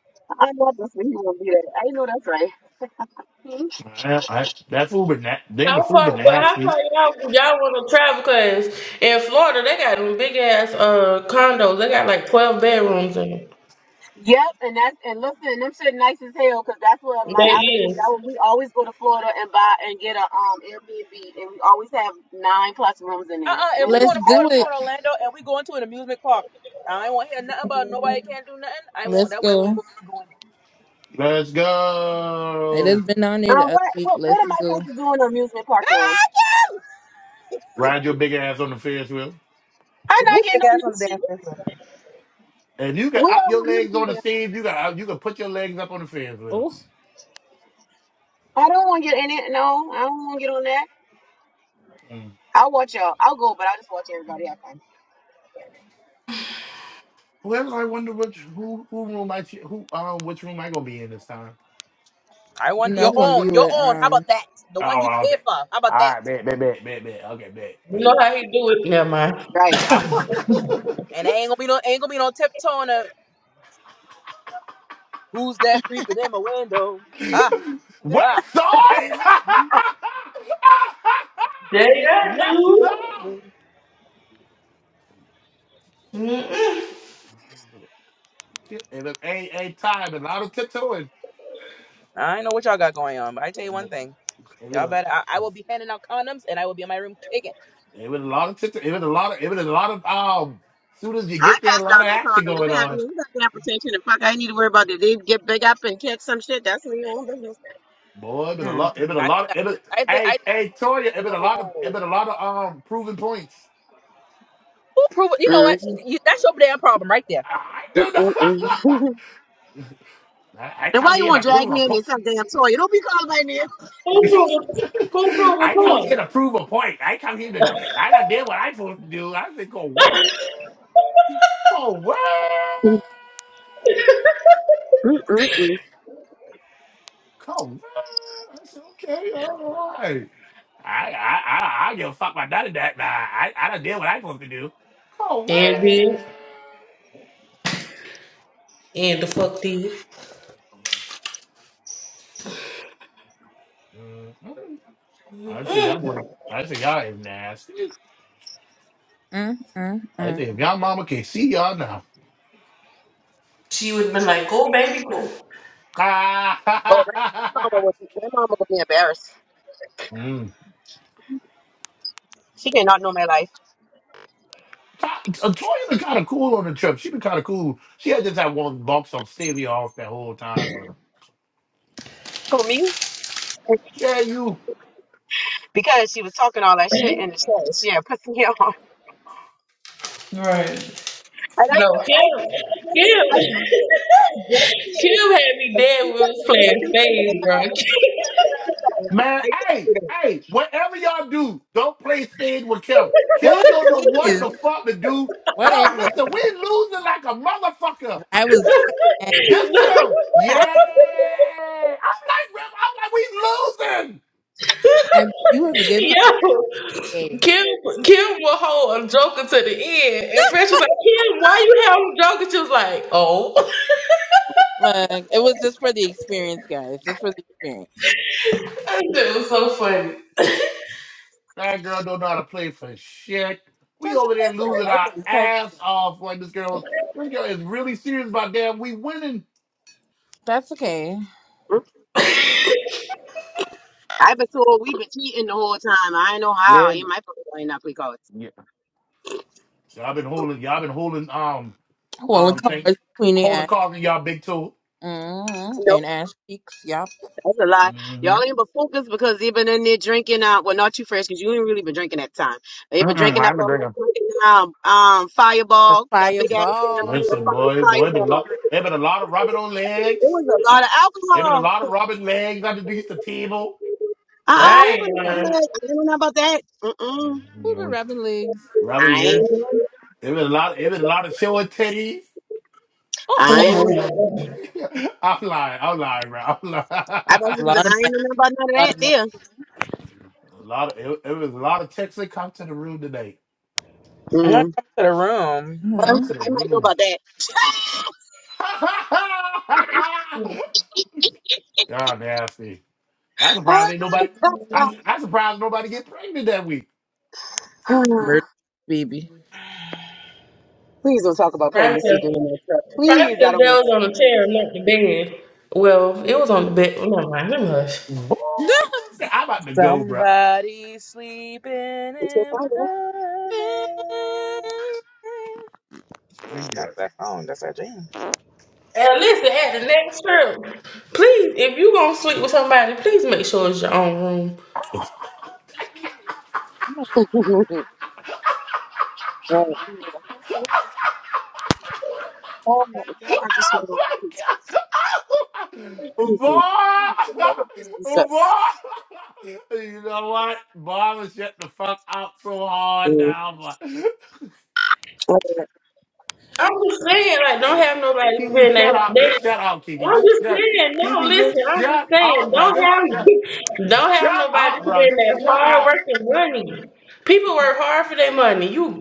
I, I, that food been na- then the How food far? been But how nasty. far y'all y'all want to travel? Cause in Florida they got them big ass uh condos. They got like twelve bedrooms in them. Yep, and that's and listen, them shit nice as hell because that's what They my other group. is. That when we always go to Florida and buy and get a um Airbnb, and we always have nine plus rooms in Uh there. And uh. If it'd we be going Let's to Florida, do awesome. we it. going to Orlando, and we going to an amusement park. I won't hear nothing about Um, nobody can't do nothing. I won't. Let's That way I won't go. go going there. Let's I go. just been down there the other what week. what what Let's am I go. supposed to do in an amusement park, ma'am? (laughs) Ride your big ass on the Ferris wheel. I'm not Who the getting on gas them on the shit. damn floor? If you can We up all your want me to legs do on the that. stage, you got you can put your legs up on the Ferris wheel. Oh, I don't want to get in it. No, I don't want to get on that. Mm. I'll watch y'all. I'll go, but I'll just watch everybody have fun. Well, I wonder which who who room I ch- who um which room I gonna be in this time. I you're want your not gonna be own, your with own. How um. about that? The one Oh, you pay okay. for. How All about that? right, bet, bet, bet, bet, bet. Okay, bet, You know bet. how he do it? Never mind. Right. (laughs) And there ain't gonna be no, ain't gonna be no tiptoeing. Or, Who's that creeping in my window? Ah, West Ha! side. (laughs) They I yes, sir. do. Mm-mm. It was a a time a lot of tiptoeing. I don't know what y'all got going on, but I tell It you one thing. was Y'all a better. I, I will be handing out condoms, and I will be in my room kicking. it was a lot of tiptoe. It was a lot of it was a lot of um. Soon as you I get passed there, a lot out of no action condom. They been having going you got that protection and fuck. I ain't need to worry about it. They get big up and catch some shit. That's on your own Boy, it been a Mm, lot. It been a And I think lot. I, It been, I think I hey, think hey, do Toya. It been a lot of. It Lobo. been a lot of um proven points. Who prove it? You know business. what? You, that's your damn problem right there. I do know. Mm-mm-mm. (laughs) (laughs) I, I and why come you here want to to drag prove a me in point. this Some damn toy. You don't be calling my name. Who (laughs) proving? Who proving I come point? here to prove a point. I come here to. I done did what I supposed to do. I said, go what? Go what? Mm-mm-mm. Go what? I said, okay, all right. I I I, I give a fuck about none of that. Nah, I I done did what I supposed to do. Go And what? then and the fuck did. Mm, mm. I see y'all were, I see y'all is nasty. mm, mm, I mm. think if y'all mama can see y'all now. She would have been like, "Go baby, go." (laughs) mm. Oh, my, my mama would be, my mama would be embarrassed. She did not know my life. Ta- uh, Toya been kind of cool on the trip. She been kind of cool. She had just had one box of Stevia off that whole time, bro. For me, Yeah, you because she was talking all that shit in the church. Yeah, pissing me off. (laughs) Right. And I No, know, I Cube, did, Cube, I did, (laughs) Cube had me dead when we was playing Phase, bro. man. I Hey, did. hey, whatever y'all do, don't play stage with Kim. Boy, Kim don't know (laughs) what please. the fuck to do. Yo, Whatever. listen, we losing like a motherfucker. I was. (laughs) This no, Kim. Yeah. I'm like, Rip, I'm like, we losing. I, you was a good part yo, of the game. Kim, Kim will hold a Joker to the end, and Fresh was like, "Kim, why you have a Joker? She was like, oh, (laughs) Like it was just for the experience, guys. Just for the experience. that shit was so funny. That girl don't know how to play for shit. We Shut over your there ass up. losing I've our ass practicing. off when this girl this girl is really serious about that. We winning. That's okay. I've been told we've been cheating the whole time. I know how. Ain't my fault. Ain't not because. Y'all been holding, y'all been holding um Well, the um car things is between the holding ass cards in y'all big toe. hmm and ass cheeks. Yup. That's a lie. hmm Y'all ain't but focused because they been in there drinking. Uh, well, not too fresh because you ain't really been drinking that time. They been drinking up on drinking, um, um, The Fireball, that big ass damn fireball. thing of Listen, boy, fucking boy, been a Fireball. lot, there been a lot of rubbing on legs. It was a Lot- lot of There been a alcohol. lot of rubbing legs underneath the table. Uh Oh, uh who Dang, been my. drinking man. that? I didn't know about that. Mm-mm. Who been Mhm. rapping legs? Rubbing I legs. ain't, know. There been a lot. There been a lot of showing titties. Oh, I ain't, oh. know. (laughs) I'm lying. I'm lying, bro. I'm lying. I about to (laughs) a A say 'cause lot of I ain't mad. know nothing about none A of lot that of mad. there. lot of it, it was a lot of texts that come to the room today. I'm not Mm. coming to the room. Uh, Come Mm-hmm. to the I might know room. about that. (laughs) Y'all nasty. I'm surprised ain't nobody. I (sighs) I surprised nobody get pregnant that week. Murder, baby. Please don't talk about pregnancy Probably during that trip. Please, because they I don't. want to. was on the chair, not the bed. Well, it was on the bed. Never mind, let me hush. Boy, I'm about to go, bro. Somebody sleeping It's your in father. my bed. Thank you. That's that song. That's that jam. At least at the next trip, please, if you gonna sleep with somebody, please make sure it's your own room. Right. Oh, my (laughs) God, I just want to please, Oh excuse me. my Please, the love of god, (laughs) boy, boy. Jesus. You know what? Boy was shut the fuck up so hard Mm. now. Boy. Oh, about I'm just saying, like, don't have nobody Kiki, spend their shut up. day. Just shut up, Kiki. I'm Just just shut. saying, no, Kiki, just listen, I'm just shut up, saying, bro. don't Just shut. have (laughs) don't have Shut nobody up, bro. spend Just their shut hard up. working money. People work hard for their money. You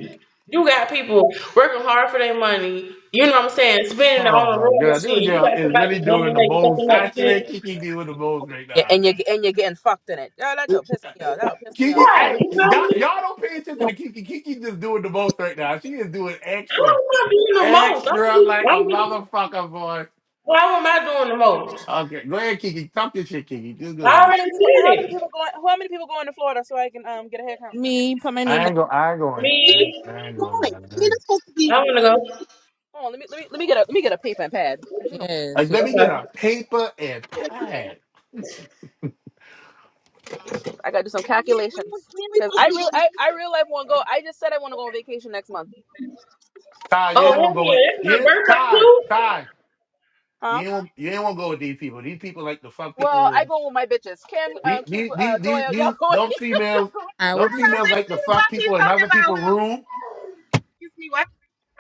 you got people working hard for their money. You know what I'm saying? Spending their Oh own my room and god, this shit. You girl got is somebody really coming doing and the they most. fucking up I swear, shit. Kiki doing the most right Yeah, now. and you and you're getting fucked in it. Yeah, that'll piss me off. That'll piss (laughs) me Kiki, off too. Right, I you y'all, y'all know? don't pay attention to Kiki. Kiki just doing the most right now. She is doing How am extra, I doing the most? I'm just, extra like a I'm just, motherfucker, boy. why am I doing the most? Okay, go ahead, Kiki. Talk your shit, Kiki. Just go I How ahead. already many people? did How many it. people going? How many people going to Florida so I can um get a hair count? Me, put my name I down. ain't go. I ain't going. I ain't, Me, I ain't going, brother. I want to go. Hold on, let me let me let me get a let me get a paper and pad because you know Yes, Like, yes. let me get Okay. a paper and pad. I gotta do some calculations because I real I I real life want to go. I just said I want to go on vacation next month. Ty, you Oh, ain't want to hell go yeah, with that's my yeah. birthday Ty, too? Ty, you Huh? ain't want you ain't want to go with these people. These people like to fuck Well, people. I And go with my bitches. Kim, these uh, Q, these uh, these these, Toya, y'all these going? them (laughs) y'all females, going? I will them be there. to females like to who the fuck fuck he people in talking other about? people's room. Excuse me, what?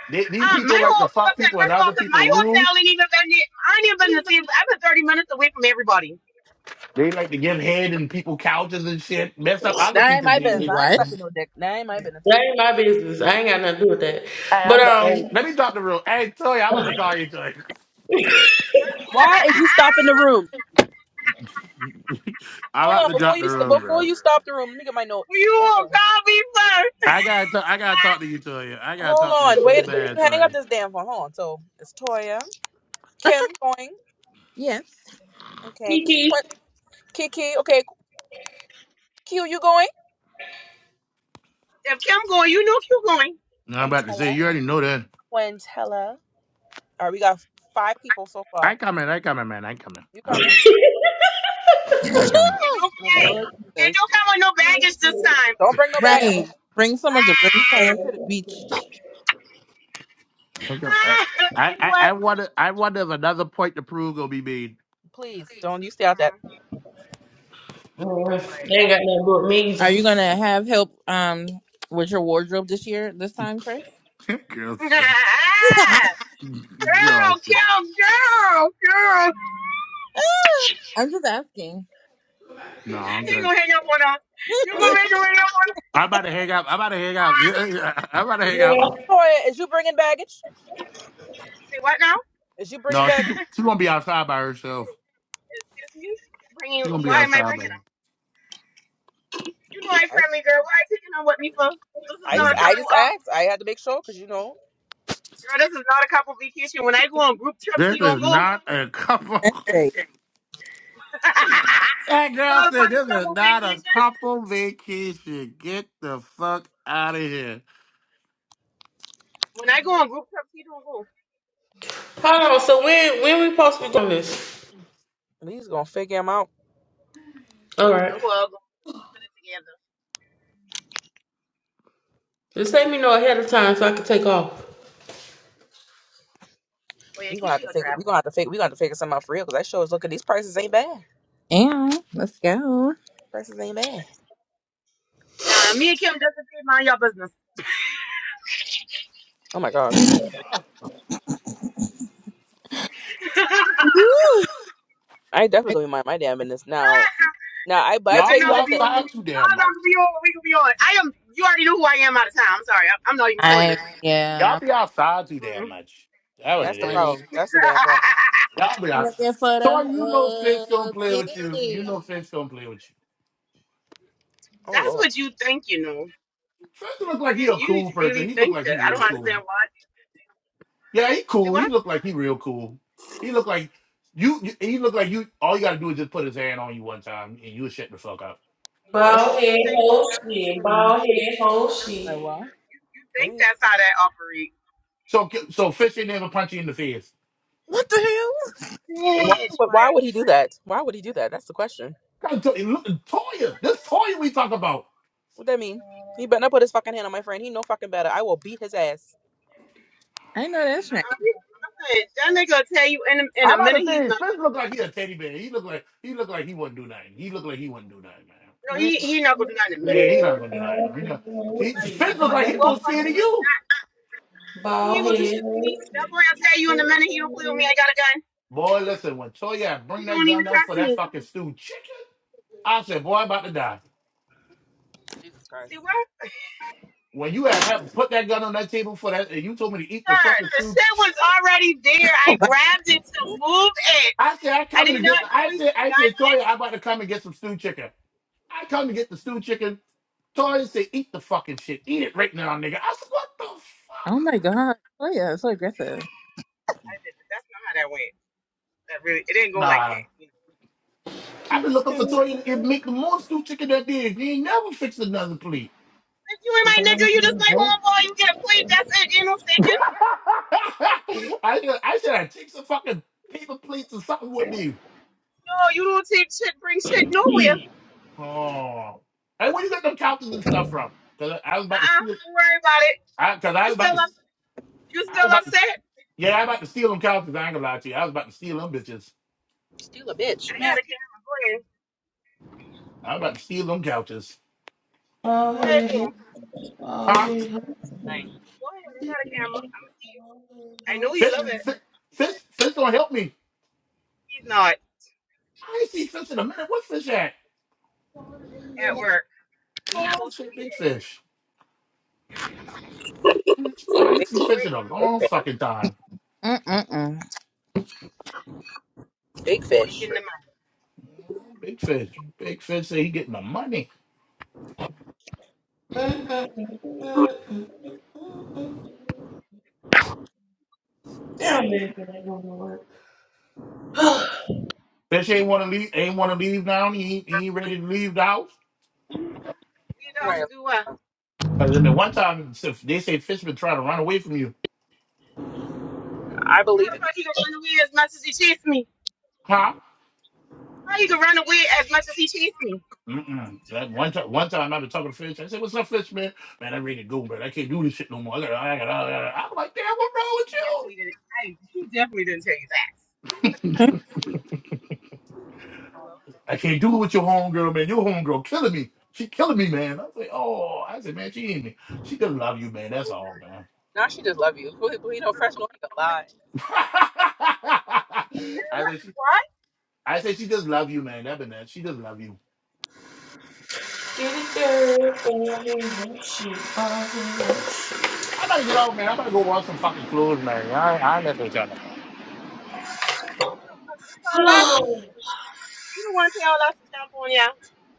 They, these Um, people my like to whole, fuck listen, people in first of all, other because my people's room. hotel ain't even been, near- I ain't even been to see, I've been 30 minutes away from everybody. They like to give head in people couches and shit, mess up other That ain't people's my business. meetings. I ain't What? sucking no dick. That ain't my business. That ain't my business. I ain't got nothing to do with that. But, um, Let me drop the room. Hey, Toy, I'm about to call you, Toy. Why is (laughs) you stopping the room? (laughs) I'm Hold about on, to before drop the you room, bro. before you stop the room, let me get my notes. you will Okay. call me first. I (laughs) gotta, talk, I gotta talk to you, Toya. I gotta Hold talk to you on. so Wait. Don't bad, you hang up Toya. this damn phone. Hold on. So it's Toya. Kim going. Yes. Okay. Kiki, Qu- Kiki. Okay. Q, you going? If Kim going, you know Q going. No, I'm about to say Quintella. you already know that. Quintella. All right. We got five people so far. I coming, I coming, man. I coming. You I'll coming? come. I coming. And Oh, don't, Okay. Lord hey, and Jesus. don't come with no baggage this time. Don't bring no baggage. Right. Bring someone to bring sand to the beach. I come. I, (laughs) I, you know I I what? wonder, I wonder if another point to prove gonna be made. Please. Don't you stay out that. Mm, Let me mm, be quiet. that ain't got nothing to do with me Are either. you gonna have help um with your wardrobe this year, this time, Trey? (laughs) (laughs) girls, girl, (laughs) (laughs) I'm girls. kill girl, girl. (laughs) just asking. No, I'm You ain't good. gonna hang up on us. You (laughs) gonna make her hang up on us. I'm about to hang out. I'm about to hang out. (laughs) I'm about to hang out. Yeah. Toya, is you bringing baggage? Say what now? Is you bringing No, she baggage? she gonna be outside by herself. Excuse me. Bringing? She gonna be Why am I outside by. bringing herself. them? You know I I, friendly girl. Why are you taking them with me for? This is I not just a Mm. I couple. just Um, asked. I had to make sure because you know girl, this is not a couple vacation. When I go on group trips, This he don't is go. not a couple. (laughs) That's great. (laughs) That This is girl not a said, fucking "This is couple not a vacation. couple vacation. Get the fuck out of here. When I go on group trips, he don't go. Hold on, so when, when we supposed to be doing this? he's gonna figure him out. All You know right. who all gonna put it together? Just let me know ahead of time so I can take off. Oh yeah, We gonna have Kiki to will figure. We travel. gonna have to figure. We gonna have to figure something out for real because that show is looking. These prices ain't bad. Yeah, let's go. Prices ain't bad. Nah, me and Kim doesn't mind your business. Oh my god. I definitely mind my damn business. Now, (laughs) now I but I Because they're tell Y'all you be not gonna one be thing. on. what outside we- too damn Y'all not much. gonna be on what we gonna be on. I am. You already know who I am out of time. I'm sorry. I, I'm not even telling I you. yeah, Y'all be outside too damn Mm. much. That and what I'm, that's it the I'm on it. is. problem. That's the damn problem. (laughs) Y'all be I'm out. looking for the So you know, Fitz don't hug. play with you. You Yeah. know, Fitz don't play with you. Oh That's Lord, what you think. You know. Fitz You look like he really, a you cool person. really He look think like he that. I real don't cool. understand why. Yeah, he See cool. He what? look like he real cool. He look like you. you- He look like you. All you gotta do is just put his hand on you one time, and you'll shut the fuck up. Greg, Bald head, You think so? whole shit. Bald head, whole Like shit. well, You think Greg. that's how that operates? So, so Fitz ain't never punch you in the face. What the hell? Why Bitch, would why? why would he do that? Why would he do that? That's the question. I'm tell look, Toya, this Toya we talk about. What that mean? He better not put his fucking hand on my friend. He no fucking better. I will beat his ass. I know I that's Uh-uh. right. you- uh-uh. That nigga will tell you in a, in I'm a about minute to he's say, not. Fitz shit to look me. like he a teddy bear. He look like he look like he wouldn't do nothing. He look like he wouldn't do nothing, No, Really? he he not gonna do nothing to man. Yeah, me. he not gonna do nothing. He not- he- Like, he Fitz look won't. like He he won't. most scared of fucking- you. He Bald ain't gonna do head, shit to me. That boy will tell you in a minute he don't play with me. I got a gun. Boy, listen, when Toya bring You that don't even gun out trust for me. that fucking stewed chicken, I said, boy, I'm about to die. Jesus See Christ, what? When you have, have put that gun on that table for that, and you told me to eat the sir. fucking The stewed sin was chicken, already there. I Oh, my- grabbed it to move it. I said, I I coming did to get. not I point said, the I gun. said, Toya, I'm about to come and get some stewed chicken. I come to get the stewed chicken So I say, eat the fucking shit. Eat it right now, nigga. I said, what the fuck? Oh my god. Oh yeah, it's so aggressive. I did, but that's not how that went. That really, it didn't go like Nah. that. You know. I've been looking for Tori to make the more stew chicken that did. He ain't never fixed another plate. If you ain't my nigga, you just my whole homeboy. You get a plate. That's it. You no what (laughs) I, should- I should have taken some fucking paper plates or something with me. No, you don't take shit, bring shit nowhere. Oh. Hey, where you got them couches and stuff from? Cause I, I was Uh about to Uh-uh. steal. Don't worry about it. I, Cause I You was about still to. up? You I was still about to. upset? Yeah, I was about to steal them couches. I ain't gonna lie to you. I was about to steal them bitches. steal a I bitch, man. got a camera. Go ahead. I was about to steal them couches. Go bald ahead, head. do it. Oh, Huh? hey, Go ahead. I got a camera. I'm gonna see you. I know you Fish, love it. fish, fish, fish don't help me. He's not I ain't seen fish in a minute. What fish at? at work. Where he Oh, I supposed to see be big at? fish. I ain't Big, seen fish work. in a big where long fish. fucking time. Mm Big fish. making the money? Big fish. Big fish say he getting the money. Damn, man, that ain't gonna work. Get Fish ain't want to leave. Ain't want to leave now. He ain't, he ain't ready to leave the house. Leave the house Right. and do what? Cause then the one time so they say fish been trying to run away from you, I How believe the it. fuck he gonna run away as much as he chased me? huh? How he gonna run away as much as he chased me? Mm-mm. That one time, one time I was talking to fish. I said, "What's up, fish man? Man, I'm ready to go, man. I can't do this shit no more. I got, I got, I got." I'm like, "Damn, what wrong with He you?" definitely didn't. I, he definitely didn't tell you that. mm Hello. I can't do it with your homegirl, man. Your homegirl killing me. She killing me, man. I was like, oh, I said, man, she ain't me. She just love you, man. That's all, man. Now she just love you. Who, who you know, fresh know he can lie. (laughs) Yeah, I what? said, she, What? I said, she just love you, man. That been that. She just love you. it there, boy, hey, Oh, I gotta get off, man. I am about to go wash some fucking clothes, man. I, I ain't messing with y'all. no. You Tell us. You the one tell us to jump on ya.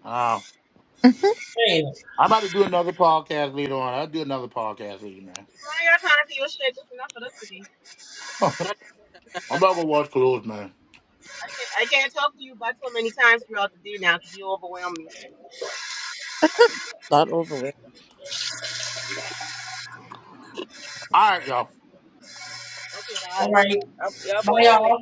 Um, mm. (laughs) hey. I'm about to do another podcast later on. I'll do another podcast later, man. I ain't got time for your shit. That's enough of this today. (laughs) I'm about to go wash clothes, man. I can't. I can't talk to you but so many times throughout the day now because you overwhelm me. Thought over with. All right, y'all. Okay, bye. All right, Y'all bye, boy, hold on. y'all.